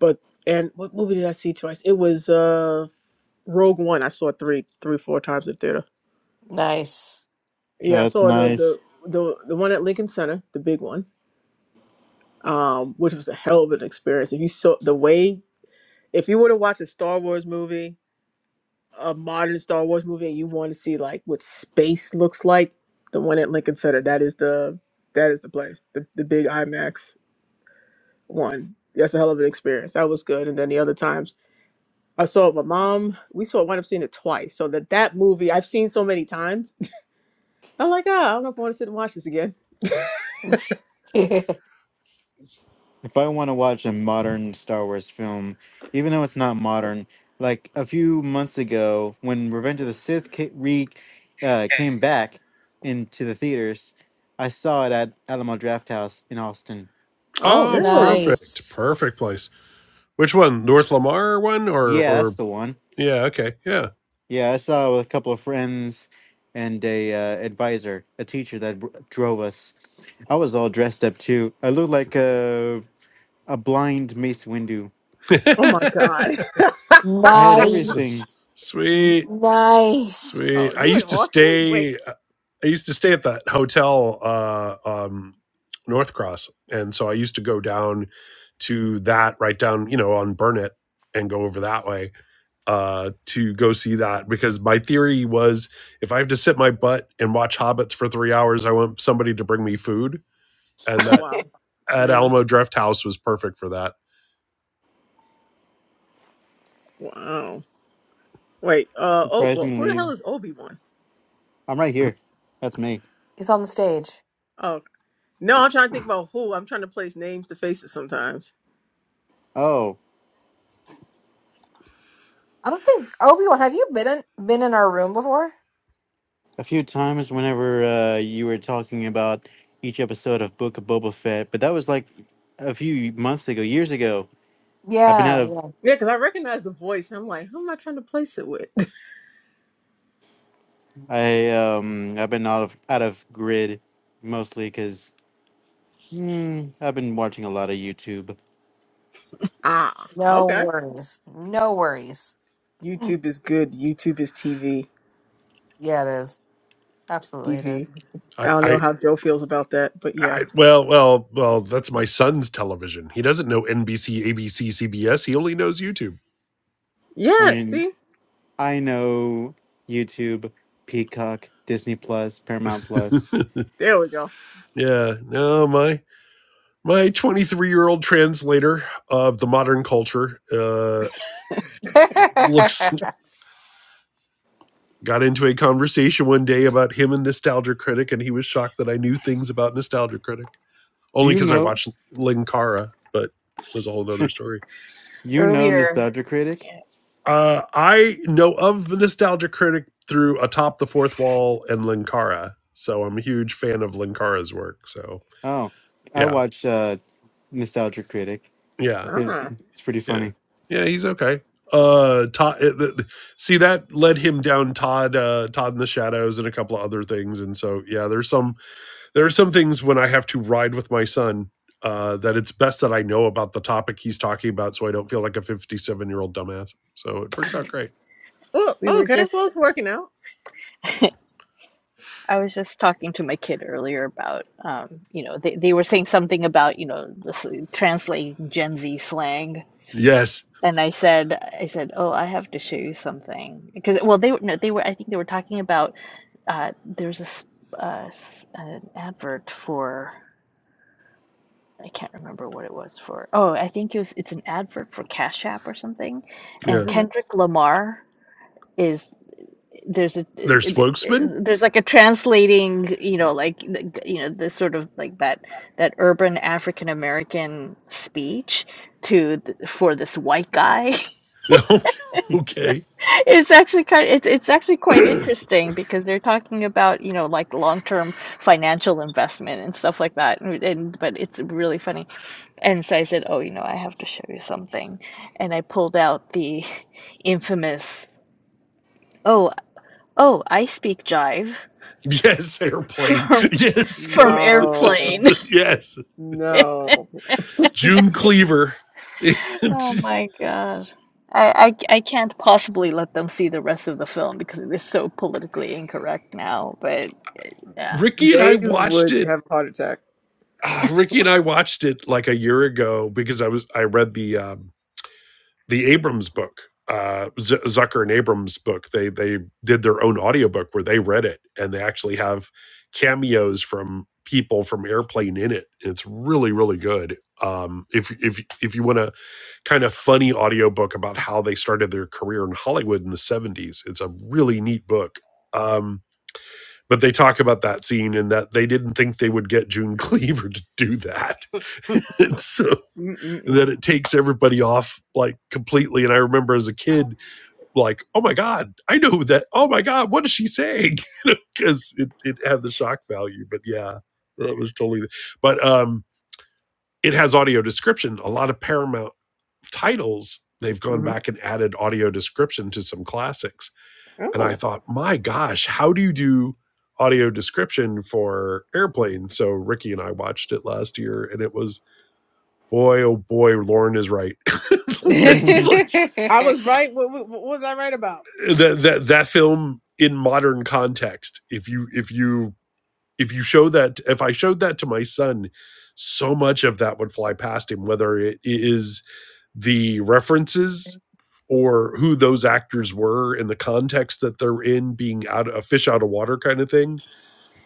[SPEAKER 5] But and what movie did I see twice? It was uh Rogue One. I saw it three, three, four times in theater.
[SPEAKER 1] nice.
[SPEAKER 5] Yeah, I
[SPEAKER 6] that's
[SPEAKER 5] saw the the
[SPEAKER 6] nice.
[SPEAKER 5] the, the one at Lincoln Center, the big one, um, which was a hell of an experience. If you saw the way, if you were to watch a Star Wars movie, a modern Star Wars movie, and you want to see like what space looks like, the one at Lincoln Center, that is the that is the place, the the big IMAX one. That's a hell of an experience. That was good. And then the other times I saw it with my mom. We saw. it. I wound up seeing it twice. So that that movie I've seen so many times I'm like, oh, I don't know if I want to sit and watch this again.
[SPEAKER 1] *laughs*
[SPEAKER 6] if I want to watch a modern Star Wars film, even though it's not modern, like a few months ago when Revenge of the Sith ca- re uh, came back into the theaters, I saw it at Alamo Drafthouse in Austin.
[SPEAKER 5] Oh,
[SPEAKER 4] Oh,
[SPEAKER 5] really?
[SPEAKER 4] perfect.
[SPEAKER 1] Nice.
[SPEAKER 4] Perfect place. Which one? North Lamar one or
[SPEAKER 6] Yeah, that's
[SPEAKER 4] or
[SPEAKER 6] the one.
[SPEAKER 4] yeah, okay. Yeah.
[SPEAKER 6] Yeah, I saw it with a couple of friends and a uh, advisor, a teacher that br- drove us. I was all dressed up too. I looked like a a blind Mace Windu.
[SPEAKER 5] Oh my
[SPEAKER 4] *laughs*
[SPEAKER 5] God. *laughs*
[SPEAKER 6] I had
[SPEAKER 4] S-
[SPEAKER 6] everything.
[SPEAKER 1] Nice.
[SPEAKER 4] Sweet, sweet.
[SPEAKER 5] oh,
[SPEAKER 1] Nice.
[SPEAKER 4] I
[SPEAKER 5] you in
[SPEAKER 4] used to
[SPEAKER 5] Austin?
[SPEAKER 4] stay.
[SPEAKER 5] Wait.
[SPEAKER 4] I used to stay at that hotel, uh, um, North Cross, and so I used to go down to that right down, you know, on Burnett and go over that way uh, to go see that because my theory was if I have to sit my butt and watch Hobbits for three hours, I want somebody to bring me food, and
[SPEAKER 5] Oh
[SPEAKER 4] that
[SPEAKER 5] wow.
[SPEAKER 4] at
[SPEAKER 5] Really?
[SPEAKER 4] Alamo Draft House was perfect for that.
[SPEAKER 5] Wow. Wait. Uh. Oh. Well, who the hell
[SPEAKER 6] Surprisingly,
[SPEAKER 5] is Obi Wan?
[SPEAKER 6] I'm right here. That's me.
[SPEAKER 1] He's on the stage.
[SPEAKER 5] Oh no, I'm trying to think about who. I'm trying to place names to faces sometimes.
[SPEAKER 6] Oh,
[SPEAKER 1] I don't think Obi-Wan, have you been in, been in our room before?
[SPEAKER 6] a few times whenever uh, you were talking about each episode of Book of Boba Fett, but that was like a few months ago, years ago. I've been
[SPEAKER 1] Yeah,
[SPEAKER 6] out of
[SPEAKER 1] yeah.
[SPEAKER 5] Yeah, because I recognize the voice. And I'm like, who am I trying to place it with?
[SPEAKER 6] I um I've been out of out of grid mostly because mm, I've been watching a lot of YouTube.
[SPEAKER 5] *laughs* ah.
[SPEAKER 1] No
[SPEAKER 5] Okay.
[SPEAKER 1] worries. No worries.
[SPEAKER 5] YouTube is good. YouTube is TV.
[SPEAKER 1] Yeah, it is.
[SPEAKER 5] It's
[SPEAKER 1] Absolutely it
[SPEAKER 5] TV. I
[SPEAKER 4] I,
[SPEAKER 5] don't
[SPEAKER 4] I
[SPEAKER 5] know how Joe feels about that, but yeah.
[SPEAKER 4] I, well, well, well, that's my son's television. He doesn't know NBC, ABC, CBS. He only knows YouTube.
[SPEAKER 6] I
[SPEAKER 5] Yeah.
[SPEAKER 6] mean,
[SPEAKER 5] See,
[SPEAKER 6] I know YouTube, Peacock, Disney Plus, Paramount Plus.
[SPEAKER 5] there we go.
[SPEAKER 4] Yeah, no, my my 23 year old translator of the modern culture uh, looks got into a conversation one day about him and Nostalgia Critic, and he was shocked that I knew things about Nostalgia Critic only
[SPEAKER 6] You
[SPEAKER 4] because I
[SPEAKER 6] know,
[SPEAKER 4] watched Linkara, but that's a whole other story.
[SPEAKER 6] you know
[SPEAKER 2] Earlier,
[SPEAKER 6] Nostalgia Critic.
[SPEAKER 2] yeah,
[SPEAKER 4] Uh, I know of the Nostalgia Critic through Atop the Fourth Wall and Linkara, so I'm a huge fan of Linkara's work. So
[SPEAKER 6] Oh, I
[SPEAKER 4] yeah,
[SPEAKER 6] watch uh, Nostalgia Critic.
[SPEAKER 4] yeah,
[SPEAKER 6] It,
[SPEAKER 5] Ah.
[SPEAKER 6] it's pretty
[SPEAKER 4] yeah,
[SPEAKER 6] funny.
[SPEAKER 4] yeah. He's okay. Uh, Todd. uh, th- th- see, that led him down Todd, uh, Todd in the Shadows, and a couple of other things. And so yeah, there's some there are some things when I have to ride with my son. Uh, that it's best that I know about the topic he's talking about, so I don't feel like a 57 year old dumbass. So it works out great.
[SPEAKER 5] Oh,
[SPEAKER 2] we were
[SPEAKER 5] okay. Well,
[SPEAKER 2] just
[SPEAKER 5] it's working out.
[SPEAKER 2] I was just talking to my kid earlier about um you know they they were saying something about you know this, translating Gen Z slang.
[SPEAKER 4] Yes.
[SPEAKER 2] And I said, I said, oh, I have to show you something because, well, they were no, they were. I think they were talking about uh, there's a s- uh, s- an advert for. I can't remember what it was for. Oh, I think it was it's an advert for Cash App or something. And
[SPEAKER 4] Yeah.
[SPEAKER 5] Mhm.
[SPEAKER 2] Kendrick Lamar is there's a
[SPEAKER 4] Their
[SPEAKER 2] it-
[SPEAKER 4] spokesman?
[SPEAKER 2] it- there's like a translating, you know, like the- you know, this sort of like that that urban African American speech to th- for this white guy. *laughs*
[SPEAKER 4] *laughs* okay.
[SPEAKER 2] It's actually kind it's it's actually quite
[SPEAKER 4] *clears throat*
[SPEAKER 2] interesting because they're talking about, you know, like long-term financial investment and stuff like that. And, and but it's really funny And so I said, Oh, you know, I have to show you something. And I pulled out the infamous, Oh, oh, I speak jive
[SPEAKER 4] yes,
[SPEAKER 2] *laughs*
[SPEAKER 4] airplane.
[SPEAKER 2] from,
[SPEAKER 4] Yes.
[SPEAKER 2] from Airplane.
[SPEAKER 5] No,
[SPEAKER 4] *laughs* yes.
[SPEAKER 2] *laughs*
[SPEAKER 5] no,
[SPEAKER 4] June Cleaver. *laughs* And
[SPEAKER 2] Oh my God. I, I, I can't possibly let them see the rest of the film because it is so politically incorrect now, but yeah.
[SPEAKER 4] Ricky and I
[SPEAKER 5] they
[SPEAKER 4] watched
[SPEAKER 5] would
[SPEAKER 4] it.
[SPEAKER 5] have a heart attack.
[SPEAKER 4] ah, Ricky and I watched it like a year ago because I was I read the um the Abrams book. Uh, Z- Zucker and Abrams book. They they did their own audiobook where they read it and they actually have cameos from people from Airplane in it. And it's really really good. Um, if if if you want to kind of funny audiobook about how they started their career in Hollywood in the 70s. It's a really neat book. Um, but they talk about that scene and that they didn't think they would get June *laughs* Cleaver to do that. *laughs* and so and that
[SPEAKER 5] Mm-mm-mm.
[SPEAKER 4] it takes everybody off like completely. And I remember as a kid, like, oh my God, I know that. Oh my God, what is she saying? Because *laughs* you know, it, it had the shock value. But yeah, that was totally. But um, it has audio description. A lot of Paramount titles, they've gone
[SPEAKER 5] hmm
[SPEAKER 4] back and added audio description to some classics. And I
[SPEAKER 5] Oh,
[SPEAKER 4] thought, my gosh, how do you do audio description for airplane? So Ricky and I watched it last year, and it was boy, oh boy, Lauren is right. *laughs*
[SPEAKER 1] is.
[SPEAKER 6] *laughs*
[SPEAKER 4] it's
[SPEAKER 6] wow.
[SPEAKER 4] like
[SPEAKER 5] I
[SPEAKER 1] *laughs*
[SPEAKER 5] was right. What, what, what was I right about?
[SPEAKER 4] that that that film in modern context. If you if you if you show that if I showed that to my son, so much of that would fly past him, whether it is the references or who those actors were and the context that they're in being out a fish out of water kind of thing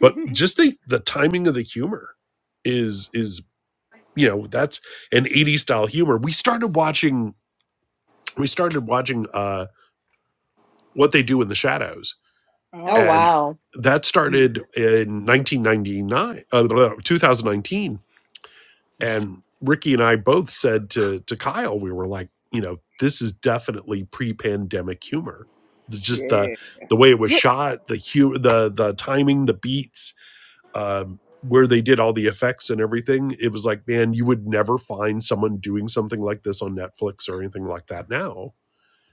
[SPEAKER 4] but just the the timing of the humor is is you know that's an 80s style humor we started watching we started watching uh what they do in the shadows
[SPEAKER 1] *laughs* oh
[SPEAKER 5] Oh,
[SPEAKER 4] and
[SPEAKER 1] wow.
[SPEAKER 4] that started in 1999 uh, 2019 and Ricky and I both said to to Kyle, we were like, you know, this is definitely pre-pandemic humor. Just the
[SPEAKER 5] yeah,
[SPEAKER 4] the way it was
[SPEAKER 1] You
[SPEAKER 4] shot, the humor, the the timing, the beats, um, where they did all the effects and everything. It was like, man, you would never find someone doing something like this on Netflix or anything like that now.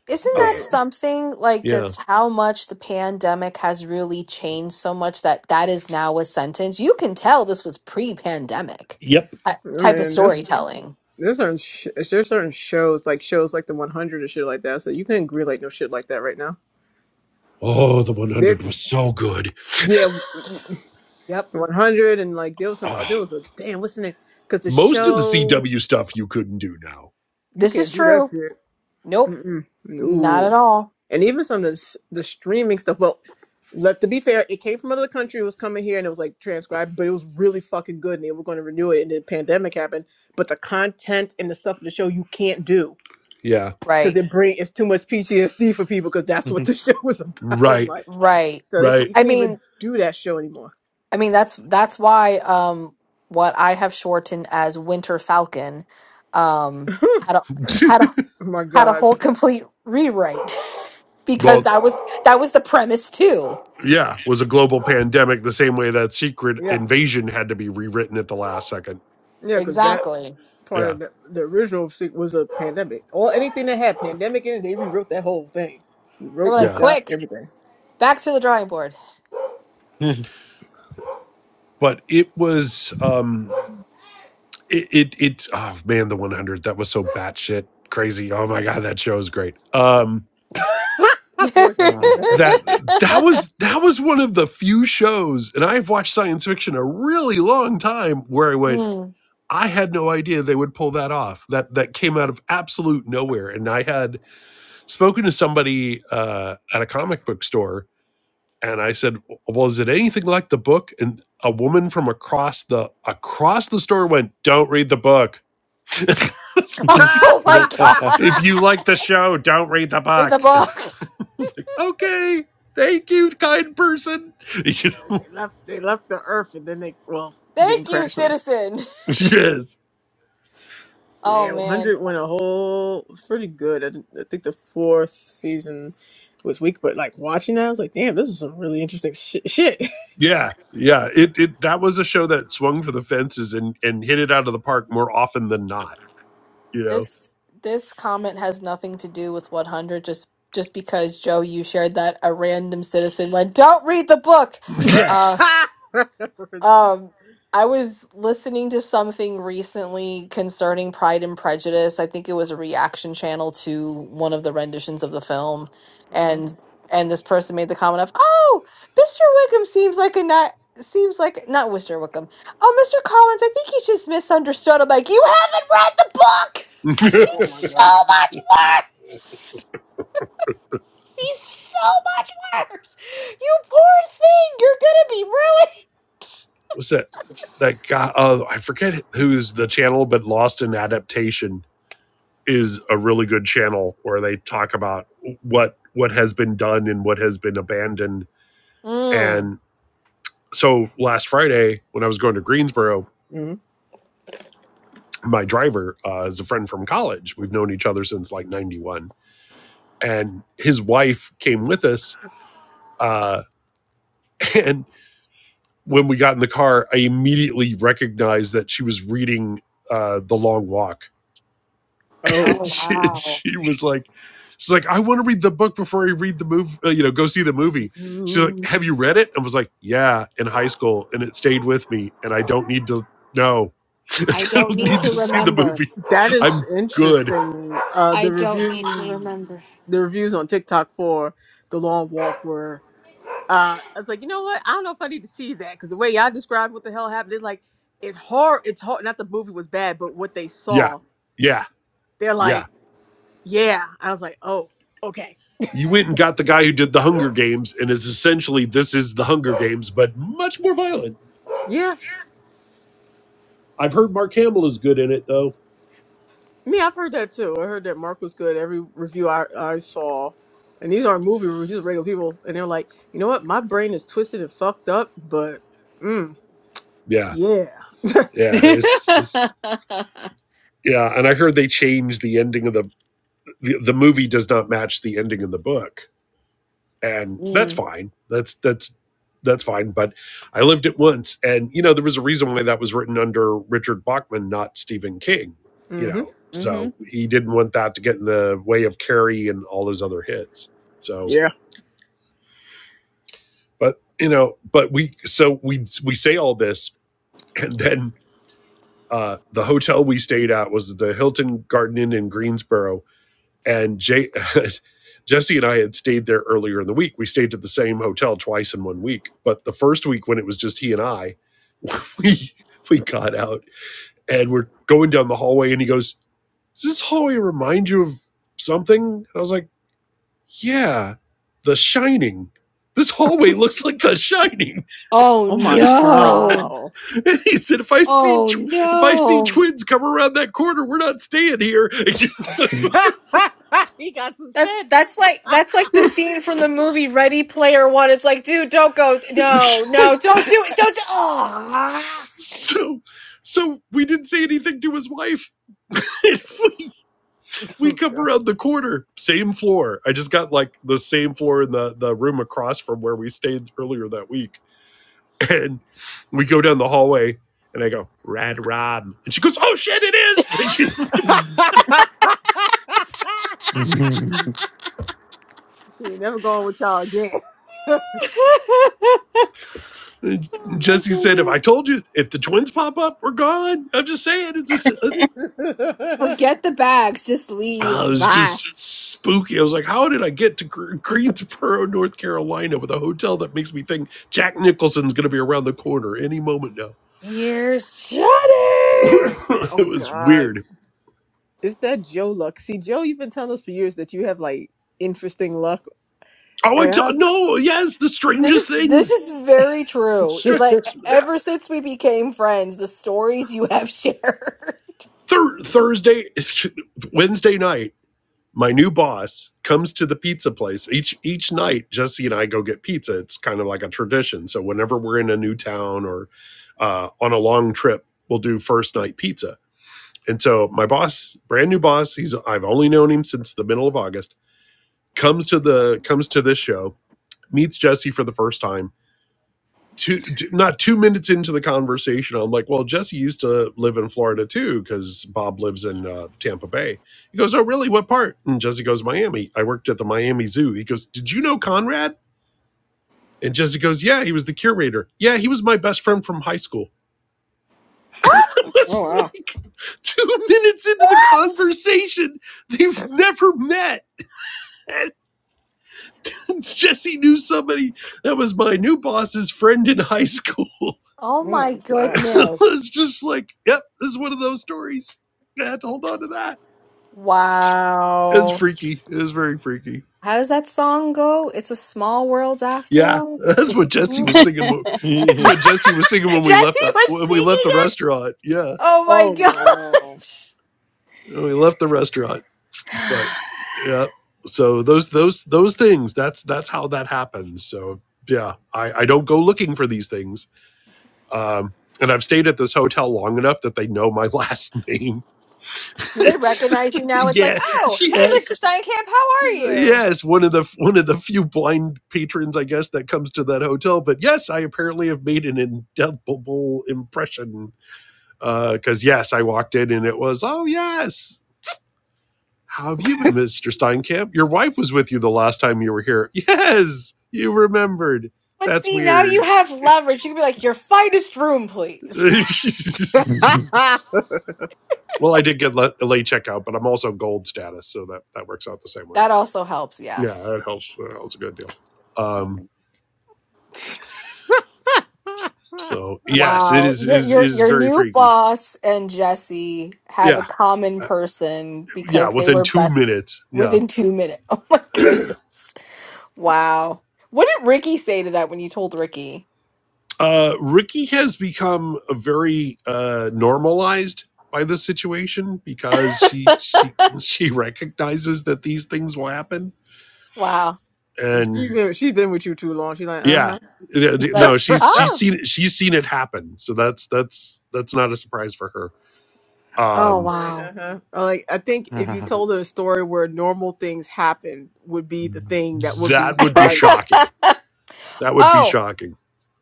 [SPEAKER 1] Isn't that
[SPEAKER 4] Uh,
[SPEAKER 5] damn.
[SPEAKER 1] something like
[SPEAKER 4] yeah.
[SPEAKER 1] just how much the pandemic has really changed so much that that is now a sentence? You can tell this was pre-pandemic
[SPEAKER 4] Yep.
[SPEAKER 1] ty-
[SPEAKER 5] I
[SPEAKER 1] type of
[SPEAKER 5] mean, this.
[SPEAKER 1] storytelling.
[SPEAKER 5] There's certain sh- there's certain shows like shows like the 100 and shit like that. So you can not greenlight no shit like that right now.
[SPEAKER 4] Oh, the
[SPEAKER 5] There,
[SPEAKER 4] 100 was so good.
[SPEAKER 5] yeah, *laughs*
[SPEAKER 1] Yep.
[SPEAKER 5] 100 and like there was some
[SPEAKER 4] Oh,
[SPEAKER 5] there was a damn what's the name? Because the
[SPEAKER 4] most of the
[SPEAKER 5] show
[SPEAKER 4] CW stuff you couldn't do now.
[SPEAKER 5] you
[SPEAKER 1] This is
[SPEAKER 5] can't do that
[SPEAKER 1] true.
[SPEAKER 5] shit.
[SPEAKER 1] Nope,
[SPEAKER 5] Mm-mm.
[SPEAKER 1] not at
[SPEAKER 5] Ooh,
[SPEAKER 1] all.
[SPEAKER 5] and even some of the s- the streaming stuff. Well, let to be fair, it came from another country. It was coming here and it was like transcribed, but it was really fucking good. And they were going to renew it, and then pandemic happened. But the content and the stuff of the show you can't do.
[SPEAKER 4] Yeah.
[SPEAKER 5] because
[SPEAKER 1] Right.
[SPEAKER 5] it bring it's too much PTSD for people because that's what the *laughs* show was about. I'm
[SPEAKER 4] Right.
[SPEAKER 5] like,
[SPEAKER 1] Right.
[SPEAKER 5] so they can't
[SPEAKER 4] Right.
[SPEAKER 5] you
[SPEAKER 1] I
[SPEAKER 5] can't even
[SPEAKER 1] mean,
[SPEAKER 5] do that show anymore.
[SPEAKER 1] I mean that's that's why um what I have shortened as Winter Falcon um had a
[SPEAKER 4] *laughs*
[SPEAKER 1] had a
[SPEAKER 5] Oh my
[SPEAKER 1] had a
[SPEAKER 5] god,
[SPEAKER 1] whole complete rewrite *laughs* because
[SPEAKER 4] well,
[SPEAKER 1] that was that was the premise too.
[SPEAKER 4] yeah, was a global pandemic the same way that Secret
[SPEAKER 5] yeah,
[SPEAKER 4] Invasion had to be rewritten at the last second.
[SPEAKER 5] yeah, because that
[SPEAKER 1] Exactly.
[SPEAKER 5] part
[SPEAKER 4] Yeah,
[SPEAKER 5] of the, the original se- was a pandemic or anything that had pandemic in it. They rewrote that whole thing. We
[SPEAKER 1] They were
[SPEAKER 5] wrote, we
[SPEAKER 1] like,
[SPEAKER 4] yeah.
[SPEAKER 5] shot
[SPEAKER 1] quick,
[SPEAKER 5] everything.
[SPEAKER 1] back to the drawing board.
[SPEAKER 4] But it was um it it, it oh man, the 100 that was so batshit crazy. Oh my god, that show is great. Um
[SPEAKER 5] *laughs* Well, y'all been hurt.
[SPEAKER 4] that that
[SPEAKER 1] *laughs*
[SPEAKER 4] was that was one of the few shows and I've watched science fiction a really long time where I went
[SPEAKER 1] Mm.
[SPEAKER 4] I had no idea they would pull that off. That that came out of absolute nowhere and I had spoken to somebody uh at a comic book store and I said, "Well, is it anything like the book?" And a woman from across the across the store went, "Don't read the book." *laughs* it's
[SPEAKER 5] *laughs*
[SPEAKER 1] *laughs*
[SPEAKER 6] Mm,
[SPEAKER 4] like
[SPEAKER 5] they
[SPEAKER 1] Oh my God.
[SPEAKER 4] if you like the show, don't read the
[SPEAKER 1] *laughs* Read the
[SPEAKER 4] book. *laughs*
[SPEAKER 1] book.
[SPEAKER 4] I was like, "Okay, thank you, kind person." *laughs* You know,
[SPEAKER 5] left they left the earth and then they well didn't
[SPEAKER 1] Thank you,
[SPEAKER 5] crash
[SPEAKER 1] citizen.
[SPEAKER 4] yes,
[SPEAKER 1] Oh
[SPEAKER 5] Yeah,
[SPEAKER 1] man.
[SPEAKER 5] 100 went a whole it was pretty good. I, didn't- I think the fourth season was weak, but like watching that, I was like, damn, this is some really interesting shi- shit. *laughs*
[SPEAKER 4] yeah, yeah. It, it that was a show that swung for the fences and and hit it out of the park more often than not. You know,
[SPEAKER 1] This this comment has nothing to do with 100 just just because Joe you shared that a random citizen went, "Don't read the book."
[SPEAKER 4] *laughs*
[SPEAKER 1] Uh,
[SPEAKER 4] yes.
[SPEAKER 1] Um, I was listening to something recently concerning Pride and Prejudice. I think it was a reaction channel to one of the renditions of the film,
[SPEAKER 5] Mhm.
[SPEAKER 1] and and this person made the comment of, "Oh, Mr. Wickham seems like a not." Seems like not Mr. Wickham. Oh, Mr. Collins, I think he's just misunderstood. I'm like, you haven't read the book.
[SPEAKER 4] *laughs* What's
[SPEAKER 1] He's so much worse. He's so much worse. You poor thing. You're gonna be
[SPEAKER 4] that? That guy? Oh, I forget who's the channel, but Lost in Adaptation is a really good channel where they talk about what what has been done and what has been abandoned.
[SPEAKER 1] ruined.
[SPEAKER 4] And so last Friday, when I was going to Greensboro,
[SPEAKER 5] Mhm.
[SPEAKER 4] my driver uh, is a friend from college. We've known each other since like '91, and his wife came with us. Uh, *laughs* and when we got in the car, I immediately recognized that she was reading uh, The Long Walk *laughs*
[SPEAKER 5] Oh,
[SPEAKER 1] Oh,
[SPEAKER 4] she,
[SPEAKER 1] wow.
[SPEAKER 4] she was like, she's like, I want to read the book before I read the movie, uh, you know, go see the movie. She's like,
[SPEAKER 5] you-
[SPEAKER 4] have you read it? I was like, yeah, in high school. And it stayed with me. And I don't need to know. *laughs* I
[SPEAKER 1] I don't
[SPEAKER 4] don't
[SPEAKER 1] need
[SPEAKER 4] need
[SPEAKER 1] to
[SPEAKER 4] to see the
[SPEAKER 1] remember.
[SPEAKER 4] movie.
[SPEAKER 5] that is
[SPEAKER 4] I'm good.
[SPEAKER 5] interesting. Uh, the
[SPEAKER 1] I don't need to
[SPEAKER 5] reviews,
[SPEAKER 1] remember.
[SPEAKER 5] the reviews on TikTok for the long walk were. Uh, I was like, you know what? I don't know if I need to see that because the way y'all described what the hell happened, it's like it's hard. It's hard. Not the movie was bad, but what they
[SPEAKER 4] Yeah.
[SPEAKER 5] saw,
[SPEAKER 4] Yeah.
[SPEAKER 5] they're like.
[SPEAKER 4] Yeah.
[SPEAKER 5] Yeah. I was like, oh, okay.
[SPEAKER 4] You went and got the guy who did the Hunger Games and is essentially this is the Hunger Games, but much more violent.
[SPEAKER 5] Yeah.
[SPEAKER 4] I've heard Mark Hamill is good in it though.
[SPEAKER 5] Me, I've heard that too. I heard that Mark was good. Every review I, I saw, and these aren't movie reviews, these are regular people. And they're like, you know what? My brain is twisted and fucked up, but mm,
[SPEAKER 4] Yeah.
[SPEAKER 5] yeah.
[SPEAKER 4] Yeah. It's just
[SPEAKER 1] *laughs*
[SPEAKER 4] yeah, and I heard they changed the ending of the the, the movie does not match the ending in the book and that's
[SPEAKER 1] Mm,
[SPEAKER 4] fine that's that's that's fine but i lived it once and you know there was a reason why that was written under richard bachman not stephen king you
[SPEAKER 5] Mm-hmm.
[SPEAKER 4] know
[SPEAKER 1] hmm
[SPEAKER 4] so he didn't want that to get in the way of carrie and all his other hits so
[SPEAKER 5] Yeah.
[SPEAKER 4] but you know but we so we we say all this and then uh the hotel we stayed at was the hilton garden inn in greensboro And Jay, *laughs* Jesse and I had stayed there earlier in the week. We stayed at the same hotel twice in one week. But the first week, when it was just he and I, *laughs* we we got out and we're going down the hallway, and he goes, "Does this hallway remind you of something?" And I was like, "Yeah, The Shining." This hallway looks like The Shining,
[SPEAKER 1] Oh
[SPEAKER 5] Oh my
[SPEAKER 1] no.
[SPEAKER 5] God.
[SPEAKER 4] *laughs* and he said, "If I see
[SPEAKER 1] Oh
[SPEAKER 4] tw- if I see
[SPEAKER 1] no.
[SPEAKER 4] twins come around that corner, we're not staying here." *laughs*
[SPEAKER 5] *laughs* he got some
[SPEAKER 1] That's
[SPEAKER 5] sense.
[SPEAKER 1] that's like that's like the scene from the movie Ready Player One. It's like, dude, don't go.
[SPEAKER 4] It's
[SPEAKER 1] No, no, don't do it. Don't. Do, oh.
[SPEAKER 4] So, so we didn't say anything to his wife. *laughs* we, we
[SPEAKER 5] Oh
[SPEAKER 4] come
[SPEAKER 5] God.
[SPEAKER 4] around the corner, same floor. I just got like the same floor in the, the room across from where we stayed earlier that week. And we go down the hallway and I go, Rad Rob. And she goes, Oh shit, it is. *laughs* And, she,
[SPEAKER 5] *laughs* she ain't never going with y'all again.
[SPEAKER 4] and
[SPEAKER 1] Oh my
[SPEAKER 4] Jesse said, If I
[SPEAKER 1] goodness.
[SPEAKER 4] told you, if the twins pop up, we're gone. I'm just saying, it's, a,
[SPEAKER 1] Forget the bags, just
[SPEAKER 4] Uh, it
[SPEAKER 5] *laughs*
[SPEAKER 1] leave.
[SPEAKER 4] was
[SPEAKER 5] Bye.
[SPEAKER 4] just spooky. I was like, how did I get to Gre- Greensboro, North Carolina, with a hotel that makes me think Jack Nicholson's going to be around the corner any moment now? *coughs*
[SPEAKER 1] Years.
[SPEAKER 4] *laughs* it
[SPEAKER 5] Oh
[SPEAKER 4] was
[SPEAKER 5] God.
[SPEAKER 4] weird.
[SPEAKER 5] It's that Joe luck. See, Joe, you've been telling us for years that you have like interesting luck.
[SPEAKER 4] Oh, I
[SPEAKER 5] And I
[SPEAKER 4] t- no, yes, the
[SPEAKER 1] This
[SPEAKER 4] strangest
[SPEAKER 1] is this
[SPEAKER 4] things.
[SPEAKER 1] is very true.
[SPEAKER 4] Str-
[SPEAKER 5] was,
[SPEAKER 1] Like e, ever since we became friends, the stories you have shared. *laughs*
[SPEAKER 4] Thur- Thursday, *laughs* Wednesday night, my new boss comes to the pizza place each each night. Jesse and I go get pizza. It's kind of like a tradition. So whenever we're in a new town or uh, on a long trip, we'll do first night pizza And so my boss, brand new boss, he's I've only known him since the middle of August, comes to the comes to this show, meets Jesse for the first time. Two, not two minutes into the conversation, I'm like, "Well, Jesse used to live in Florida too, because Bob lives in uh, Tampa Bay." He goes, "Oh, really? What part?" And Jesse goes, "Miami. I worked at the Miami Zoo." He goes, "Did you know Conrad?" And Jesse goes, "Yeah, he was the curator. Yeah, he was my best friend from high school." *laughs*
[SPEAKER 1] What?
[SPEAKER 5] *laughs*
[SPEAKER 4] It
[SPEAKER 5] oh
[SPEAKER 4] was
[SPEAKER 5] wow,
[SPEAKER 4] like two minutes into the
[SPEAKER 1] What?
[SPEAKER 4] conversation, they've never met And *laughs* Jesse knew somebody that was my new boss's friend in high school.
[SPEAKER 1] Oh
[SPEAKER 5] oh
[SPEAKER 1] my
[SPEAKER 4] *laughs*
[SPEAKER 5] my god,
[SPEAKER 4] it's
[SPEAKER 1] goodness.
[SPEAKER 4] just like, yep, this is one of those stories. I had to hold on to that. It was
[SPEAKER 1] Wow.
[SPEAKER 4] freaky. It was very freaky.
[SPEAKER 1] How does that song go? It's a small world after
[SPEAKER 4] Yeah, *laughs*
[SPEAKER 1] all.
[SPEAKER 4] that's what Jesse
[SPEAKER 5] Mhm.
[SPEAKER 4] was
[SPEAKER 2] *laughs*
[SPEAKER 4] singing. when- That's what Jesse was
[SPEAKER 1] *laughs*
[SPEAKER 4] singing when we
[SPEAKER 1] Jesse
[SPEAKER 4] left the
[SPEAKER 1] was
[SPEAKER 4] when we left
[SPEAKER 1] singing
[SPEAKER 4] the
[SPEAKER 1] it.
[SPEAKER 4] restaurant. Yeah,
[SPEAKER 1] Oh my *laughs*
[SPEAKER 5] oh no.
[SPEAKER 1] gosh.
[SPEAKER 4] when we left the restaurant. But yeah, so those those those things. That's that's how that happens. So yeah, I I don't go looking for these things Um, and I've stayed at this hotel long enough that they know my last name. *laughs*
[SPEAKER 1] Do they
[SPEAKER 4] it's,
[SPEAKER 1] recognize you now? It's like,
[SPEAKER 4] yeah,
[SPEAKER 1] oh, hey,
[SPEAKER 4] yes,
[SPEAKER 1] Mr. Steinkamp, how are you?
[SPEAKER 4] yes. One of the one of the few blind patrons, I guess, that comes to that hotel. But yes, I apparently have made an indelible impression. Because uh, yes, I walked in and it was, oh yes, how have you been, Mister Steinkamp? Your wife was with you the last time you were here. Yes, you remembered.
[SPEAKER 1] But
[SPEAKER 4] That's
[SPEAKER 1] see, now you
[SPEAKER 4] weird.
[SPEAKER 1] have leverage. You can be like, your finest room, please.
[SPEAKER 4] *laughs*
[SPEAKER 5] *laughs*
[SPEAKER 4] Well, I did get late checkout, but I'm also gold status, so that that works out the same
[SPEAKER 1] *laughs*
[SPEAKER 4] way.
[SPEAKER 1] That
[SPEAKER 4] But
[SPEAKER 1] also helps,
[SPEAKER 4] yeah,
[SPEAKER 1] yes.
[SPEAKER 4] that helps. That helps a good deal. Um, so yes, it
[SPEAKER 1] Wow,
[SPEAKER 4] is
[SPEAKER 1] your
[SPEAKER 4] is
[SPEAKER 1] your
[SPEAKER 4] is
[SPEAKER 1] your
[SPEAKER 4] very
[SPEAKER 1] new
[SPEAKER 4] freaky.
[SPEAKER 1] boss and Jesse have a
[SPEAKER 4] Yeah,
[SPEAKER 1] common
[SPEAKER 4] uh,
[SPEAKER 1] person
[SPEAKER 4] yeah.
[SPEAKER 1] because they
[SPEAKER 4] Within
[SPEAKER 1] were
[SPEAKER 4] two
[SPEAKER 1] best
[SPEAKER 4] minutes, yeah.
[SPEAKER 1] within two minutes. *laughs* Oh my goodness! Wow, what did Ricky say to that when you told Ricky?
[SPEAKER 4] Uh, Ricky has become a very uh, normalized by this situation because she
[SPEAKER 1] *laughs*
[SPEAKER 4] she she recognizes that these things will happen,
[SPEAKER 1] Wow,
[SPEAKER 5] She's
[SPEAKER 4] and
[SPEAKER 5] been she's been with you too long. She's like, uh
[SPEAKER 4] yeah,
[SPEAKER 5] huh.
[SPEAKER 4] yeah,
[SPEAKER 1] like
[SPEAKER 4] no she's
[SPEAKER 1] oh
[SPEAKER 5] *laughs*
[SPEAKER 4] she's seen it she's seen it happen so that's that's that's not a surprise for her
[SPEAKER 5] she's
[SPEAKER 1] oh
[SPEAKER 4] Um,
[SPEAKER 5] like, uh
[SPEAKER 1] wow.
[SPEAKER 5] huh. Like I think if you told her a story where normal things happen, would be the thing that would be
[SPEAKER 4] that would be
[SPEAKER 5] surprising.
[SPEAKER 4] shocking. That
[SPEAKER 1] *laughs*
[SPEAKER 4] would be
[SPEAKER 1] oh.
[SPEAKER 4] shocking.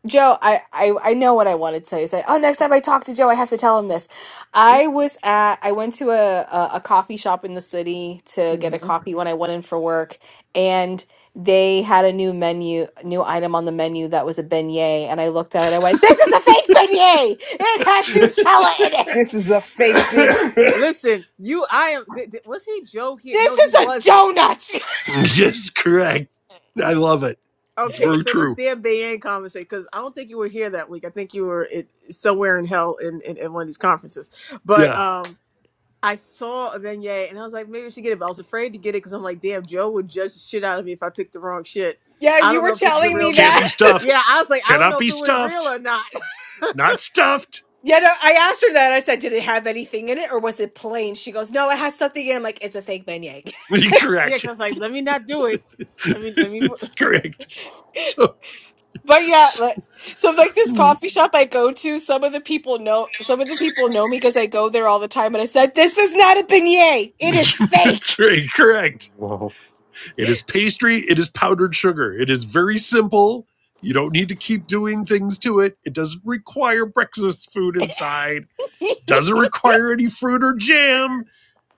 [SPEAKER 1] Joe, I, I, I know what I wanted to tell you. Say, oh, next time I talk to Joe, I have to tell him this. I was at, I went to a, a, a coffee shop in the city to get
[SPEAKER 5] Mm-hmm.
[SPEAKER 1] a coffee when I went in for work, and they had a new menu, new item on the menu that was a beignet, and I looked at it. I went, "This is a fake beignet. It has Nutella in it.
[SPEAKER 5] This is a fake
[SPEAKER 4] *coughs* *laughs*
[SPEAKER 5] Ben. Listen, you, I am. Th- th- was he Joe here? No,
[SPEAKER 1] This
[SPEAKER 5] he
[SPEAKER 1] is a
[SPEAKER 5] wasn't.
[SPEAKER 1] donut." *laughs*
[SPEAKER 4] yes, correct. I love it. It's
[SPEAKER 5] Okay,
[SPEAKER 4] very
[SPEAKER 5] so this
[SPEAKER 4] true.
[SPEAKER 5] damn Bayan conversation, because I don't think you were here that week. I think you were it, somewhere in hell in, in, in one of these conferences. But
[SPEAKER 4] Yeah.
[SPEAKER 5] um, I saw a beignet and I was like, maybe I should get it. But I was afraid to get it because I'm like, damn, Joe would judge the shit out of me if I picked the wrong shit.
[SPEAKER 1] Yeah,
[SPEAKER 5] I
[SPEAKER 1] you
[SPEAKER 5] don't
[SPEAKER 1] were
[SPEAKER 5] know if this is a
[SPEAKER 1] telling
[SPEAKER 5] real
[SPEAKER 1] me
[SPEAKER 4] Can't be
[SPEAKER 5] beignet.
[SPEAKER 1] that. *laughs*
[SPEAKER 4] stuffed.
[SPEAKER 5] Yeah, I was like, I don't
[SPEAKER 4] Cannot
[SPEAKER 5] know if
[SPEAKER 4] be
[SPEAKER 5] it was real
[SPEAKER 4] stuffed.
[SPEAKER 5] or not.
[SPEAKER 4] Not stuffed.
[SPEAKER 1] yeah, no, I asked her that. I said, "Did it have anything in it, or was it plain?" She goes, "No, it has something in." it." I'm like, "It's a fake beignet."
[SPEAKER 4] *laughs*
[SPEAKER 5] *laughs* yeah,
[SPEAKER 4] correct.
[SPEAKER 5] because like, let me not do it.
[SPEAKER 4] *laughs*
[SPEAKER 5] Let me, let me.
[SPEAKER 4] it's correct. So,
[SPEAKER 1] But yeah,
[SPEAKER 4] s-
[SPEAKER 1] like, so like this
[SPEAKER 4] *laughs*
[SPEAKER 1] coffee shop I go to, some of the people know some of the people know me because I go there all the time and I said, This is not a beignet. It is
[SPEAKER 4] it's
[SPEAKER 1] fake.
[SPEAKER 4] very correct. It is pastry. It is powdered sugar. It is very simple. You don't need to keep doing things to it. It doesn't require breakfast food inside
[SPEAKER 1] *laughs*
[SPEAKER 4] Doesn't require any fruit or jam.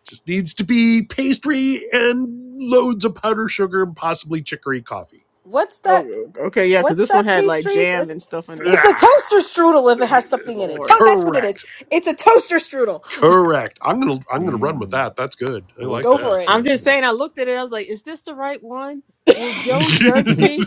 [SPEAKER 4] Just needs to be pastry and loads of powdered sugar and possibly chicory coffee.
[SPEAKER 1] What's that?
[SPEAKER 5] Oh, okay, yeah, because
[SPEAKER 1] What's
[SPEAKER 5] this one
[SPEAKER 1] that
[SPEAKER 5] had like
[SPEAKER 1] pastry?
[SPEAKER 5] jam
[SPEAKER 1] It's
[SPEAKER 5] and stuff in it.
[SPEAKER 1] it's a
[SPEAKER 4] Ah,
[SPEAKER 1] toaster strudel if it has something in it.
[SPEAKER 5] Lord.
[SPEAKER 1] To- that's what it is.
[SPEAKER 4] correct.
[SPEAKER 1] It's a toaster strudel.
[SPEAKER 4] Correct. I'm gonna I'm gonna run with that. That's good. I like
[SPEAKER 6] those
[SPEAKER 1] Go
[SPEAKER 4] that.
[SPEAKER 1] for it.
[SPEAKER 5] I'm just saying, I
[SPEAKER 6] destroyers.
[SPEAKER 5] looked at it. I was like, is this the right one? Will Joe judge
[SPEAKER 6] *laughs*
[SPEAKER 5] me?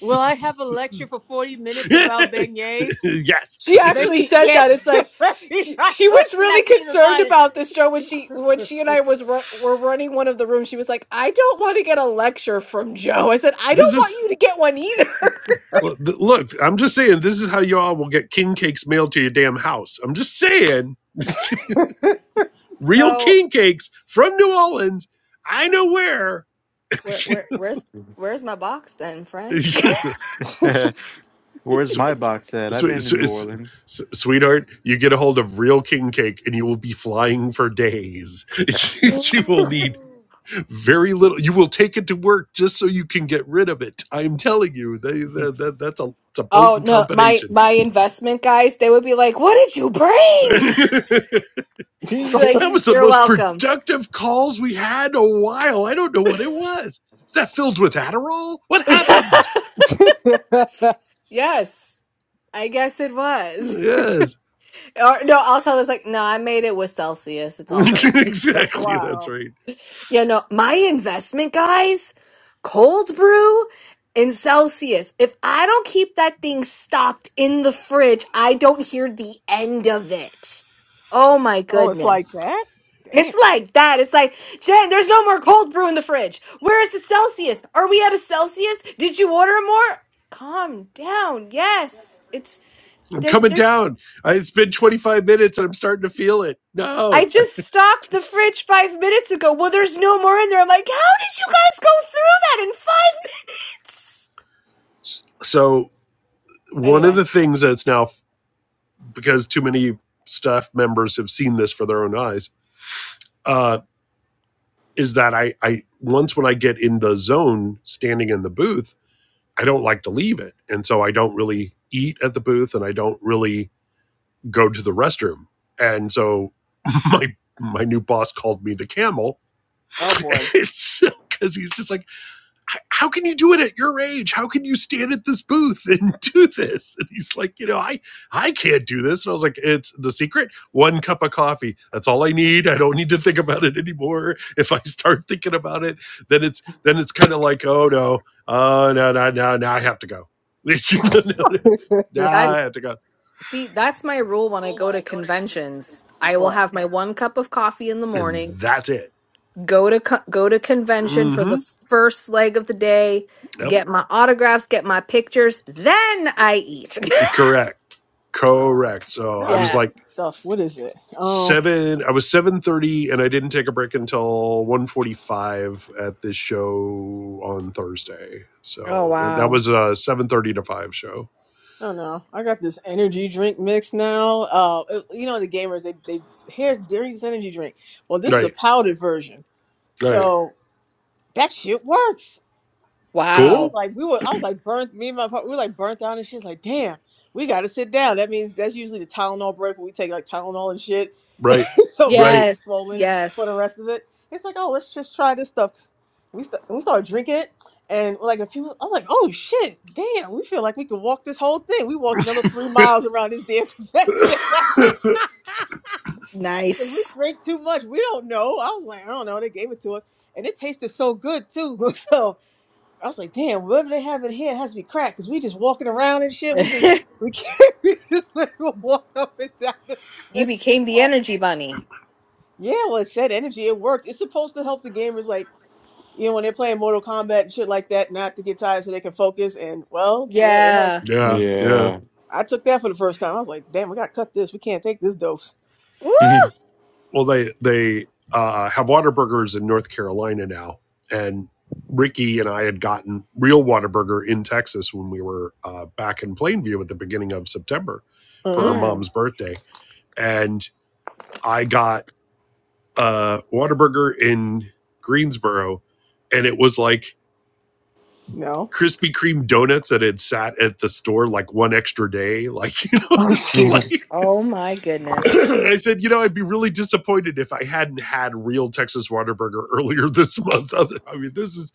[SPEAKER 5] Will I have a lecture for 40 minutes about beignets?
[SPEAKER 4] yes.
[SPEAKER 1] She actually
[SPEAKER 5] Maybe,
[SPEAKER 1] said
[SPEAKER 5] yes.
[SPEAKER 1] that. It's
[SPEAKER 5] *laughs*
[SPEAKER 1] like
[SPEAKER 5] Maybe
[SPEAKER 1] she,
[SPEAKER 5] I
[SPEAKER 1] she was
[SPEAKER 5] touched it. I
[SPEAKER 1] really
[SPEAKER 5] didn't even
[SPEAKER 1] concerned
[SPEAKER 5] buy it.
[SPEAKER 1] about this Joe when she when she and I was ru- were running one of the rooms. She was like, "I don't want to get a lecture from Joe." I said, "I don't
[SPEAKER 4] This
[SPEAKER 1] want
[SPEAKER 4] is
[SPEAKER 1] you to get one either." *laughs*
[SPEAKER 4] look. look, I'm just saying. This is how y'all will get king cakes mailed to your damn house. I'm just saying. *laughs* Real
[SPEAKER 1] So
[SPEAKER 4] king cakes from New Orleans. I know where.
[SPEAKER 1] where where where's where's my box then, friend? *laughs*
[SPEAKER 4] *laughs*
[SPEAKER 6] Where's
[SPEAKER 4] So,
[SPEAKER 6] my box at? I've
[SPEAKER 4] sw-
[SPEAKER 6] been to
[SPEAKER 4] sw-
[SPEAKER 6] New
[SPEAKER 4] s-
[SPEAKER 6] Orleans.
[SPEAKER 4] s- sweetheart, you get a hold of real king cake and you will be flying for days. *laughs* you will need
[SPEAKER 1] Ooh.
[SPEAKER 4] very little. You will take it to work just so you can get rid of it. I'm telling you, they, that that- that's a, it's a
[SPEAKER 1] Oh
[SPEAKER 4] potent
[SPEAKER 1] no, my
[SPEAKER 4] combination.
[SPEAKER 1] my investment guys, they would be like, "What did you
[SPEAKER 4] *laughs*
[SPEAKER 1] bring?"
[SPEAKER 4] that
[SPEAKER 1] *laughs*
[SPEAKER 6] King
[SPEAKER 1] Be like,
[SPEAKER 6] King.
[SPEAKER 4] was the
[SPEAKER 1] "You're
[SPEAKER 4] most
[SPEAKER 1] welcome."
[SPEAKER 4] productive calls we had in a while. I don't know what it was. Is that filled with Adderall? What happened?
[SPEAKER 1] *laughs* yes, I guess it was. *laughs*
[SPEAKER 4] Yes.
[SPEAKER 1] Or no, I'll tell them it's like, "No, I made it with Celsius.
[SPEAKER 4] *laughs*
[SPEAKER 1] It's all good."
[SPEAKER 5] So,
[SPEAKER 4] exactly. That's
[SPEAKER 5] wow.
[SPEAKER 4] right.
[SPEAKER 1] You know, my investment guys, cold brew and Celsius. If I don't keep that thing stocked in the fridge, I don't hear the end of it. Oh my
[SPEAKER 5] Oh, it's like
[SPEAKER 1] goodness.
[SPEAKER 5] that? Damn.
[SPEAKER 1] It's like that. It's like, Jen, there's no more cold brew in the fridge. Where is the Celsius? Are we at a Celsius? Did you order more? Calm down. Yes. It's
[SPEAKER 4] I'm
[SPEAKER 1] there's
[SPEAKER 4] coming
[SPEAKER 1] there's
[SPEAKER 4] down. I, it's been 25 minutes and I'm starting to feel it.
[SPEAKER 1] I
[SPEAKER 4] No.
[SPEAKER 1] just stocked the fridge five
[SPEAKER 4] *laughs*
[SPEAKER 1] minutes ago. Well, there's no more in there. I'm like, how did you guys go through that in five *laughs* minutes?
[SPEAKER 4] so, one of
[SPEAKER 1] Anyway,
[SPEAKER 4] the things that's now, because too many staff members have seen this for their own eyes, uh, is that I, I, once when I get in the zone standing in the booth, I don't like to leave it. And so I don't really eat at the booth and I don't really go to the restroom. And so *laughs* my, my new boss called me the camel.
[SPEAKER 1] oh
[SPEAKER 4] *laughs*
[SPEAKER 1] boy,
[SPEAKER 4] It's because he's just like, how can you do it at your age? How can you stand at this booth *laughs* and do this? And he's like, you know, I I can't do this. And I was like, it's the secret. One cup of coffee. That's all I need. I don't need to think about it anymore. *laughs* If I start thinking about it, then it's then it's kind of like, oh no, oh uh, no, no, no, now I have to go. *laughs* No, you know, no,
[SPEAKER 5] *laughs*
[SPEAKER 4] it's- now I
[SPEAKER 1] That's
[SPEAKER 4] have to go.
[SPEAKER 1] see, that's my rule when I go to conventions. I will
[SPEAKER 5] what?
[SPEAKER 1] have my one cup of coffee in the
[SPEAKER 4] And
[SPEAKER 1] morning,
[SPEAKER 4] that's it.
[SPEAKER 1] go to co- go to convention for the
[SPEAKER 4] hmm
[SPEAKER 1] first leg of the day,
[SPEAKER 4] Yep.
[SPEAKER 1] get my autographs, get my pictures, then I eat.
[SPEAKER 4] Correct.
[SPEAKER 5] Uh,
[SPEAKER 4] Correct. So
[SPEAKER 1] *laughs*
[SPEAKER 5] no,
[SPEAKER 4] I
[SPEAKER 5] I
[SPEAKER 4] was
[SPEAKER 5] got
[SPEAKER 4] like,
[SPEAKER 5] this
[SPEAKER 1] yes.
[SPEAKER 5] stuff. What is it? Um,
[SPEAKER 4] seven i was 7.30 and i didn't take a break until one forty-five at this show on thursday
[SPEAKER 1] Oh
[SPEAKER 4] so and that
[SPEAKER 1] wow,
[SPEAKER 4] was a 7.30 to 5 show
[SPEAKER 5] I don't know. I got this energy drink mix now. Uh, it- you know, the gamers, they, they, here's, here's energy drink. Well, this is a
[SPEAKER 4] right
[SPEAKER 5] powdered version.
[SPEAKER 4] right
[SPEAKER 5] So that shit works. I was
[SPEAKER 1] wow.
[SPEAKER 4] cool
[SPEAKER 5] like, we were, I was like, burnt, me and my partner, we were like burnt down and shit. Like, damn, we got to sit down. That means that's usually the Tylenol break where we take like Tylenol and shit
[SPEAKER 4] right
[SPEAKER 5] *laughs* so we won't
[SPEAKER 4] right
[SPEAKER 5] be
[SPEAKER 1] Yes,
[SPEAKER 5] swollen for the
[SPEAKER 1] yes.
[SPEAKER 5] rest of it. It's like, oh, let's just try this stuff. We, st- we started drinking it. And like a few, I was like, "Oh shit, damn! We feel like we could walk this whole thing. We walked another three miles around this damn *laughs*
[SPEAKER 4] *coughs*
[SPEAKER 5] convention because we
[SPEAKER 1] Nice.
[SPEAKER 5] drank too much. We don't know. I was like, I don't know. They gave it to us, and it tasted so good too. *laughs* So I was like, damn, whatever they have in here has to be cracked because we just walking around and shit. We just
[SPEAKER 1] *laughs*
[SPEAKER 5] we can't *laughs* we just let people walk up and down *laughs* the
[SPEAKER 1] You
[SPEAKER 5] convention
[SPEAKER 1] became the
[SPEAKER 5] hall.
[SPEAKER 1] energy bunny.
[SPEAKER 5] Yeah, well, it said energy. It worked. It's supposed to help the gamers, like you know, when they're playing Mortal Kombat and shit like that, not to get tired so they can focus. And well, yeah, it has.
[SPEAKER 1] Yeah.
[SPEAKER 4] yeah yeah
[SPEAKER 6] Yeah.
[SPEAKER 5] I took that for the first time. I was like, damn, we gotta cut this. We can't take this dose.
[SPEAKER 1] Woo!
[SPEAKER 6] *laughs*
[SPEAKER 4] well they they uh, have water in north carolina now and ricky and i had gotten real waterburger in texas when we were uh, back in plainview at the beginning of september for
[SPEAKER 5] Uh-huh.
[SPEAKER 4] her
[SPEAKER 1] Mm.
[SPEAKER 4] mom's birthday and I got uh Whataburger in Greensboro and it was like
[SPEAKER 5] No. *laughs*
[SPEAKER 4] Krispy Kreme donuts that had sat at the store like one extra day. *laughs* Like, you know,
[SPEAKER 5] Oh
[SPEAKER 4] it's
[SPEAKER 5] shoot.
[SPEAKER 4] like *laughs*
[SPEAKER 1] Oh my
[SPEAKER 4] *clears throat*
[SPEAKER 1] goodness.
[SPEAKER 4] I said, you know, I'd be really disappointed if I hadn't had real Texas Whataburger *laughs* earlier this month. I mean, this is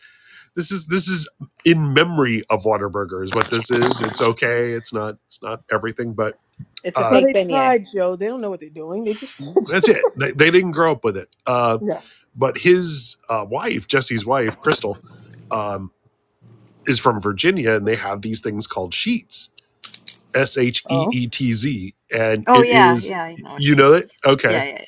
[SPEAKER 4] this is this is in memory of Whataburger is what this is. It's okay. It's not it's not everything, but
[SPEAKER 1] It's a
[SPEAKER 5] Well,
[SPEAKER 4] uh
[SPEAKER 1] fake
[SPEAKER 5] they
[SPEAKER 1] beignet.
[SPEAKER 5] tried, Joe. They don't know what they're doing. They just
[SPEAKER 4] that's it. They, they didn't grow up with it. Uh,
[SPEAKER 5] *laughs* yeah.
[SPEAKER 4] but his uh, wife, Jesse's wife, Crystal, um, is from Virginia, and they have these things called sheets, S H E
[SPEAKER 5] Oh.
[SPEAKER 4] E T Z, and
[SPEAKER 2] Oh
[SPEAKER 4] it
[SPEAKER 2] yeah,
[SPEAKER 4] is
[SPEAKER 2] yeah, I know
[SPEAKER 4] you know it
[SPEAKER 2] sheets.
[SPEAKER 4] okay
[SPEAKER 2] Yeah,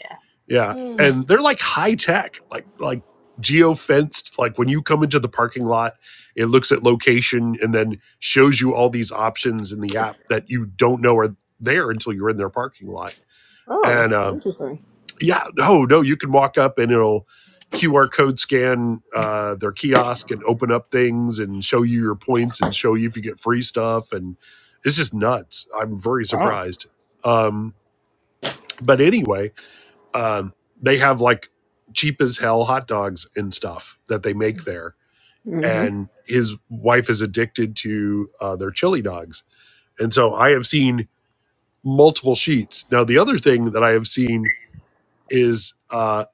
[SPEAKER 4] yeah, and they're like high tech, like like geo fenced. Like when you come into the parking lot, it looks at location and then shows you all these options in the app that you don't know are there until you're in their parking lot,
[SPEAKER 5] Oh,
[SPEAKER 4] and um,
[SPEAKER 5] interesting.
[SPEAKER 4] yeah no no you can walk up and it'll qr code scan uh, their kiosk and open up things and show you your points and show you if you get free stuff and it's just nuts i'm very
[SPEAKER 5] Wow.
[SPEAKER 4] surprised um, but anyway um, they have like cheap as hell hot dogs and stuff that they make there and his wife is addicted to uh, their chili dogs and so i have seen multiple sheets now the other thing that i have seen is uh,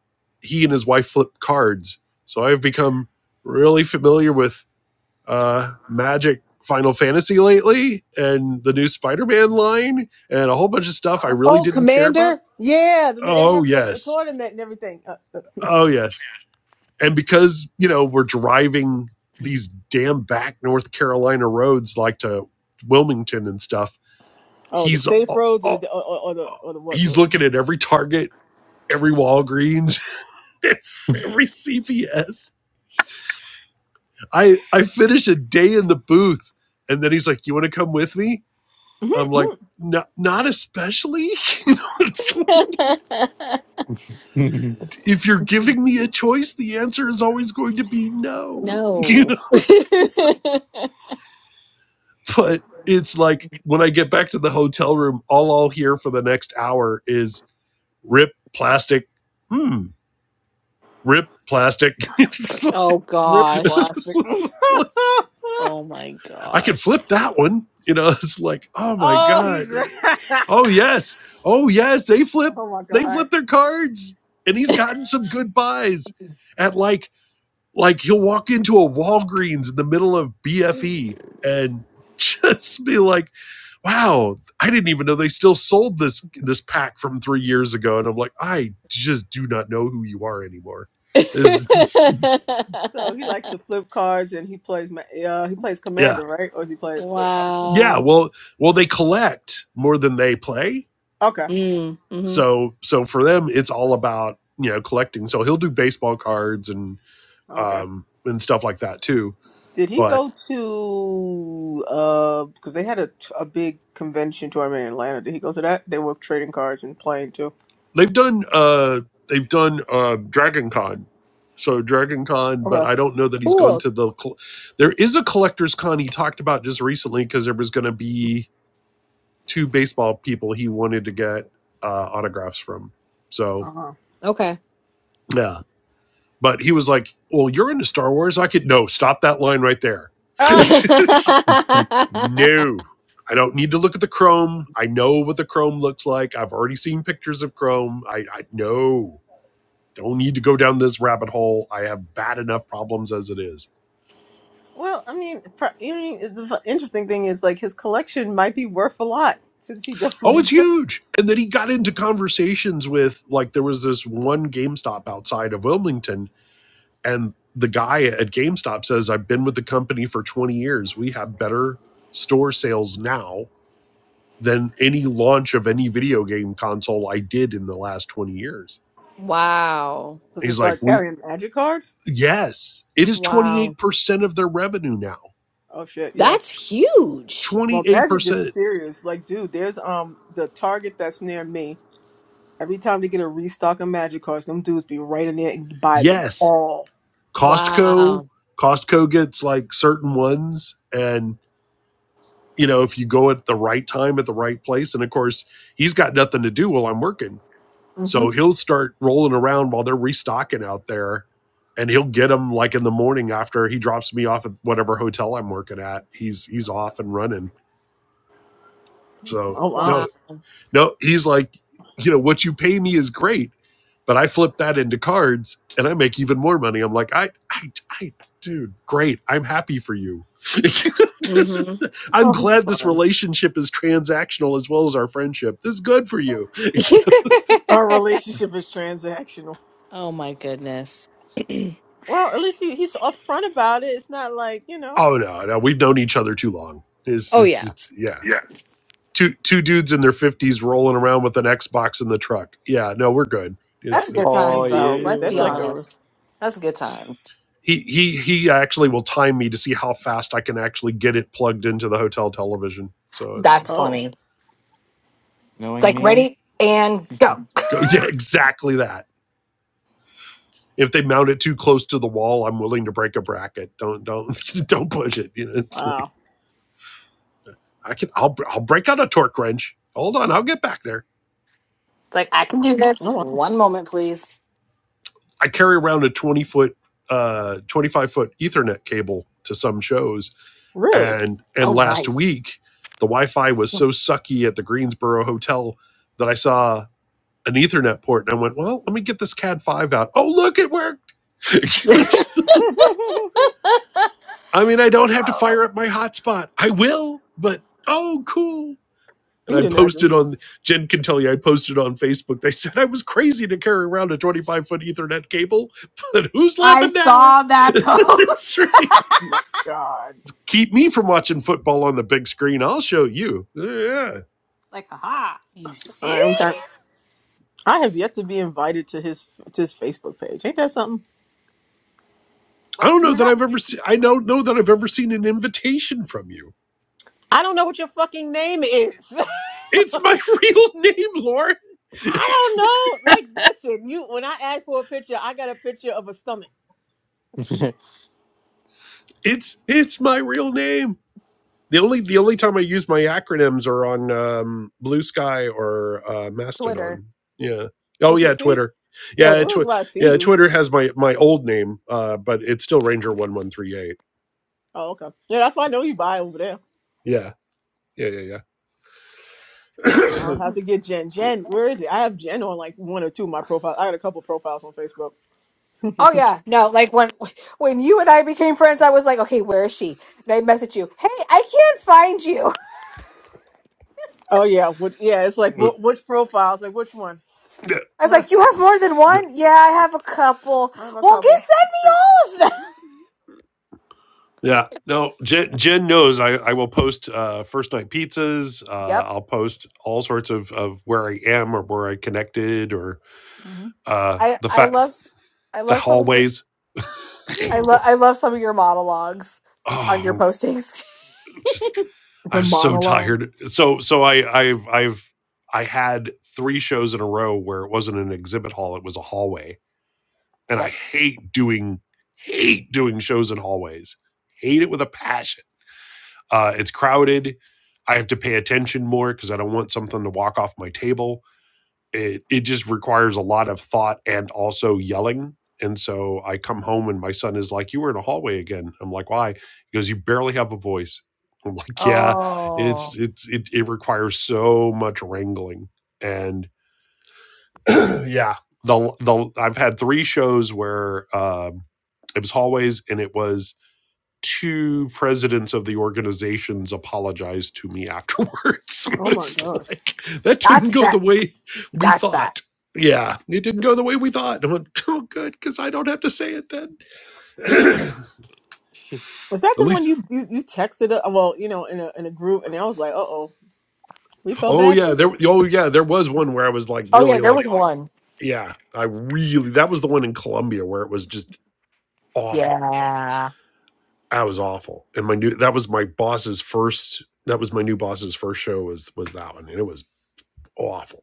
[SPEAKER 4] he and his wife flip cards. So I've become really familiar with uh, Magic Final Fantasy lately and the new Spider Man line and a whole bunch of stuff I really
[SPEAKER 5] Oh,
[SPEAKER 4] didn't care about.
[SPEAKER 5] Commander? Yeah, th- they're
[SPEAKER 4] Oh,
[SPEAKER 5] having a, a
[SPEAKER 4] yes.
[SPEAKER 5] tournament and everything. Uh, uh, *laughs*
[SPEAKER 4] Oh, yes. And because, you know, we're driving these damn back North Carolina roads like to Wilmington and stuff,
[SPEAKER 5] oh, the
[SPEAKER 4] he's. uh,
[SPEAKER 5] safe
[SPEAKER 4] uh,
[SPEAKER 5] roads or the or, or, or the or the what
[SPEAKER 4] He's
[SPEAKER 5] road?
[SPEAKER 4] looking at every Target, every Walgreens, *laughs* every CVS I I finish a day in the booth, and then he's like, "You want to come with me?" I'm like,
[SPEAKER 5] *laughs*
[SPEAKER 4] "No, not especially." *laughs* you know, it's like,
[SPEAKER 1] *laughs*
[SPEAKER 4] if you're giving me a choice, the answer is always going to be no. You
[SPEAKER 1] no.
[SPEAKER 4] know,
[SPEAKER 1] *laughs*
[SPEAKER 4] *laughs* but it's like when I get back to the hotel room, all I'll hear for the next hour is "rip plastic." Hmm. Rip plastic. *laughs*
[SPEAKER 1] oh
[SPEAKER 5] Rip
[SPEAKER 1] gosh.
[SPEAKER 4] It's
[SPEAKER 5] plastic. *laughs*
[SPEAKER 4] like, *laughs*
[SPEAKER 1] Oh my
[SPEAKER 4] I can
[SPEAKER 1] gosh.
[SPEAKER 4] flip that one. You know, *laughs* it's like, oh my
[SPEAKER 5] oh, he's
[SPEAKER 4] God.
[SPEAKER 5] *laughs*
[SPEAKER 4] Or, oh yes. Oh yes. They flip
[SPEAKER 5] oh my
[SPEAKER 4] they flip
[SPEAKER 5] god.
[SPEAKER 4] their cards. And he's gotten some good buys at like like he'll walk into a Walgreens in the middle of BFE and *laughs* just be like, wow, I didn't even know they still sold this this pack from three years ago. And I'm like, I just do not know who you are anymore. Is *laughs*
[SPEAKER 5] So he likes to
[SPEAKER 1] *laughs*
[SPEAKER 5] flip cards and he plays ma- uh he plays
[SPEAKER 4] yeah.
[SPEAKER 5] Commander, right? Or is he play what? I'm,
[SPEAKER 4] Yeah.
[SPEAKER 1] wow.
[SPEAKER 4] Well well they collect more than they play
[SPEAKER 5] okay,
[SPEAKER 1] Mm, hmm
[SPEAKER 4] so so for them it's all about you know collecting so he'll do baseball cards and
[SPEAKER 5] okay.
[SPEAKER 4] um and stuff like that too
[SPEAKER 5] Did he
[SPEAKER 4] but
[SPEAKER 5] go to uh because they had a a big convention tournament in Atlanta? Did he go to that? They were trading cards and playing too.
[SPEAKER 4] they've done uh they've done uh dragon con so dragon con but
[SPEAKER 5] Okay.
[SPEAKER 4] i don't know that he's gone
[SPEAKER 1] Cool.
[SPEAKER 4] to the col- there is a collectors con he talked about just recently because there was going to be two baseball people he wanted to get uh autographs from so
[SPEAKER 5] Uh huh.
[SPEAKER 1] Okay. *laughs*
[SPEAKER 4] yeah but he was like well you're into star wars i could no stop that line right there *laughs* No, I don't need to look at the Chrome. I know what the Chrome looks like. I've already seen pictures of Chrome. I, I no, don't need to go down this rabbit hole. I have bad
[SPEAKER 1] Mm-hmm.
[SPEAKER 4] enough problems as it is.
[SPEAKER 5] Well, I mean, pr- I mean, the f- interesting thing is like his collection might be worth a lot since he *laughs* does what
[SPEAKER 4] Oh,
[SPEAKER 5] he
[SPEAKER 4] it's
[SPEAKER 5] does.
[SPEAKER 4] huge. And then he got into conversations with like there was this one GameStop outside of Wilmington, and the guy at GameStop says, "I've been with the company for 20 years. We have better store sales now." Than any launch of any video game console I did in the last 20 years.
[SPEAKER 1] wow.
[SPEAKER 5] Because they
[SPEAKER 4] He's like,
[SPEAKER 5] start
[SPEAKER 4] we
[SPEAKER 5] carrying magic cards.
[SPEAKER 4] Yes, it is
[SPEAKER 1] Wow.
[SPEAKER 4] 28% of their revenue now.
[SPEAKER 5] Oh shit, yeah.
[SPEAKER 1] That's huge.
[SPEAKER 5] Well, magic is
[SPEAKER 4] 28%.
[SPEAKER 5] serious. Like, dude, there's um the Target that's near me. Every time they get a restock of magic cards, them dudes be right in there and buy them
[SPEAKER 4] Yes,
[SPEAKER 5] all.
[SPEAKER 4] Costco,
[SPEAKER 1] Wow.
[SPEAKER 4] Costco gets like certain ones and you know, if you go at the right time at the right place and of course, he's got nothing to do while I'm working.
[SPEAKER 5] hmm
[SPEAKER 4] So he'll start rolling around while they're restocking out there and he'll get them like in the morning after he drops me off at whatever hotel I'm working at. He's he's off and running. So
[SPEAKER 5] Oh wow.
[SPEAKER 1] Wow.
[SPEAKER 4] no, no, he's like, you know, what you pay me is great But I flip that into cards and I make even more money. I'm like, I, I, I, dude, great. I'm happy for you. *laughs* this
[SPEAKER 1] hmm
[SPEAKER 4] is, I'm
[SPEAKER 5] Oh, he's
[SPEAKER 4] glad this
[SPEAKER 5] fun.
[SPEAKER 4] relationship is transactional as well as our friendship. This is good for you.
[SPEAKER 1] *laughs*
[SPEAKER 5] Our relationship is transactional.
[SPEAKER 1] oh my goodness. *clears throat*
[SPEAKER 5] Well, at least he, he's upfront about it. It's not like you
[SPEAKER 4] *laughs*
[SPEAKER 5] know
[SPEAKER 4] oh no, no, we've known each other too long. Is
[SPEAKER 1] oh
[SPEAKER 4] this
[SPEAKER 1] yeah.
[SPEAKER 4] is yeah. Two two dudes in their fifties rolling around with an Xbox in the truck. Yeah, no, we're good.
[SPEAKER 5] that
[SPEAKER 1] That's
[SPEAKER 4] It's
[SPEAKER 5] is a
[SPEAKER 1] good
[SPEAKER 4] it's
[SPEAKER 5] TV
[SPEAKER 6] oh
[SPEAKER 1] times though.
[SPEAKER 5] series.
[SPEAKER 1] Let's
[SPEAKER 5] That's
[SPEAKER 1] be
[SPEAKER 5] like
[SPEAKER 6] yeah.
[SPEAKER 5] a
[SPEAKER 1] honest. That's good times.
[SPEAKER 4] he he he actually will time me to see how fast I can actually get it plugged into the hotel television. So it's
[SPEAKER 1] That's
[SPEAKER 5] oh
[SPEAKER 1] funny. It's
[SPEAKER 6] Knowing
[SPEAKER 1] like
[SPEAKER 6] me.
[SPEAKER 1] ready and go. *laughs*
[SPEAKER 4] Go, *laughs* yeah, exactly that. If they mount it too close to the wall, I'm willing to break a bracket. Don't don't *laughs* don't push it. You know, it's like
[SPEAKER 5] wow.
[SPEAKER 4] I can. I'll I'll break out a torque wrench. Hold on, I'll get back there.
[SPEAKER 1] It's like I can do this.
[SPEAKER 5] Oh wow.
[SPEAKER 1] One moment, please.
[SPEAKER 4] I carry around a 20 foot, uh, 25 foot Ethernet cable to some shows,
[SPEAKER 5] Really?
[SPEAKER 4] and
[SPEAKER 1] Oh
[SPEAKER 4] and last
[SPEAKER 1] nice.
[SPEAKER 4] week the Wi-Fi was so sucky at the Greensboro hotel that I saw an Ethernet port and I went, well, let me get this CAD five out. Oh, look, it worked. *laughs*
[SPEAKER 5] *laughs* you
[SPEAKER 4] I mean, I don't have to fire
[SPEAKER 1] I
[SPEAKER 4] up my hotspot. I will, but oh, cool. And I
[SPEAKER 5] didn't ask him.
[SPEAKER 4] posted on, Jen can tell you, I posted on Facebook. They said I was crazy to carry around a 25 foot Ethernet cable, but who's laughing now?
[SPEAKER 1] saw
[SPEAKER 4] *laughs*
[SPEAKER 1] that
[SPEAKER 4] That's
[SPEAKER 1] post. *laughs*
[SPEAKER 4] right.
[SPEAKER 5] My God,
[SPEAKER 4] Keep me from watching football on the big screen. I'll show you. Yeah.
[SPEAKER 1] It's like, haha, you *laughs*
[SPEAKER 5] I
[SPEAKER 1] see?
[SPEAKER 5] am kind. I have yet to be invited to his to his Facebook page. Ain't that something?
[SPEAKER 4] I
[SPEAKER 1] What
[SPEAKER 4] don't know
[SPEAKER 1] you're
[SPEAKER 4] that
[SPEAKER 1] not
[SPEAKER 4] I've ever seen, I don't know that I've ever seen an invitation from you.
[SPEAKER 5] I don't know what your fucking name is. *laughs*
[SPEAKER 4] It's my *laughs* real name, Lauren.
[SPEAKER 5] I don't know. Like, listen, you. When I asked for a picture, I got a picture of a stomach.
[SPEAKER 4] It's, it's my real name. The only the only time I use my acronyms are on um, Blue Sky or uh,
[SPEAKER 1] *laughs* Twitter.
[SPEAKER 4] Mastodon. Yeah.
[SPEAKER 5] Oh,
[SPEAKER 4] Oh yeah,
[SPEAKER 5] dude, see?
[SPEAKER 4] Twitter.
[SPEAKER 5] Yeah, it's
[SPEAKER 1] Twitter.
[SPEAKER 4] Yeah,
[SPEAKER 5] where's
[SPEAKER 4] tw-
[SPEAKER 5] why I see
[SPEAKER 4] yeah.
[SPEAKER 5] you.
[SPEAKER 4] Twitter has my my old name, uh, but it's still Ranger one one three eight.
[SPEAKER 5] Oh, okay. Yeah, that's why I know you buy over there.
[SPEAKER 4] Yeah. Yeah. Yeah.
[SPEAKER 5] I don't have to get Jen. Jen, where is it? I have Jen on like one or two of my profiles. I got a couple profiles on Facebook.
[SPEAKER 1] Oh
[SPEAKER 5] *laughs*
[SPEAKER 1] yeah, no, like when *laughs* when you and I became friends, I was like, okay, where is she? And I messaged you, hey, I can't find you. *laughs*
[SPEAKER 5] Oh yeah, what, yeah. It's like
[SPEAKER 4] Yeah. *coughs* *clears throat*
[SPEAKER 5] what, which profiles? Like which one?
[SPEAKER 4] yeah.
[SPEAKER 1] I
[SPEAKER 5] *laughs*
[SPEAKER 1] was like, you have more than
[SPEAKER 4] No.
[SPEAKER 1] one? Yeah, I have a couple.
[SPEAKER 5] I have a
[SPEAKER 1] Well, get
[SPEAKER 5] couple.
[SPEAKER 1] send me all of them. *laughs*
[SPEAKER 4] Yeah. No, Jen, Jen knows I, I will post uh, first night pizzas. Uh,
[SPEAKER 1] Yep,
[SPEAKER 4] I'll post all sorts of, of where I am or where I connected or
[SPEAKER 5] hmm
[SPEAKER 4] uh,
[SPEAKER 1] I
[SPEAKER 4] the
[SPEAKER 1] I
[SPEAKER 4] fact
[SPEAKER 1] love s- I
[SPEAKER 4] the
[SPEAKER 1] love some of your
[SPEAKER 4] hallways.
[SPEAKER 1] I
[SPEAKER 5] Hmm.
[SPEAKER 4] *laughs*
[SPEAKER 1] love I love some of your monologues on your
[SPEAKER 4] Oh,
[SPEAKER 1] postings.
[SPEAKER 4] just
[SPEAKER 1] *laughs*
[SPEAKER 4] I
[SPEAKER 5] The
[SPEAKER 4] was so
[SPEAKER 5] monologue.
[SPEAKER 4] tired. So so I I've I've I had three shows in a row where it wasn't an exhibit hall, it was a hallway. And I
[SPEAKER 1] yep.
[SPEAKER 4] hate doing hate doing shows in hallways. Hate it with a passion. Uh it's crowded. I have to pay attention more because I don't want something to walk off my table it it just requires a lot of thought and also yelling. And so I come home and my son is like, "You were in a hallway again." I'm like, "Why?" He goes, "You barely have a voice." I'm like, "Yeah,
[SPEAKER 1] Oh.
[SPEAKER 4] it's it's it, it requires so much wrangling." And *clears throat* yeah, the the I've had three shows where um, it was hallways and it was two presidents of the organizations apologized to me afterwards. *laughs* it
[SPEAKER 5] Oh my
[SPEAKER 4] was
[SPEAKER 5] gosh.
[SPEAKER 4] like that didn't
[SPEAKER 1] That's
[SPEAKER 4] go the
[SPEAKER 1] bad.
[SPEAKER 4] way we
[SPEAKER 1] That's bad.
[SPEAKER 4] thought. Yeah, it didn't go the way we thought. I went, oh, good, because I don't have to say it then. *clears throat* At
[SPEAKER 5] Was that the one
[SPEAKER 4] least,
[SPEAKER 5] you you, you texted? uh well, you know, in a in a group, and I was like, uh oh, we felt
[SPEAKER 4] oh
[SPEAKER 5] bad for
[SPEAKER 4] yeah,
[SPEAKER 5] you.
[SPEAKER 4] there. Oh yeah, there was one where I was like,
[SPEAKER 1] Oh yeah,
[SPEAKER 4] really,
[SPEAKER 1] there was
[SPEAKER 4] like,
[SPEAKER 1] one.
[SPEAKER 4] yeah, I really. That was the one in Colombia where it was just awful.
[SPEAKER 1] Yeah.
[SPEAKER 4] I was awful, and my new that was my boss's first. That was my new boss's first show. Was was that one, and it was awful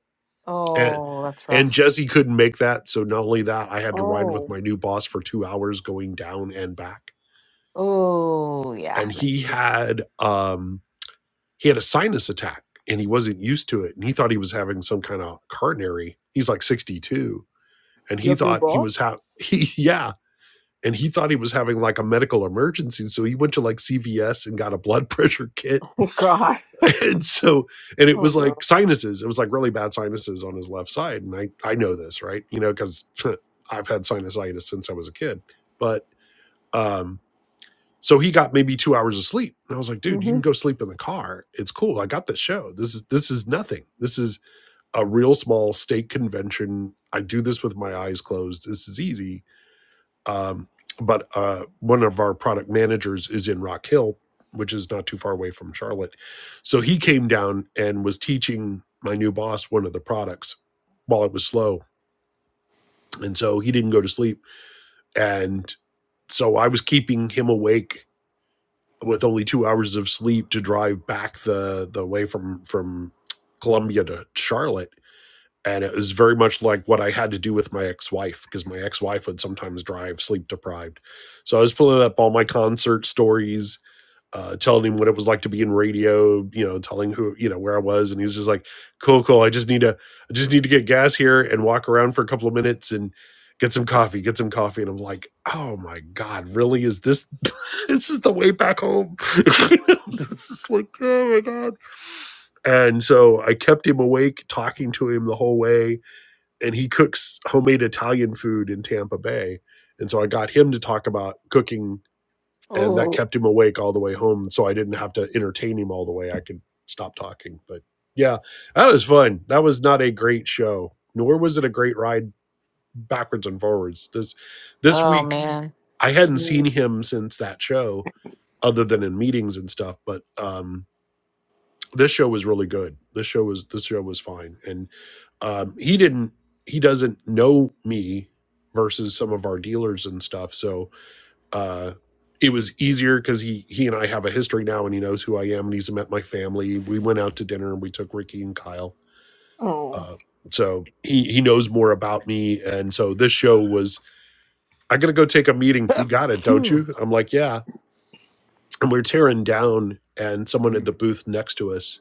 [SPEAKER 4] and
[SPEAKER 1] Oh, that's
[SPEAKER 4] and
[SPEAKER 1] rough.
[SPEAKER 4] Jesse couldn't make that. So not only that, I had to ride with
[SPEAKER 5] Oh,
[SPEAKER 4] my new boss for two hours going down and back.
[SPEAKER 1] Oh yeah.
[SPEAKER 4] And he
[SPEAKER 1] That's. *laughs*
[SPEAKER 4] had um he had a sinus attack and he wasn't used to it. And he thought he was having some kind of coronary. He's like 62. And
[SPEAKER 5] you
[SPEAKER 4] he
[SPEAKER 5] have new
[SPEAKER 4] thought he was
[SPEAKER 5] boss?
[SPEAKER 4] ha *laughs* he yeah. And he thought he was having like a medical emergency. So he went to like CVS and got a blood *laughs* pressure kit
[SPEAKER 5] *laughs* Oh God.
[SPEAKER 4] *laughs* and so and it
[SPEAKER 5] Oh
[SPEAKER 4] was like
[SPEAKER 5] no.
[SPEAKER 4] sinuses it was like really bad sinuses on his left side and i i know this right you know because *laughs* i've had sinusitis since i was a kid but um so he got maybe two hours of sleep and i was like dude you
[SPEAKER 5] hmm
[SPEAKER 4] can go sleep in the car it's cool i got this show this is this is nothing this is a real small state convention i do this with my eyes closed this is easy um, but uh, one of our product managers is in Rock Hill, which is not too far away from Charlotte. So he came down and was teaching my new boss one of the products while it was slow. And so he didn't go to sleep. And so I was keeping him awake with only two hours of sleep to drive back the, the way from, from Columbia to Charlotte and it was very much like what I had to do with my ex-wife because my ex-wife would sometimes drive sleep deprived. So I was pulling up all my concert stories, uh, telling him what it was like to be in radio, you know, telling who, you know, where I was, and he was just like, "Cool, cool. I just need to, I just need to get gas here and walk around for a couple of minutes and." Get some coffee, get some coffee. And I'm like, oh my God, really? Is this *laughs* this is the way back home? *laughs* this is like, oh my God. And so I kept him awake, talking to him the whole way and he cooks homemade Italian food in Tampa Bay. And so I got him to talk about cooking, and that
[SPEAKER 1] Oh.
[SPEAKER 4] kept him awake all the way home. So I didn't have to entertain him all the way. I could stop talking. But yeah, that was fun. That was not a great show, nor was it a great ride backwards and forwards. This this
[SPEAKER 1] Oh
[SPEAKER 4] week
[SPEAKER 1] man.
[SPEAKER 4] I hadn't seen
[SPEAKER 5] Mm.
[SPEAKER 4] him since that show, other than in meetings and stuff. But um, this show was really good. This show was this show was fine, and um, he didn't he doesn't know me versus some of our dealers and stuff so uh it was easier because he he and i have a history now and he knows who i am and he's met my family we went out to dinner and we took ricky and kyle
[SPEAKER 5] Oh.
[SPEAKER 4] uh so he he knows more about me and so this show was i gotta go take a meeting you got it don't you
[SPEAKER 6] *laughs* *laughs*
[SPEAKER 4] i'm like yeah and we're tearing down and someone at the booth next to us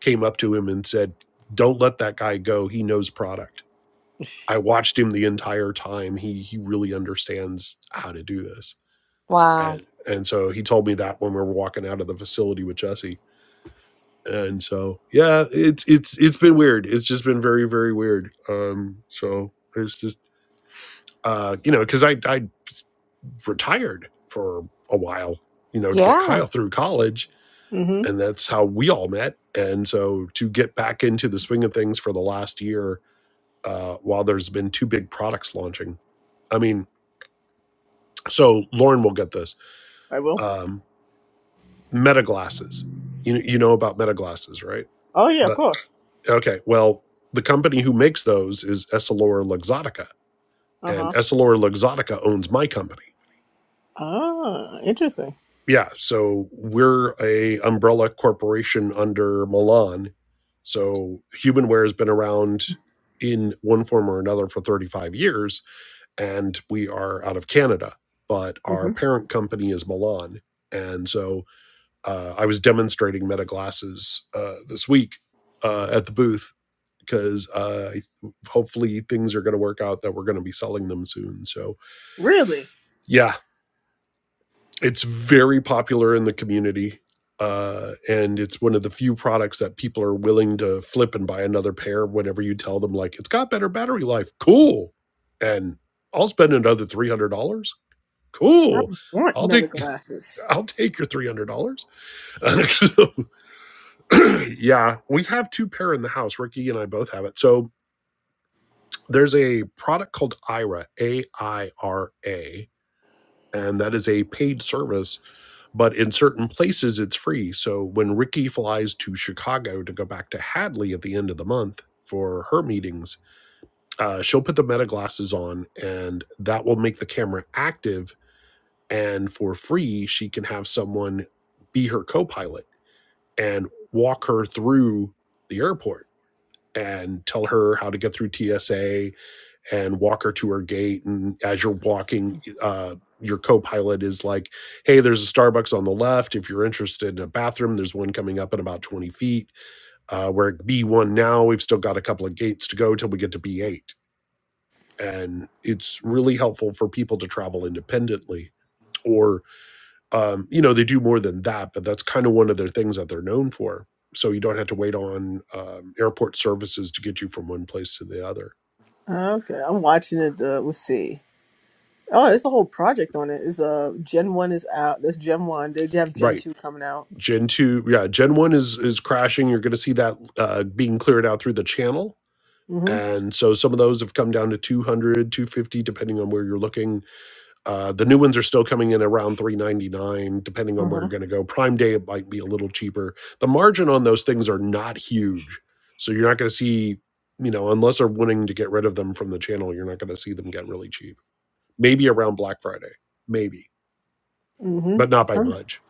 [SPEAKER 4] came up to him and said don't let that guy go he knows product I watched him the entire time. He he really understands how to do this.
[SPEAKER 1] Wow.
[SPEAKER 4] And and so he told me that when we were walking out of the facility with Jesse. And so yeah, it's it's it's been weird. It's just been very very weird. Um so it's just uh you know cuz I I retired for a while, you know, to get
[SPEAKER 1] Yeah.
[SPEAKER 4] Kyle through college
[SPEAKER 5] hmm
[SPEAKER 4] and that's how we all met. And so to get back into the swing of things for the last year uh while there's been two big products launching I mean, So Lauren will get this.
[SPEAKER 5] I will.
[SPEAKER 4] Um, meta glasses. You you know about meta glasses, right?
[SPEAKER 5] Oh yeah, of
[SPEAKER 4] But
[SPEAKER 5] course.
[SPEAKER 4] okay, well, the company who makes those is EssilorLuxottica,
[SPEAKER 5] Uh
[SPEAKER 4] and
[SPEAKER 5] huh.
[SPEAKER 4] EssilorLuxottica owns my company.
[SPEAKER 5] Ah, interesting.
[SPEAKER 4] Yeah, so we're a umbrella corporation under Milan. So Humanware has been around in one form or another for 35 years, and we are out of Canada, but our
[SPEAKER 5] hmm
[SPEAKER 4] parent company is Milan. And so Uh, I was demonstrating Meta glasses uh, this week uh, at the booth because uh, hopefully things are going to work out that we're going to be selling them soon. So
[SPEAKER 5] Really?
[SPEAKER 4] yeah, it's very popular in the community. Uh, and it's one of the few products that people are willing to flip and buy another pair whenever you tell them like it's got better battery life. Cool. And I'll spend another three hundred dollars.
[SPEAKER 5] I
[SPEAKER 4] Cool.
[SPEAKER 5] want
[SPEAKER 4] I'll
[SPEAKER 5] meta
[SPEAKER 4] take
[SPEAKER 5] glasses.
[SPEAKER 4] *laughs* I'll take your three hundred dollars. *laughs* *clears throat* yeah, we have two pair in the house. Ricky and I both have it. So there's a product called IRA, A I R A, and that is a paid service, but in certain places it's free. So when Ricky flies to Chicago to go back to Hadley at the end of the month for her meetings, uh, she'll put the meta glasses on and that will make the camera active. And for free, she can have someone be her co pilot and walk her through the airport and tell her how to get through TSA and walk her to her gate. And as you're walking, uh, your co-pilot is like, "Hey, there's a Starbucks on the left. If you're interested in a bathroom, there's one coming up in about 20 feet. Uh, we're at B1 now. We've still got a couple of gates to go till we get to B8." And it's really helpful for people to travel independently. Or, um, you know, they do more than that, but that's kind of one of their things that they're known for. So you don't have to wait on um, airport services to get you from one place to the other
[SPEAKER 5] Okay, I'm watching it. Uh, let's see. Oh, there's a whole project on it. Is uh Gen One is out. That's Gen One. They have Gen
[SPEAKER 4] Right.
[SPEAKER 5] Two coming out.
[SPEAKER 4] Gen 2, yeah, Gen 1 is is crashing. You're going to see that uh, being cleared out through the channel.
[SPEAKER 5] Mhm.
[SPEAKER 4] And so some of those have come down to two hundred, two fifty, depending on where you're looking. Uh, the new ones are still coming in around 399 depending on where you're
[SPEAKER 5] Mhm.
[SPEAKER 4] going to go. Prime Day it might be a little cheaper. The margin on those things are not huge. So you're not going to see, you know, unless they're wanting to get rid of them from the channel, you're not going to see them get really cheap. Maybe around Black Friday. Maybe,
[SPEAKER 5] Mhm.
[SPEAKER 4] but not by
[SPEAKER 5] Um,
[SPEAKER 4] much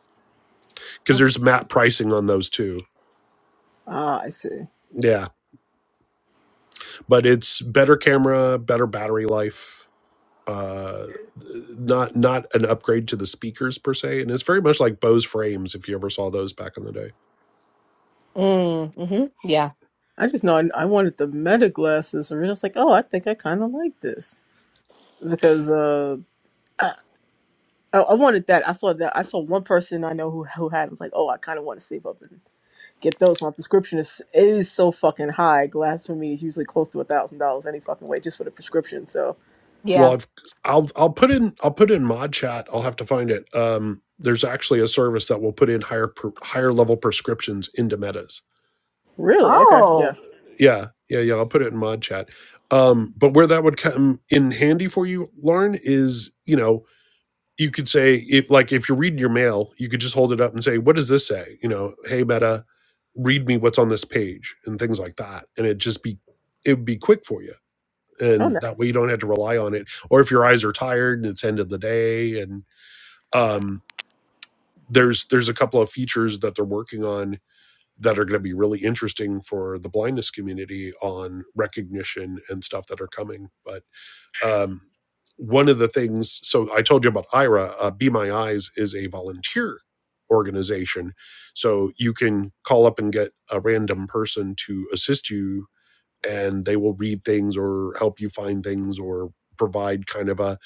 [SPEAKER 4] because
[SPEAKER 5] um.
[SPEAKER 4] there's map pricing on those too.
[SPEAKER 5] Ah, I see.
[SPEAKER 4] Yeah but it's better camera, better battery life. Uh, not not an upgrade to the speakers per se, and it's very much like Bose frames if you ever saw those back in the day.
[SPEAKER 1] Mm, hmm Yeah.
[SPEAKER 5] I just know I, I wanted the meta glasses, and I was like, oh, I think I kind of like this because uh, I, I I wanted that. I saw that. I saw one person I know who who had. them. I was like, oh, I kind of want to save up and get those. My prescription is is so fucking high. Glass for me is usually close to a thousand dollars any fucking way just for the prescription. So
[SPEAKER 4] Well,
[SPEAKER 1] Yeah.
[SPEAKER 4] I've I'll I'll put in I'll put in mod chat. I'll have to find it. Um, there's actually a service that will put in higher per, higher level prescriptions into metas.
[SPEAKER 5] really, okay, yeah.
[SPEAKER 1] Oh.
[SPEAKER 4] Yeah, yeah, yeah. I'll put it in mod chat. Um, but where that would come in handy for you, Lauren, is you know you could say if like if you're reading your mail you could just hold it up and say what does this say you know hey meta read me what's on this page and things like that and it just be it would be quick for you
[SPEAKER 5] Oh,
[SPEAKER 4] and that
[SPEAKER 5] nice.
[SPEAKER 4] way you don't have to rely on it or if your eyes are tired and it's end of the day and um there's there's a couple of features that they're working on that are going to be really interesting for the blindness community on recognition and stuff that are coming but um, one of the things so i told you about ira uh, be my eyes is a volunteer organization so you can call up and get a random person to assist you and they will read things or help you find things or provide kind of a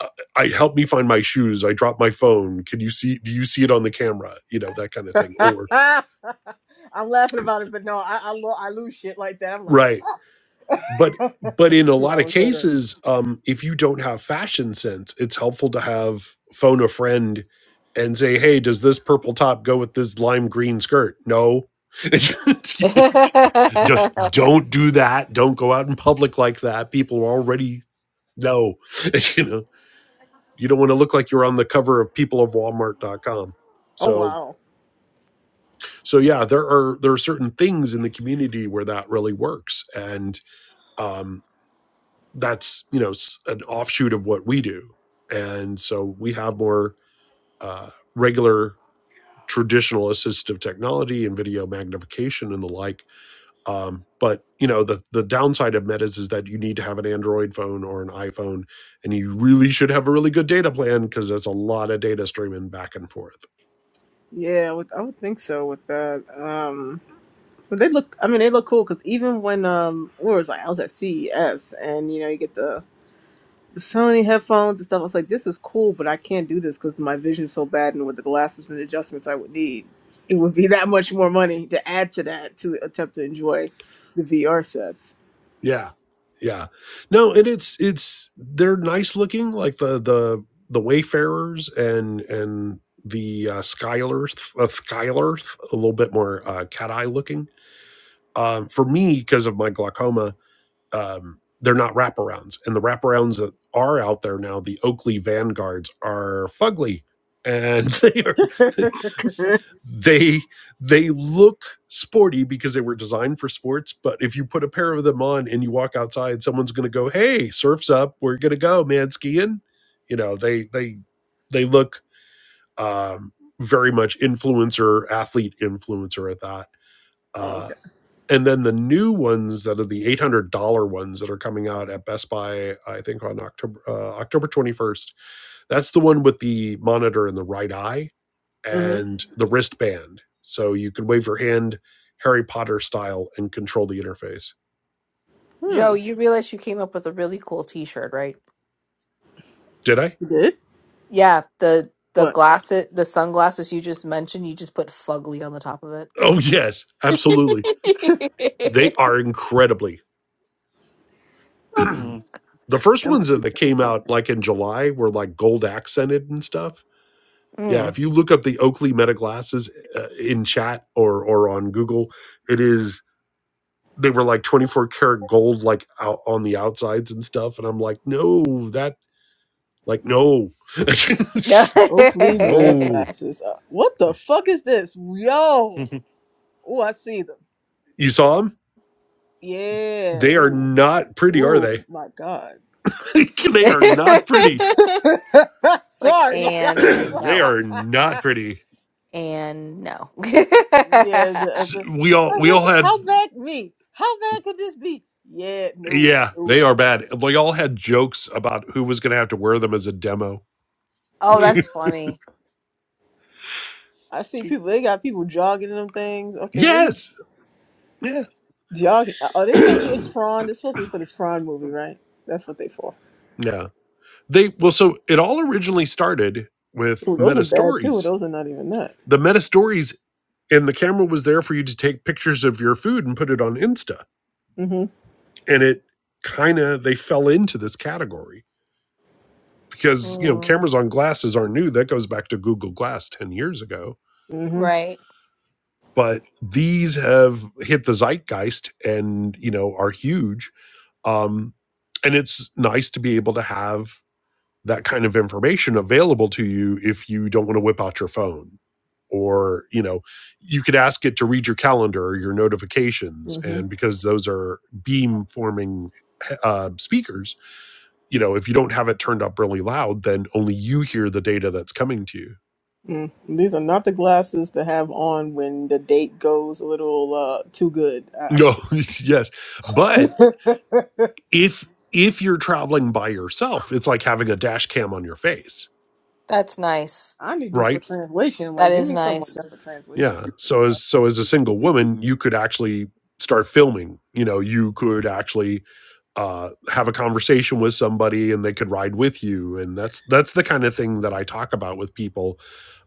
[SPEAKER 4] uh, i help me find my shoes i dropped my phone can you see do you see it on the camera you know that kind of thing
[SPEAKER 5] *laughs*
[SPEAKER 4] or
[SPEAKER 5] I'm laughing about it, but no, I I, lo- I lose shit like that. I'm like,
[SPEAKER 4] right but
[SPEAKER 5] fuck. *laughs*
[SPEAKER 4] but in a
[SPEAKER 5] Two
[SPEAKER 4] lot of
[SPEAKER 5] hours later.
[SPEAKER 4] cases um if you don't have fashion sense it's helpful to have phone a friend and say hey does this purple top go with this lime green skirt no *laughs* don't,
[SPEAKER 1] *laughs*
[SPEAKER 4] don't do that don't go out in public like that people already know *laughs* you know you don't want to look like you're on the cover of people of Walmart dot com.
[SPEAKER 5] Oh
[SPEAKER 4] so
[SPEAKER 5] wow.
[SPEAKER 4] so yeah there are there are certain things in the community where that really works and um, that's you know an offshoot of what we do and so we have more uh, regular traditional assistive technology and video magnification and the like um, but you know the the downside of metas is that you need to have an android phone or an iphone and you really should have a really good data plan because that's a lot of data streaming back and forth
[SPEAKER 5] Yeah, with I would think so with that. Um, but they look. I mean, they look cool because even when um, where was I? I was at CES, and you know, you get the the Sony headphones and stuff. I was like, this is cool, but I can't do this because my vision's so bad, and with the glasses and the adjustments I would need, it would be *laughs* that much more money to add to that to attempt to enjoy the VR sets.
[SPEAKER 4] Yeah. Yeah. No, and it's it's they're nice looking like the the the Wayfarers and and the uh, Skylarth, uh, Skylarth, a little bit more uh, cat eye looking. Um, for me, because of my glaucoma, um, they're not wraparounds. And the wraparounds that are out there now, the Oakley Vanguards, are fugly, and *laughs* they are
[SPEAKER 5] *laughs*
[SPEAKER 2] yeah,
[SPEAKER 4] they they look sporty because they were designed for sports. But if you put a pair of them on and you walk outside, someone's going to go, "Hey, surf's up. We're going to go, man, skiing." You know, they they they look um, very much influencer athlete influencer at that.
[SPEAKER 5] Oh.
[SPEAKER 4] Uh, and then the new ones that are the eight hundred dollar ones that are coming out at Best Buy, I think on October uh, October twenty first. That's the one with the monitor in the right eye
[SPEAKER 5] Mm-hmm.
[SPEAKER 4] and the wristband, so you could wave your hand Harry Potter style and control the interface.
[SPEAKER 5] Hmm.
[SPEAKER 1] Joe, you realize you came up with a really cool T-shirt, right?
[SPEAKER 4] Did I?
[SPEAKER 5] You did?
[SPEAKER 1] Yeah. The the
[SPEAKER 5] What?
[SPEAKER 1] glasses, the sunglasses you just mentioned, you just put fugly on the top of
[SPEAKER 4] Oh yes,
[SPEAKER 1] it.
[SPEAKER 4] absolutely.
[SPEAKER 5] *laughs* that
[SPEAKER 4] They
[SPEAKER 1] *laughs*
[SPEAKER 4] are incredibly. *clears throat* the first ones
[SPEAKER 5] must
[SPEAKER 4] that
[SPEAKER 5] be
[SPEAKER 4] that
[SPEAKER 5] saying
[SPEAKER 4] came out
[SPEAKER 5] something.
[SPEAKER 4] like in July were like gold accented and stuff Yeah,
[SPEAKER 1] mm.
[SPEAKER 4] if you look up the Oakley Meta glasses uh, in chat or or on Google, it is they were like 24 karat gold like out on the outsides and stuff and I'm like, "No, that like no." *laughs*
[SPEAKER 1] No.
[SPEAKER 5] Oakley Meta
[SPEAKER 1] *laughs*
[SPEAKER 4] no.
[SPEAKER 5] glasses. Uh, what the fuck is this? Yo. Oh, I see them.
[SPEAKER 4] You saw them?
[SPEAKER 5] Yeah.
[SPEAKER 4] They are
[SPEAKER 5] Ooh.
[SPEAKER 4] not pretty, are
[SPEAKER 5] Ooh,
[SPEAKER 4] they?
[SPEAKER 5] my God.
[SPEAKER 4] *laughs*
[SPEAKER 1] *laughs*
[SPEAKER 4] they are not pretty.
[SPEAKER 5] *laughs*
[SPEAKER 1] like
[SPEAKER 5] Sorry. Like,
[SPEAKER 4] *clears throat*
[SPEAKER 5] I'm,
[SPEAKER 1] and
[SPEAKER 4] they
[SPEAKER 1] no
[SPEAKER 4] are not pretty.
[SPEAKER 1] and no *laughs*
[SPEAKER 5] *laughs* yeah. The, uh,
[SPEAKER 4] S-
[SPEAKER 5] the,
[SPEAKER 4] We
[SPEAKER 5] I
[SPEAKER 4] all
[SPEAKER 5] was
[SPEAKER 4] we all
[SPEAKER 5] like,
[SPEAKER 4] had
[SPEAKER 5] how bad me? How bad could this be? Yeah. No.
[SPEAKER 4] yeah, they
[SPEAKER 5] No.
[SPEAKER 4] are
[SPEAKER 5] No.
[SPEAKER 4] bad. We all had jokes about who was going to have to wear them as a demo.
[SPEAKER 1] oh
[SPEAKER 5] You.
[SPEAKER 1] that's funny
[SPEAKER 5] I see
[SPEAKER 1] Did,
[SPEAKER 5] people. They got people jogging in them things. Okay. Where you?
[SPEAKER 4] Yes. Yeah.
[SPEAKER 5] Y'all, are they supposed to be in
[SPEAKER 4] *clears throat*
[SPEAKER 5] Tron? They're supposed to be for the Tron movie, right? That's what they for.
[SPEAKER 4] yeah. They well, so it all originally started with
[SPEAKER 5] Ooh, those are
[SPEAKER 4] meta
[SPEAKER 5] bad too.
[SPEAKER 4] stories.
[SPEAKER 5] Those are not even that.
[SPEAKER 4] The meta stories and the camera was there for you to take pictures of your food and put it on Insta.
[SPEAKER 5] Mm-hmm.
[SPEAKER 4] And it kind of they fell into this category because you know
[SPEAKER 1] mm,
[SPEAKER 4] cameras on glasses aren't new. That goes back to Google Glass ten years ago.
[SPEAKER 5] Mm-hmm.
[SPEAKER 1] right
[SPEAKER 4] But these have hit the zeitgeist and you know are huge. Um, and it's nice to be able to have that kind of information available to you if you don't want to whip out your phone or you know you could ask it to read your calendar or your notifications and
[SPEAKER 5] Mm-hmm.
[SPEAKER 4] because those are beam forming uh, speakers you know if you don't have it turned up really loud then only you hear the data that's coming to you
[SPEAKER 5] Mm. These are not the glasses to have on when the date goes a little uh too good. I, I can
[SPEAKER 4] no
[SPEAKER 5] see
[SPEAKER 4] *laughs* yes but
[SPEAKER 5] that.
[SPEAKER 4] if if you're traveling by yourself it's like having a dash cam on your face
[SPEAKER 1] that's nice
[SPEAKER 5] *laughs* I need this for
[SPEAKER 4] right
[SPEAKER 5] translation.
[SPEAKER 1] that
[SPEAKER 5] Like, give
[SPEAKER 1] is
[SPEAKER 5] me something like
[SPEAKER 1] nice
[SPEAKER 5] that for translation.
[SPEAKER 4] Yeah. So as so as a single woman, you could actually start filming. You know, you could actually uh, have a conversation with somebody, and they could ride with you. And that's that's the kind of thing that I talk about with people,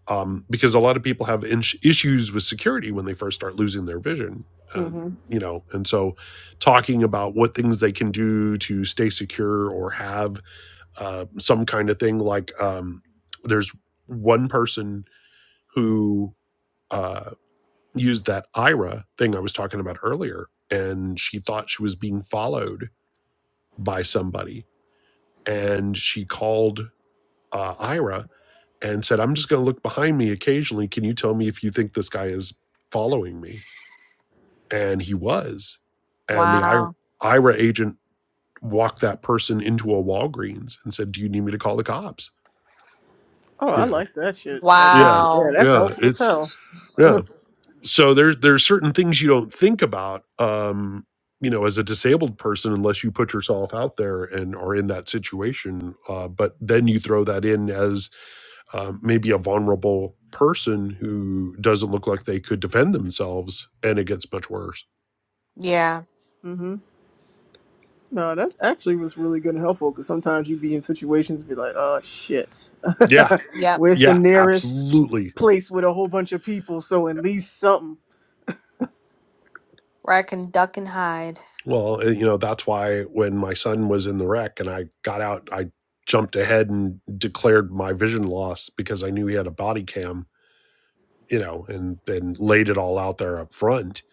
[SPEAKER 4] um, because a lot of people have in- issues with security when they first start losing their vision. Uh,
[SPEAKER 5] Mm-hmm.
[SPEAKER 4] you know, and so talking about what things they can do to stay secure or have uh, some kind of thing like um, there's one person who. Uh, used that Ira thing I was talking about earlier, and she thought she was being followed by somebody, and she called uh, Ira and said, "I'm just going to look behind me occasionally. Can you tell me if you think this guy is following me?" And he was, and the I-
[SPEAKER 1] wow
[SPEAKER 4] Ira agent walked that person into a Walgreens and said, "Do you need me to call the cops?"
[SPEAKER 5] Oh,
[SPEAKER 4] You
[SPEAKER 5] I
[SPEAKER 4] know,
[SPEAKER 5] like that shit. That, that's
[SPEAKER 4] yeah,
[SPEAKER 5] yeah,
[SPEAKER 1] wow
[SPEAKER 5] that's
[SPEAKER 4] yeah,
[SPEAKER 5] helpful as
[SPEAKER 4] it's
[SPEAKER 5] hell. *laughs*
[SPEAKER 4] yeah. so there there are certain things you don't think about um you know as a disabled person unless you put yourself out there and are in that situation uh, but then you throw that in as um, maybe a vulnerable person who doesn't look like they could defend themselves and it gets much worse
[SPEAKER 1] yeah
[SPEAKER 5] mm-hmm. No, that's actually was really good and helpful because sometimes you be in situations be like, oh shit, *laughs*
[SPEAKER 4] yeah
[SPEAKER 1] yep
[SPEAKER 5] where's the
[SPEAKER 4] yeah
[SPEAKER 5] nearest
[SPEAKER 4] absolutely
[SPEAKER 5] place with a whole bunch of people? So at least something.
[SPEAKER 1] where i can duck and hide
[SPEAKER 4] well uh, you know that's why when my son was in the wreck and i got out i jumped ahead and declared my vision loss because i knew he had a body cam you know, and and laid it all out there up front,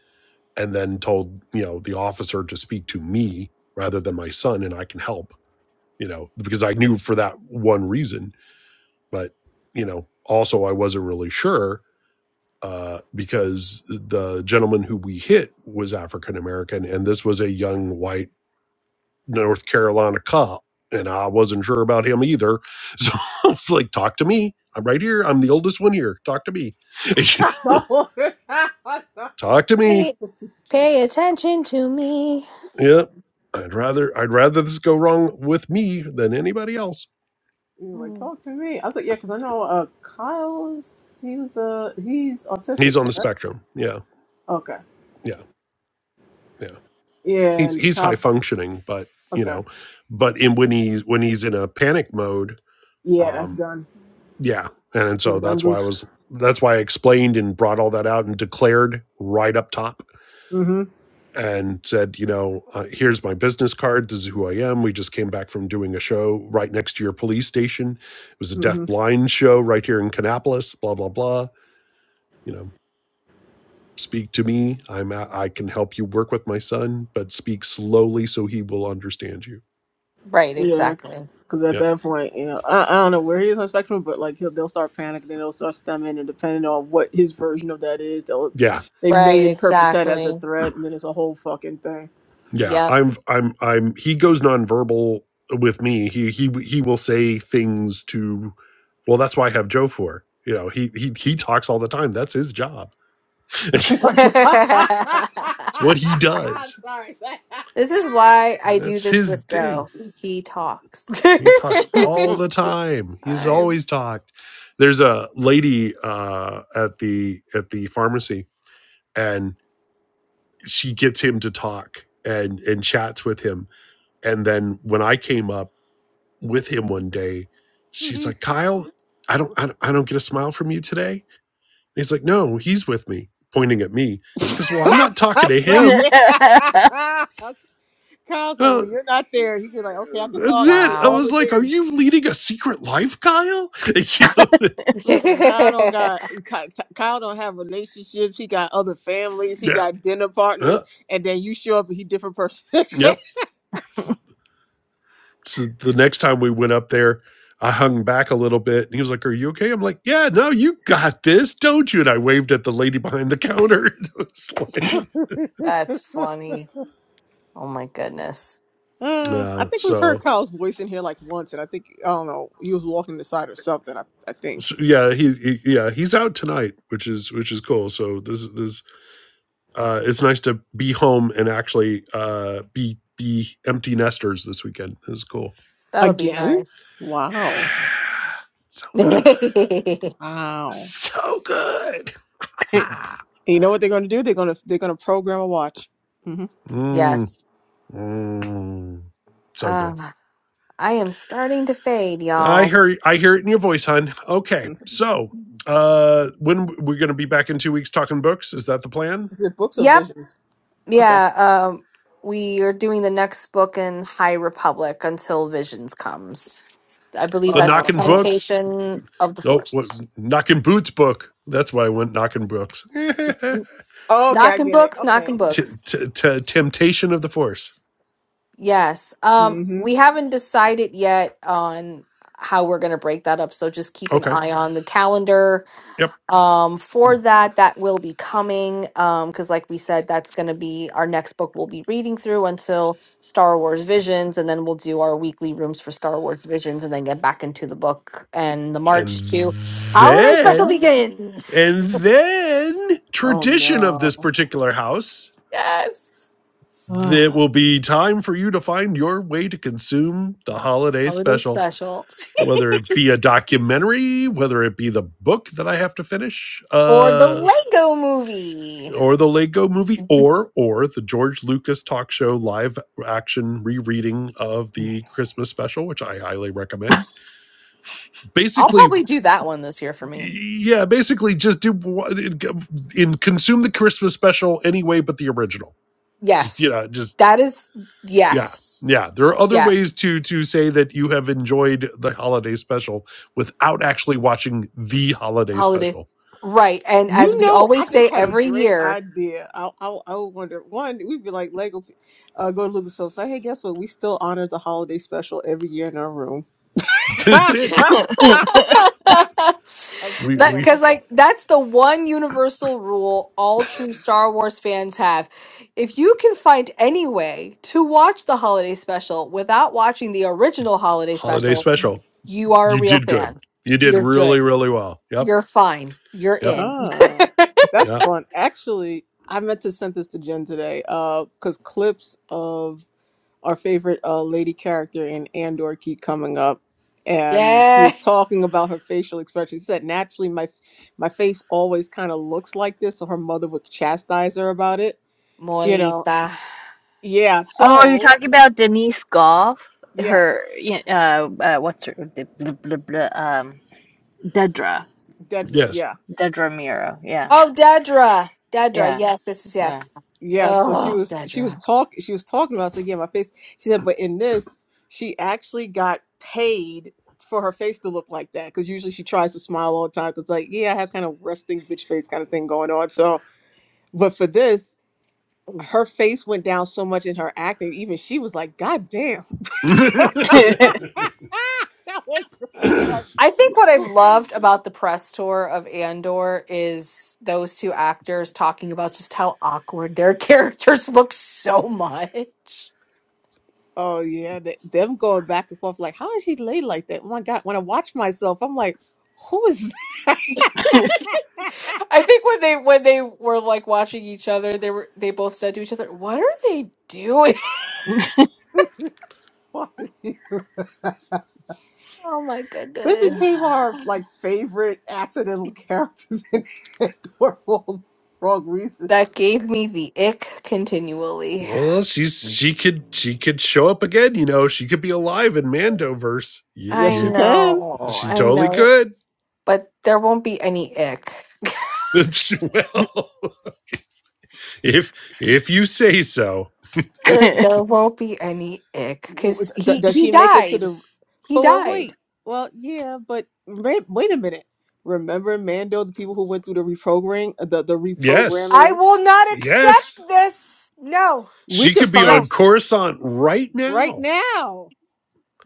[SPEAKER 4] and then told you know the officer to speak to me rather than my son, and I can help, you know, because I knew for that one reason, but you know, also I wasn't really sure uh, because the gentleman who we hit was African American, and this was a young white North Carolina cop, and I wasn't sure about him either, so *laughs* I was like, "Talk to me." I'm right here. I'm the oldest one here. Talk to me.
[SPEAKER 5] *laughs*
[SPEAKER 4] *laughs* Talk to me.
[SPEAKER 1] pay, pay attention to me
[SPEAKER 4] Yep. I'd rather I'd rather this go wrong with me than anybody else.
[SPEAKER 5] He was like,
[SPEAKER 1] Mm.
[SPEAKER 5] talk to me. I was like, yeah, because I know uh, Kyle, he was uh, he's autistic,
[SPEAKER 4] He's on the
[SPEAKER 5] correct?
[SPEAKER 4] spectrum. Yeah.
[SPEAKER 5] Okay.
[SPEAKER 4] Yeah. Yeah.
[SPEAKER 5] Yeah,
[SPEAKER 4] He's
[SPEAKER 5] and
[SPEAKER 4] he's high
[SPEAKER 5] cops.
[SPEAKER 4] functioning, but you
[SPEAKER 5] Okay.
[SPEAKER 4] know, but in when he's when he's in a panic mode,
[SPEAKER 5] Yeah, that's
[SPEAKER 4] um,
[SPEAKER 5] done.
[SPEAKER 4] yeah. And, and
[SPEAKER 5] You're
[SPEAKER 4] so
[SPEAKER 5] done,
[SPEAKER 4] that's why I
[SPEAKER 5] Goose.
[SPEAKER 4] was that's why I explained and brought all that out and declared right up top
[SPEAKER 5] Mm-hmm.
[SPEAKER 4] and said, you know, uh, here's my business card. This is who I am. We just came back from doing a show right next to your police station. It was a
[SPEAKER 5] Mm-hmm.
[SPEAKER 4] deaf blind show right here in Canapolis, blah, blah, blah. You know, speak to me i'm a- i am I can help you work with my son but speak slowly so he will understand you
[SPEAKER 1] right
[SPEAKER 5] Yeah,
[SPEAKER 1] exactly
[SPEAKER 5] Because at
[SPEAKER 4] yeah
[SPEAKER 5] that point, you know, I, I don't know where he is on the spectrum, but like he'll, they'll start panicking, then they'll start stemming, and depending on what his version of that is, they'll
[SPEAKER 4] yeah
[SPEAKER 5] they
[SPEAKER 1] right
[SPEAKER 5] may interpret that as a
[SPEAKER 1] exactly
[SPEAKER 5] threat, and then it's a whole fucking thing.
[SPEAKER 4] yeah
[SPEAKER 1] yep
[SPEAKER 4] i'm i'm i'm he goes nonverbal with me he he he will say things to well that's why i have joe for you know he he he talks all the time that's his job *laughs* it's,
[SPEAKER 1] *laughs* this
[SPEAKER 5] *laughs*
[SPEAKER 4] it's it's what he
[SPEAKER 5] I'm
[SPEAKER 4] does
[SPEAKER 5] sorry. *laughs*
[SPEAKER 1] is why i do
[SPEAKER 4] that's
[SPEAKER 1] this
[SPEAKER 4] his
[SPEAKER 1] with
[SPEAKER 4] thing
[SPEAKER 1] joe he talks
[SPEAKER 4] he talks
[SPEAKER 1] *laughs*
[SPEAKER 4] all the time he's
[SPEAKER 1] I
[SPEAKER 4] always talked there's a lady uh at the at the pharmacy and she gets him to talk and and chats with him and then when i came up with him one day she's
[SPEAKER 5] Mhm.
[SPEAKER 4] like kyle i don't i don't, I don't get a smile from you today and he's like no he's with me pointing at me she goes well i'm
[SPEAKER 5] *laughs*
[SPEAKER 4] not talking
[SPEAKER 5] I'm
[SPEAKER 4] to him
[SPEAKER 5] sorry. *laughs* Kyle's
[SPEAKER 4] And
[SPEAKER 5] like,
[SPEAKER 4] I-
[SPEAKER 5] well, you're not there. He could like, okay, I could
[SPEAKER 4] that's
[SPEAKER 5] talk,
[SPEAKER 4] it
[SPEAKER 5] do
[SPEAKER 4] i
[SPEAKER 1] wow.
[SPEAKER 5] all the
[SPEAKER 4] was like are
[SPEAKER 5] things.
[SPEAKER 4] you leading a secret life kyle *laughs* you know
[SPEAKER 5] Listen,
[SPEAKER 1] *laughs*
[SPEAKER 5] Kyle don't got Ky- Ty- Kyle don't have relationships. He got other families. He
[SPEAKER 4] yeah
[SPEAKER 5] got dinner
[SPEAKER 4] uh,
[SPEAKER 5] partners, and then you show up and he different person.
[SPEAKER 4] yep so the next time we went up there, I hung back a little bit and he was like, Are you okay? I'm like, Yeah, no, you got this, don't you? And I waved at the lady behind the counter. *laughs* it was like,
[SPEAKER 5] *laughs*
[SPEAKER 1] That's funny. Oh my goodness.
[SPEAKER 5] Uh, I
[SPEAKER 4] Yeah,
[SPEAKER 5] think we've heard
[SPEAKER 4] so.
[SPEAKER 5] Kyle's voice in here like once, and I think I don't know. He was walking the side or something. I, I think
[SPEAKER 4] so, yeah, he, he yeah he's out tonight, which is which is cool. So this this uh, it's nice to be home and actually uh, be be empty nesters this weekend. This is cool.
[SPEAKER 1] That'll be
[SPEAKER 5] again.
[SPEAKER 1] nice.
[SPEAKER 5] Wow,
[SPEAKER 4] *sighs* so good,
[SPEAKER 1] *laughs* Ugh.
[SPEAKER 5] wow.
[SPEAKER 4] so good. *laughs* Ah.
[SPEAKER 5] And you know what they're going to do? They're going to they're going to program a watch. hmm
[SPEAKER 4] Mm,
[SPEAKER 1] yes.
[SPEAKER 4] mm, so good.
[SPEAKER 1] Um I am starting to fade,
[SPEAKER 4] I
[SPEAKER 1] y'all.
[SPEAKER 4] hear I hear it in your voice, hon. Okay, so uh when we're going to be back in two weeks talking books? Is that the plan?
[SPEAKER 5] Is it books or
[SPEAKER 1] Yep.
[SPEAKER 5] visions? Okay.
[SPEAKER 1] Yeah, um we are doing the next book in High Republic until Visions comes. I believe
[SPEAKER 4] The
[SPEAKER 1] that's the
[SPEAKER 5] Uh,
[SPEAKER 4] knocking
[SPEAKER 5] oh,
[SPEAKER 4] books?
[SPEAKER 1] temptation of the
[SPEAKER 4] No, what,
[SPEAKER 1] force.
[SPEAKER 4] knocking boots book. That's why I went knocking books. *laughs*
[SPEAKER 5] okay, I
[SPEAKER 1] Knocking
[SPEAKER 5] get it.
[SPEAKER 1] books,
[SPEAKER 5] Okay.
[SPEAKER 1] knocking
[SPEAKER 4] t-
[SPEAKER 1] books.
[SPEAKER 4] t- t- temptation of the force.
[SPEAKER 1] Yes. Um,
[SPEAKER 5] Mm-hmm.
[SPEAKER 1] we haven't decided yet on how we're going to break that up. So just keep an
[SPEAKER 4] Okay.
[SPEAKER 1] eye on the calendar
[SPEAKER 4] Yep.
[SPEAKER 1] um, for that. That will be coming because, like we said, that's going to be our next book we'll be reading through until Star Wars Visions. And then we'll do our weekly rooms for Star Wars Visions and then get back into the book and the
[SPEAKER 4] And
[SPEAKER 1] March to Holiday Special
[SPEAKER 4] then
[SPEAKER 1] begins.
[SPEAKER 4] and then tradition of this
[SPEAKER 5] Oh
[SPEAKER 4] particular house.
[SPEAKER 1] Yes.
[SPEAKER 5] no.
[SPEAKER 4] There will be time for you to find your way to consume the holiday
[SPEAKER 1] Holiday
[SPEAKER 4] special,
[SPEAKER 1] Special
[SPEAKER 4] whether it be a documentary, whether it be the book that I have to finish,
[SPEAKER 1] or the
[SPEAKER 4] uh,
[SPEAKER 1] Lego movie.
[SPEAKER 4] or the Lego movie, or or the George Lucas talk show live action rereading of
[SPEAKER 5] *sighs*
[SPEAKER 4] the Christmas special, which I highly recommend.
[SPEAKER 1] I'll
[SPEAKER 4] Basically,
[SPEAKER 1] probably do that one this year for me.
[SPEAKER 4] yeah, basically just do in consume the Christmas special anyway, but the original. Just you
[SPEAKER 1] Yes.
[SPEAKER 4] know, just
[SPEAKER 1] That is
[SPEAKER 4] Yeah.
[SPEAKER 1] yes.
[SPEAKER 4] Yeah. There are other ways
[SPEAKER 1] Yes.
[SPEAKER 4] to to say that you have enjoyed the holiday special without actually watching the holiday
[SPEAKER 1] Holiday.
[SPEAKER 4] special.
[SPEAKER 1] Right. And as
[SPEAKER 5] You
[SPEAKER 1] we
[SPEAKER 5] know, I
[SPEAKER 1] always say
[SPEAKER 5] just had a
[SPEAKER 1] every
[SPEAKER 5] great
[SPEAKER 1] year,
[SPEAKER 5] idea. I I, I would wonder one, we'd be like Lego, pe- uh, go to Lucas Film. Say, hey, guess what? We still honor the holiday special every year in our room.
[SPEAKER 4] *laughs*
[SPEAKER 5] *laughs*
[SPEAKER 1] *laughs*
[SPEAKER 4] That's it.
[SPEAKER 1] that
[SPEAKER 2] yeah. *laughs* *laughs*
[SPEAKER 5] I'm
[SPEAKER 4] We
[SPEAKER 5] sure they'll
[SPEAKER 4] we
[SPEAKER 5] love
[SPEAKER 1] because
[SPEAKER 5] that.
[SPEAKER 1] like that's the one universal rule all true Star Wars fans have. If you can find any way to watch the holiday special without watching the original holiday
[SPEAKER 4] holiday
[SPEAKER 1] special,
[SPEAKER 4] special.
[SPEAKER 1] you are a
[SPEAKER 4] You
[SPEAKER 1] real
[SPEAKER 4] did good.
[SPEAKER 1] fan.
[SPEAKER 4] You did
[SPEAKER 1] You're good.
[SPEAKER 4] really, really well. Yep.
[SPEAKER 1] You're fine. You're
[SPEAKER 4] Yep.
[SPEAKER 1] in. *laughs*
[SPEAKER 5] Oh, that's
[SPEAKER 4] Yeah.
[SPEAKER 5] fun. Actually, I meant to send this to Jen today Uh, because clips of our favorite uh, lady character in Andor keep coming up. And she
[SPEAKER 1] Yeah.
[SPEAKER 5] was talking about her facial expression. She said, naturally, my my face always kind of looks like this. So her mother would chastise her about it. You know,
[SPEAKER 1] Molita.
[SPEAKER 5] yeah.
[SPEAKER 2] Oh, you're
[SPEAKER 5] So,
[SPEAKER 2] talking about Denise Goff,
[SPEAKER 5] yes,
[SPEAKER 2] her, y- uh, uh what's her, the blah, blah, blah, um, Dedra,
[SPEAKER 5] Dedra,
[SPEAKER 4] Yes.
[SPEAKER 5] yes.
[SPEAKER 2] Dedra Mira. Yeah,
[SPEAKER 1] Oh, Dedra. Dedra.
[SPEAKER 2] yeah,
[SPEAKER 1] Yes, this is
[SPEAKER 2] yeah.
[SPEAKER 1] yes.
[SPEAKER 5] Yeah, so she
[SPEAKER 1] Oh,
[SPEAKER 5] was she was
[SPEAKER 1] Dedra.
[SPEAKER 5] talk she was talking about so yeah, my face. She said, but in this, she actually got paid for her face to look like that because usually she tries to smile all the time because like yeah, I have kind of resting bitch face kind of thing going on. So, but for this, her face went down so much in her acting, even she was like, God damn,
[SPEAKER 4] *laughs*
[SPEAKER 5] *laughs* that was I was like.
[SPEAKER 1] I think what I've loved about the press tour of Andor is those two actors talking about just how awkward their *laughs* characters look so much.
[SPEAKER 5] Oh yeah, th- them going back and forth like, how is he laid like that? Oh my God! When I watch myself, I'm like, who is?
[SPEAKER 1] I think when they when they were like watching each other, they were they both said to each other, "What are they doing?" *laughs*
[SPEAKER 2] *laughs*
[SPEAKER 5] *laughs* this? Why is he? *laughs*
[SPEAKER 1] Oh my
[SPEAKER 5] They became
[SPEAKER 1] goodness.
[SPEAKER 5] our like favorite accidental characters *laughs* in Andor for all the wrong reasons.
[SPEAKER 1] That gave me the ick continually.
[SPEAKER 4] well, she's she could she could show up again, you know. She could be alive in Mandoverse. Y-
[SPEAKER 5] Yes,
[SPEAKER 1] I
[SPEAKER 4] y-
[SPEAKER 5] she can.
[SPEAKER 1] know.
[SPEAKER 4] she
[SPEAKER 1] I
[SPEAKER 4] totally
[SPEAKER 1] know.
[SPEAKER 4] could.
[SPEAKER 1] but there won't be any ick.
[SPEAKER 4] *laughs* well, if if you say so.
[SPEAKER 1] There there won't be any ick
[SPEAKER 5] W-
[SPEAKER 1] because
[SPEAKER 5] d-
[SPEAKER 1] he
[SPEAKER 5] Does
[SPEAKER 1] he
[SPEAKER 5] she make it to
[SPEAKER 1] died.
[SPEAKER 5] the?
[SPEAKER 1] He
[SPEAKER 5] But well,
[SPEAKER 1] died.
[SPEAKER 5] wait. Well, yeah, but ma- wait a minute. Remember Mando, the people who went through the reprogramming, the the
[SPEAKER 4] Yes.
[SPEAKER 1] I
[SPEAKER 5] reprogramming.
[SPEAKER 1] will not
[SPEAKER 4] Yes,
[SPEAKER 1] accept this. No,
[SPEAKER 5] We
[SPEAKER 4] she
[SPEAKER 5] could
[SPEAKER 4] could be
[SPEAKER 1] no.
[SPEAKER 4] on
[SPEAKER 5] find
[SPEAKER 4] Coruscant right
[SPEAKER 5] right
[SPEAKER 4] now.
[SPEAKER 5] now.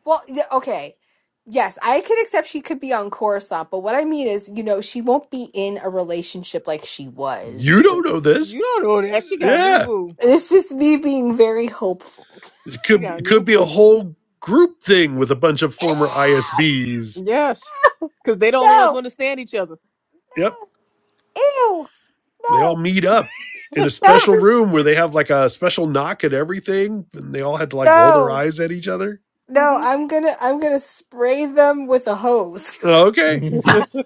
[SPEAKER 1] Well, yeah, okay. Yes, I can accept she could be on Coruscant, but what I mean is, you know, she won't be in a relationship like she was.
[SPEAKER 4] You don't
[SPEAKER 1] with-
[SPEAKER 4] know this.
[SPEAKER 5] You don't know that she got a new
[SPEAKER 4] Yeah,
[SPEAKER 5] boo.
[SPEAKER 1] *laughs* This is me being very hopeful.
[SPEAKER 4] it
[SPEAKER 5] She
[SPEAKER 4] could
[SPEAKER 5] got a
[SPEAKER 4] it
[SPEAKER 5] new
[SPEAKER 4] could be a
[SPEAKER 5] boo.
[SPEAKER 4] whole group thing with a bunch of
[SPEAKER 1] Ew!
[SPEAKER 4] former ISBs.
[SPEAKER 5] Yes, because they the only ones who
[SPEAKER 1] No,
[SPEAKER 5] understand each other.
[SPEAKER 4] Yep,
[SPEAKER 1] ew,
[SPEAKER 4] they all
[SPEAKER 1] no.
[SPEAKER 4] meet up in a
[SPEAKER 1] That's
[SPEAKER 4] special
[SPEAKER 1] just
[SPEAKER 4] room where they have like a special knock at everything, and they all had to like roll their
[SPEAKER 1] no.
[SPEAKER 4] eyes at each other.
[SPEAKER 1] No, I'm gonna I'm gonna spray them with a hose.
[SPEAKER 4] Oh, okay,
[SPEAKER 5] *laughs*
[SPEAKER 6] Mm.
[SPEAKER 5] hmm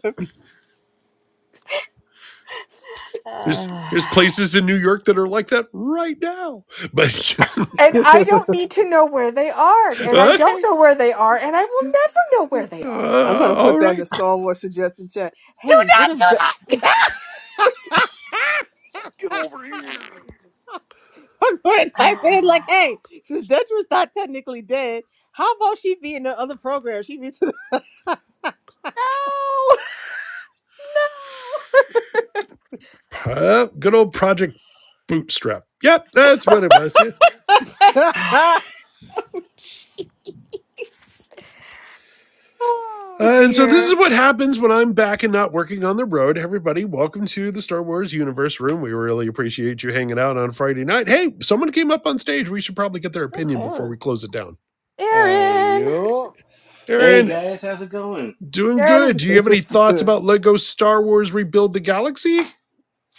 [SPEAKER 4] there's there's places in New York that are like that right now. But
[SPEAKER 1] And I
[SPEAKER 5] *laughs*
[SPEAKER 1] don't need to know where they are.
[SPEAKER 4] *laughs*
[SPEAKER 1] And I don't
[SPEAKER 4] okay,
[SPEAKER 1] know where they are, and I will never know where they are.
[SPEAKER 5] I'm
[SPEAKER 4] uh,
[SPEAKER 5] gonna put
[SPEAKER 4] all
[SPEAKER 5] that in the
[SPEAKER 4] right,
[SPEAKER 5] Star Wars suggestion chat.
[SPEAKER 1] Do
[SPEAKER 5] Hey, what
[SPEAKER 1] not do
[SPEAKER 5] if? Da-
[SPEAKER 1] that!
[SPEAKER 5] *laughs* I'm gonna type it in like, hey, since Dedra's not technically dead, how about she be in the other program? She be to
[SPEAKER 1] No! *laughs*
[SPEAKER 4] Uh, good old Project Bootstrap. Yep, that's what it was. Yeah.
[SPEAKER 5] the. *laughs* That's
[SPEAKER 1] No! Oh
[SPEAKER 4] Uh, and so this
[SPEAKER 1] dear.
[SPEAKER 4] is what happens when I'm back and not working on the road. Everybody, welcome to the Star Wars Universe Room. We really appreciate you hanging out on Friday night. Hey, someone came up on stage. We should probably get their opinion before
[SPEAKER 5] Aaron.
[SPEAKER 4] we close it down.
[SPEAKER 6] uh,
[SPEAKER 1] Erin.
[SPEAKER 6] yup.
[SPEAKER 7] Hey
[SPEAKER 4] Aaron,
[SPEAKER 7] guys, how's it going?
[SPEAKER 4] doing good.
[SPEAKER 1] Good.
[SPEAKER 4] Do you have any thoughts
[SPEAKER 5] *laughs*
[SPEAKER 4] about Lego Star Wars Rebuild the Galaxy?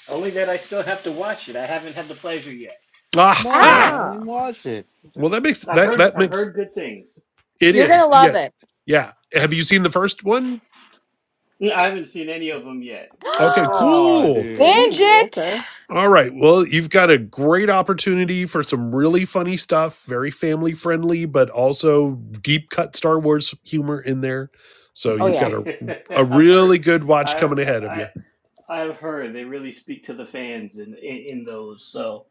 [SPEAKER 7] Only that I still have to watch it. I haven't had the pleasure yet.
[SPEAKER 6] Come
[SPEAKER 1] Ah,
[SPEAKER 6] on,
[SPEAKER 4] Aha!
[SPEAKER 5] ah.
[SPEAKER 6] man. Watch it.
[SPEAKER 4] Well, that makes
[SPEAKER 7] I've
[SPEAKER 4] that
[SPEAKER 7] heard
[SPEAKER 4] that
[SPEAKER 7] I've
[SPEAKER 4] makes
[SPEAKER 7] heard good things.
[SPEAKER 4] it
[SPEAKER 1] you're gonna
[SPEAKER 4] is.
[SPEAKER 1] love
[SPEAKER 4] Yeah.
[SPEAKER 1] it.
[SPEAKER 4] Yeah. Have you seen the first one?
[SPEAKER 7] I haven't seen any of them yet.
[SPEAKER 4] Okay,
[SPEAKER 1] *gasps*
[SPEAKER 6] Oh,
[SPEAKER 4] cool.
[SPEAKER 1] Binge
[SPEAKER 6] dude.
[SPEAKER 5] Oh,
[SPEAKER 1] it.
[SPEAKER 5] okay.
[SPEAKER 4] All right. Well, you've got a great opportunity for some really funny stuff, very family friendly, but also deep cut Star Wars humor in there. So
[SPEAKER 1] Oh
[SPEAKER 4] you've
[SPEAKER 1] yeah.
[SPEAKER 4] got a a
[SPEAKER 7] *laughs* I've heard
[SPEAKER 4] really good watch
[SPEAKER 7] I've
[SPEAKER 4] coming ahead of
[SPEAKER 7] I
[SPEAKER 4] you.
[SPEAKER 7] I've heard they really speak to the fans in in, in those, so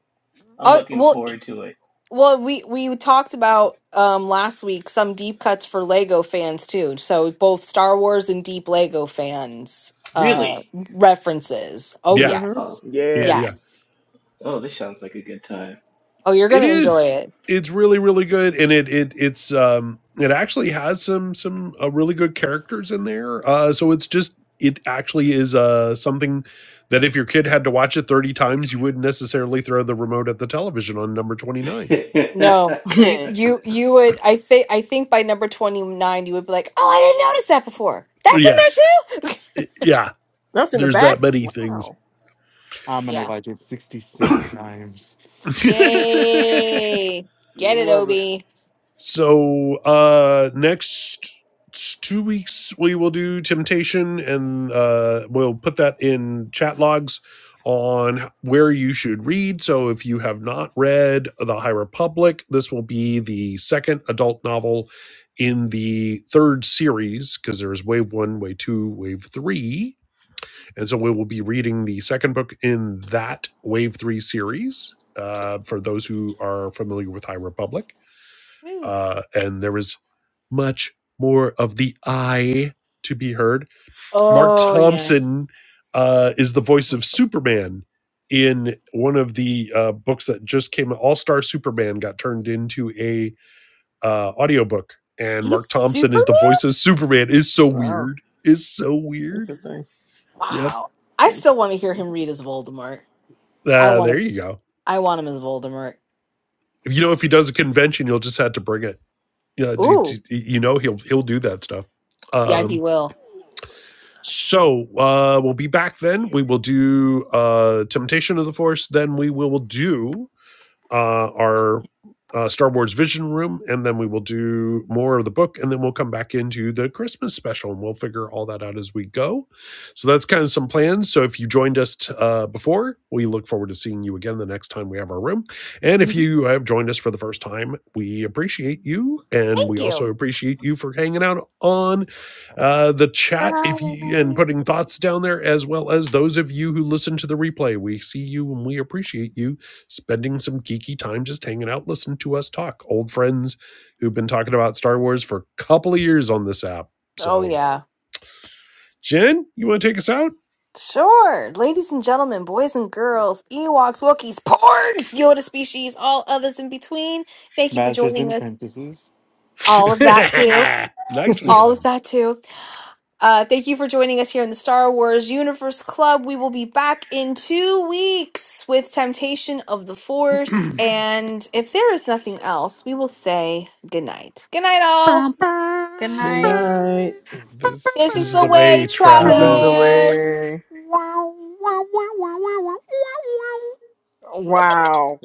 [SPEAKER 7] I'm
[SPEAKER 1] Oh
[SPEAKER 7] looking
[SPEAKER 1] well
[SPEAKER 7] forward to it.
[SPEAKER 1] Well, we we talked about um last week some deep cuts for Lego fans too. So both Star Wars and deep Lego fans uh
[SPEAKER 7] Really?
[SPEAKER 1] references. Oh
[SPEAKER 4] Yeah.
[SPEAKER 5] Mm-hmm.
[SPEAKER 7] Oh,
[SPEAKER 1] yes.
[SPEAKER 4] Yeah.
[SPEAKER 5] Yeah.
[SPEAKER 4] yeah.
[SPEAKER 1] Yes.
[SPEAKER 7] oh, this sounds like a good time.
[SPEAKER 1] Oh, you're going
[SPEAKER 4] It
[SPEAKER 1] to enjoy
[SPEAKER 4] is.
[SPEAKER 1] it.
[SPEAKER 4] It's really really good and it it it's um it actually has some some uh, really good characters in there. Uh so it's just it actually is uh something that if your kid had to watch it 30 times you wouldn't necessarily throw the remote at the television on number 29.
[SPEAKER 1] No.
[SPEAKER 7] *laughs*
[SPEAKER 2] *sighs*
[SPEAKER 1] You you you would I think I think by number 29 you would be like, "Oh, I didn't notice that before. That's in
[SPEAKER 4] Yes.
[SPEAKER 1] there too."
[SPEAKER 4] Yeah.
[SPEAKER 5] That's in the
[SPEAKER 4] There's that
[SPEAKER 5] back.
[SPEAKER 4] many things.
[SPEAKER 5] Wow.
[SPEAKER 1] *laughs*
[SPEAKER 6] I'm going to
[SPEAKER 1] yeah.
[SPEAKER 6] watch it 66 times.
[SPEAKER 4] *laughs*
[SPEAKER 1] Yay.
[SPEAKER 5] You
[SPEAKER 1] Get
[SPEAKER 5] will
[SPEAKER 1] it,
[SPEAKER 5] love it.
[SPEAKER 1] Obi.
[SPEAKER 4] so uh next two weeks we will do temptation and uh we'll put that in chat logs on where you should read. So if you have not read The High Republic, this will be the second adult novel in the third series because there's wave one, wave two, wave three And so we will be reading the second book in that Wave 3 series uh, for those who are familiar with High Republic.
[SPEAKER 1] Woo.
[SPEAKER 4] Uh, and there is much more of the I to be heard. Mark
[SPEAKER 1] Oh,
[SPEAKER 4] Thompson
[SPEAKER 1] yes.
[SPEAKER 4] uh, is the voice of Superman in one of the uh, books that just came All Star Superman got turned into a uh, audiobook. And
[SPEAKER 1] He's
[SPEAKER 4] Mark Thompson is
[SPEAKER 1] superman.
[SPEAKER 4] the voice of Superman. Is so
[SPEAKER 5] Wow.
[SPEAKER 4] weird. Is so weird.
[SPEAKER 5] Interesting.
[SPEAKER 4] Yep.
[SPEAKER 1] Wow. I still want to hear him
[SPEAKER 5] Interesting.
[SPEAKER 1] read as Voldemort. I
[SPEAKER 4] Uh,
[SPEAKER 1] want
[SPEAKER 4] there
[SPEAKER 1] him
[SPEAKER 4] you go
[SPEAKER 1] I want him as Voldemort.
[SPEAKER 4] you know, if he does a convention, you'll just have to bring it. Yeah, d-
[SPEAKER 1] Ooh,
[SPEAKER 4] d- you know, he'll he'll do that stuff.
[SPEAKER 1] yeah, he
[SPEAKER 4] Um,
[SPEAKER 1] will.
[SPEAKER 4] so uh, we'll be back then. We will do uh, Temptation of the Force. Then we will do uh, our uh, Star Wars Vision Room, and then we will do more of the book, and then we'll come back into the Christmas special, and we'll figure all that out as we go. So that's kind of some plans. So if you joined us t- uh, before, we look forward to seeing you again the next time we have our room. And if you have joined us for the first time, we appreciate you, and
[SPEAKER 1] Thank
[SPEAKER 4] we
[SPEAKER 1] you.
[SPEAKER 4] also appreciate you for hanging out on uh, the chat if
[SPEAKER 1] Friday
[SPEAKER 4] you and
[SPEAKER 1] night.
[SPEAKER 4] putting thoughts down there, as well as those of you who listen to the replay. We see you and we appreciate you spending some geeky time just hanging out, listening to us talk. Old friends who've been talking about Star Wars for a couple of years on this app.
[SPEAKER 1] Oh
[SPEAKER 4] So,
[SPEAKER 1] yeah.
[SPEAKER 4] Jen, you want to take us out?
[SPEAKER 1] Sure. Ladies and gentlemen, boys and girls, Ewoks, Wookiees, Porgs, Yoda species, all others in between. Thank you for
[SPEAKER 6] Masters and
[SPEAKER 1] joining us.
[SPEAKER 6] Apprentices.
[SPEAKER 1] All of that too.
[SPEAKER 4] *laughs*
[SPEAKER 5] *laughs*
[SPEAKER 4] Nicely
[SPEAKER 1] All of
[SPEAKER 4] done.
[SPEAKER 1] that too. Uh, thank you for joining us here in the Star Wars Universe Club. We will be back in two weeks with Temptation of the Force. And if there is nothing else, we will say goodnight. Good night, all.
[SPEAKER 6] Bum,
[SPEAKER 2] Good
[SPEAKER 6] bum,
[SPEAKER 5] Good
[SPEAKER 2] night.
[SPEAKER 6] bum,
[SPEAKER 5] night.
[SPEAKER 6] bum, bum,
[SPEAKER 4] This
[SPEAKER 1] This
[SPEAKER 4] this
[SPEAKER 1] is
[SPEAKER 4] is
[SPEAKER 1] the
[SPEAKER 4] the
[SPEAKER 1] way,
[SPEAKER 4] way,
[SPEAKER 6] bum,
[SPEAKER 5] This is the
[SPEAKER 4] Travis.
[SPEAKER 6] bum.
[SPEAKER 1] Travis.
[SPEAKER 5] way.
[SPEAKER 6] Wow, wow, wow, wow, wow, wow, wow, wow,
[SPEAKER 5] Wow.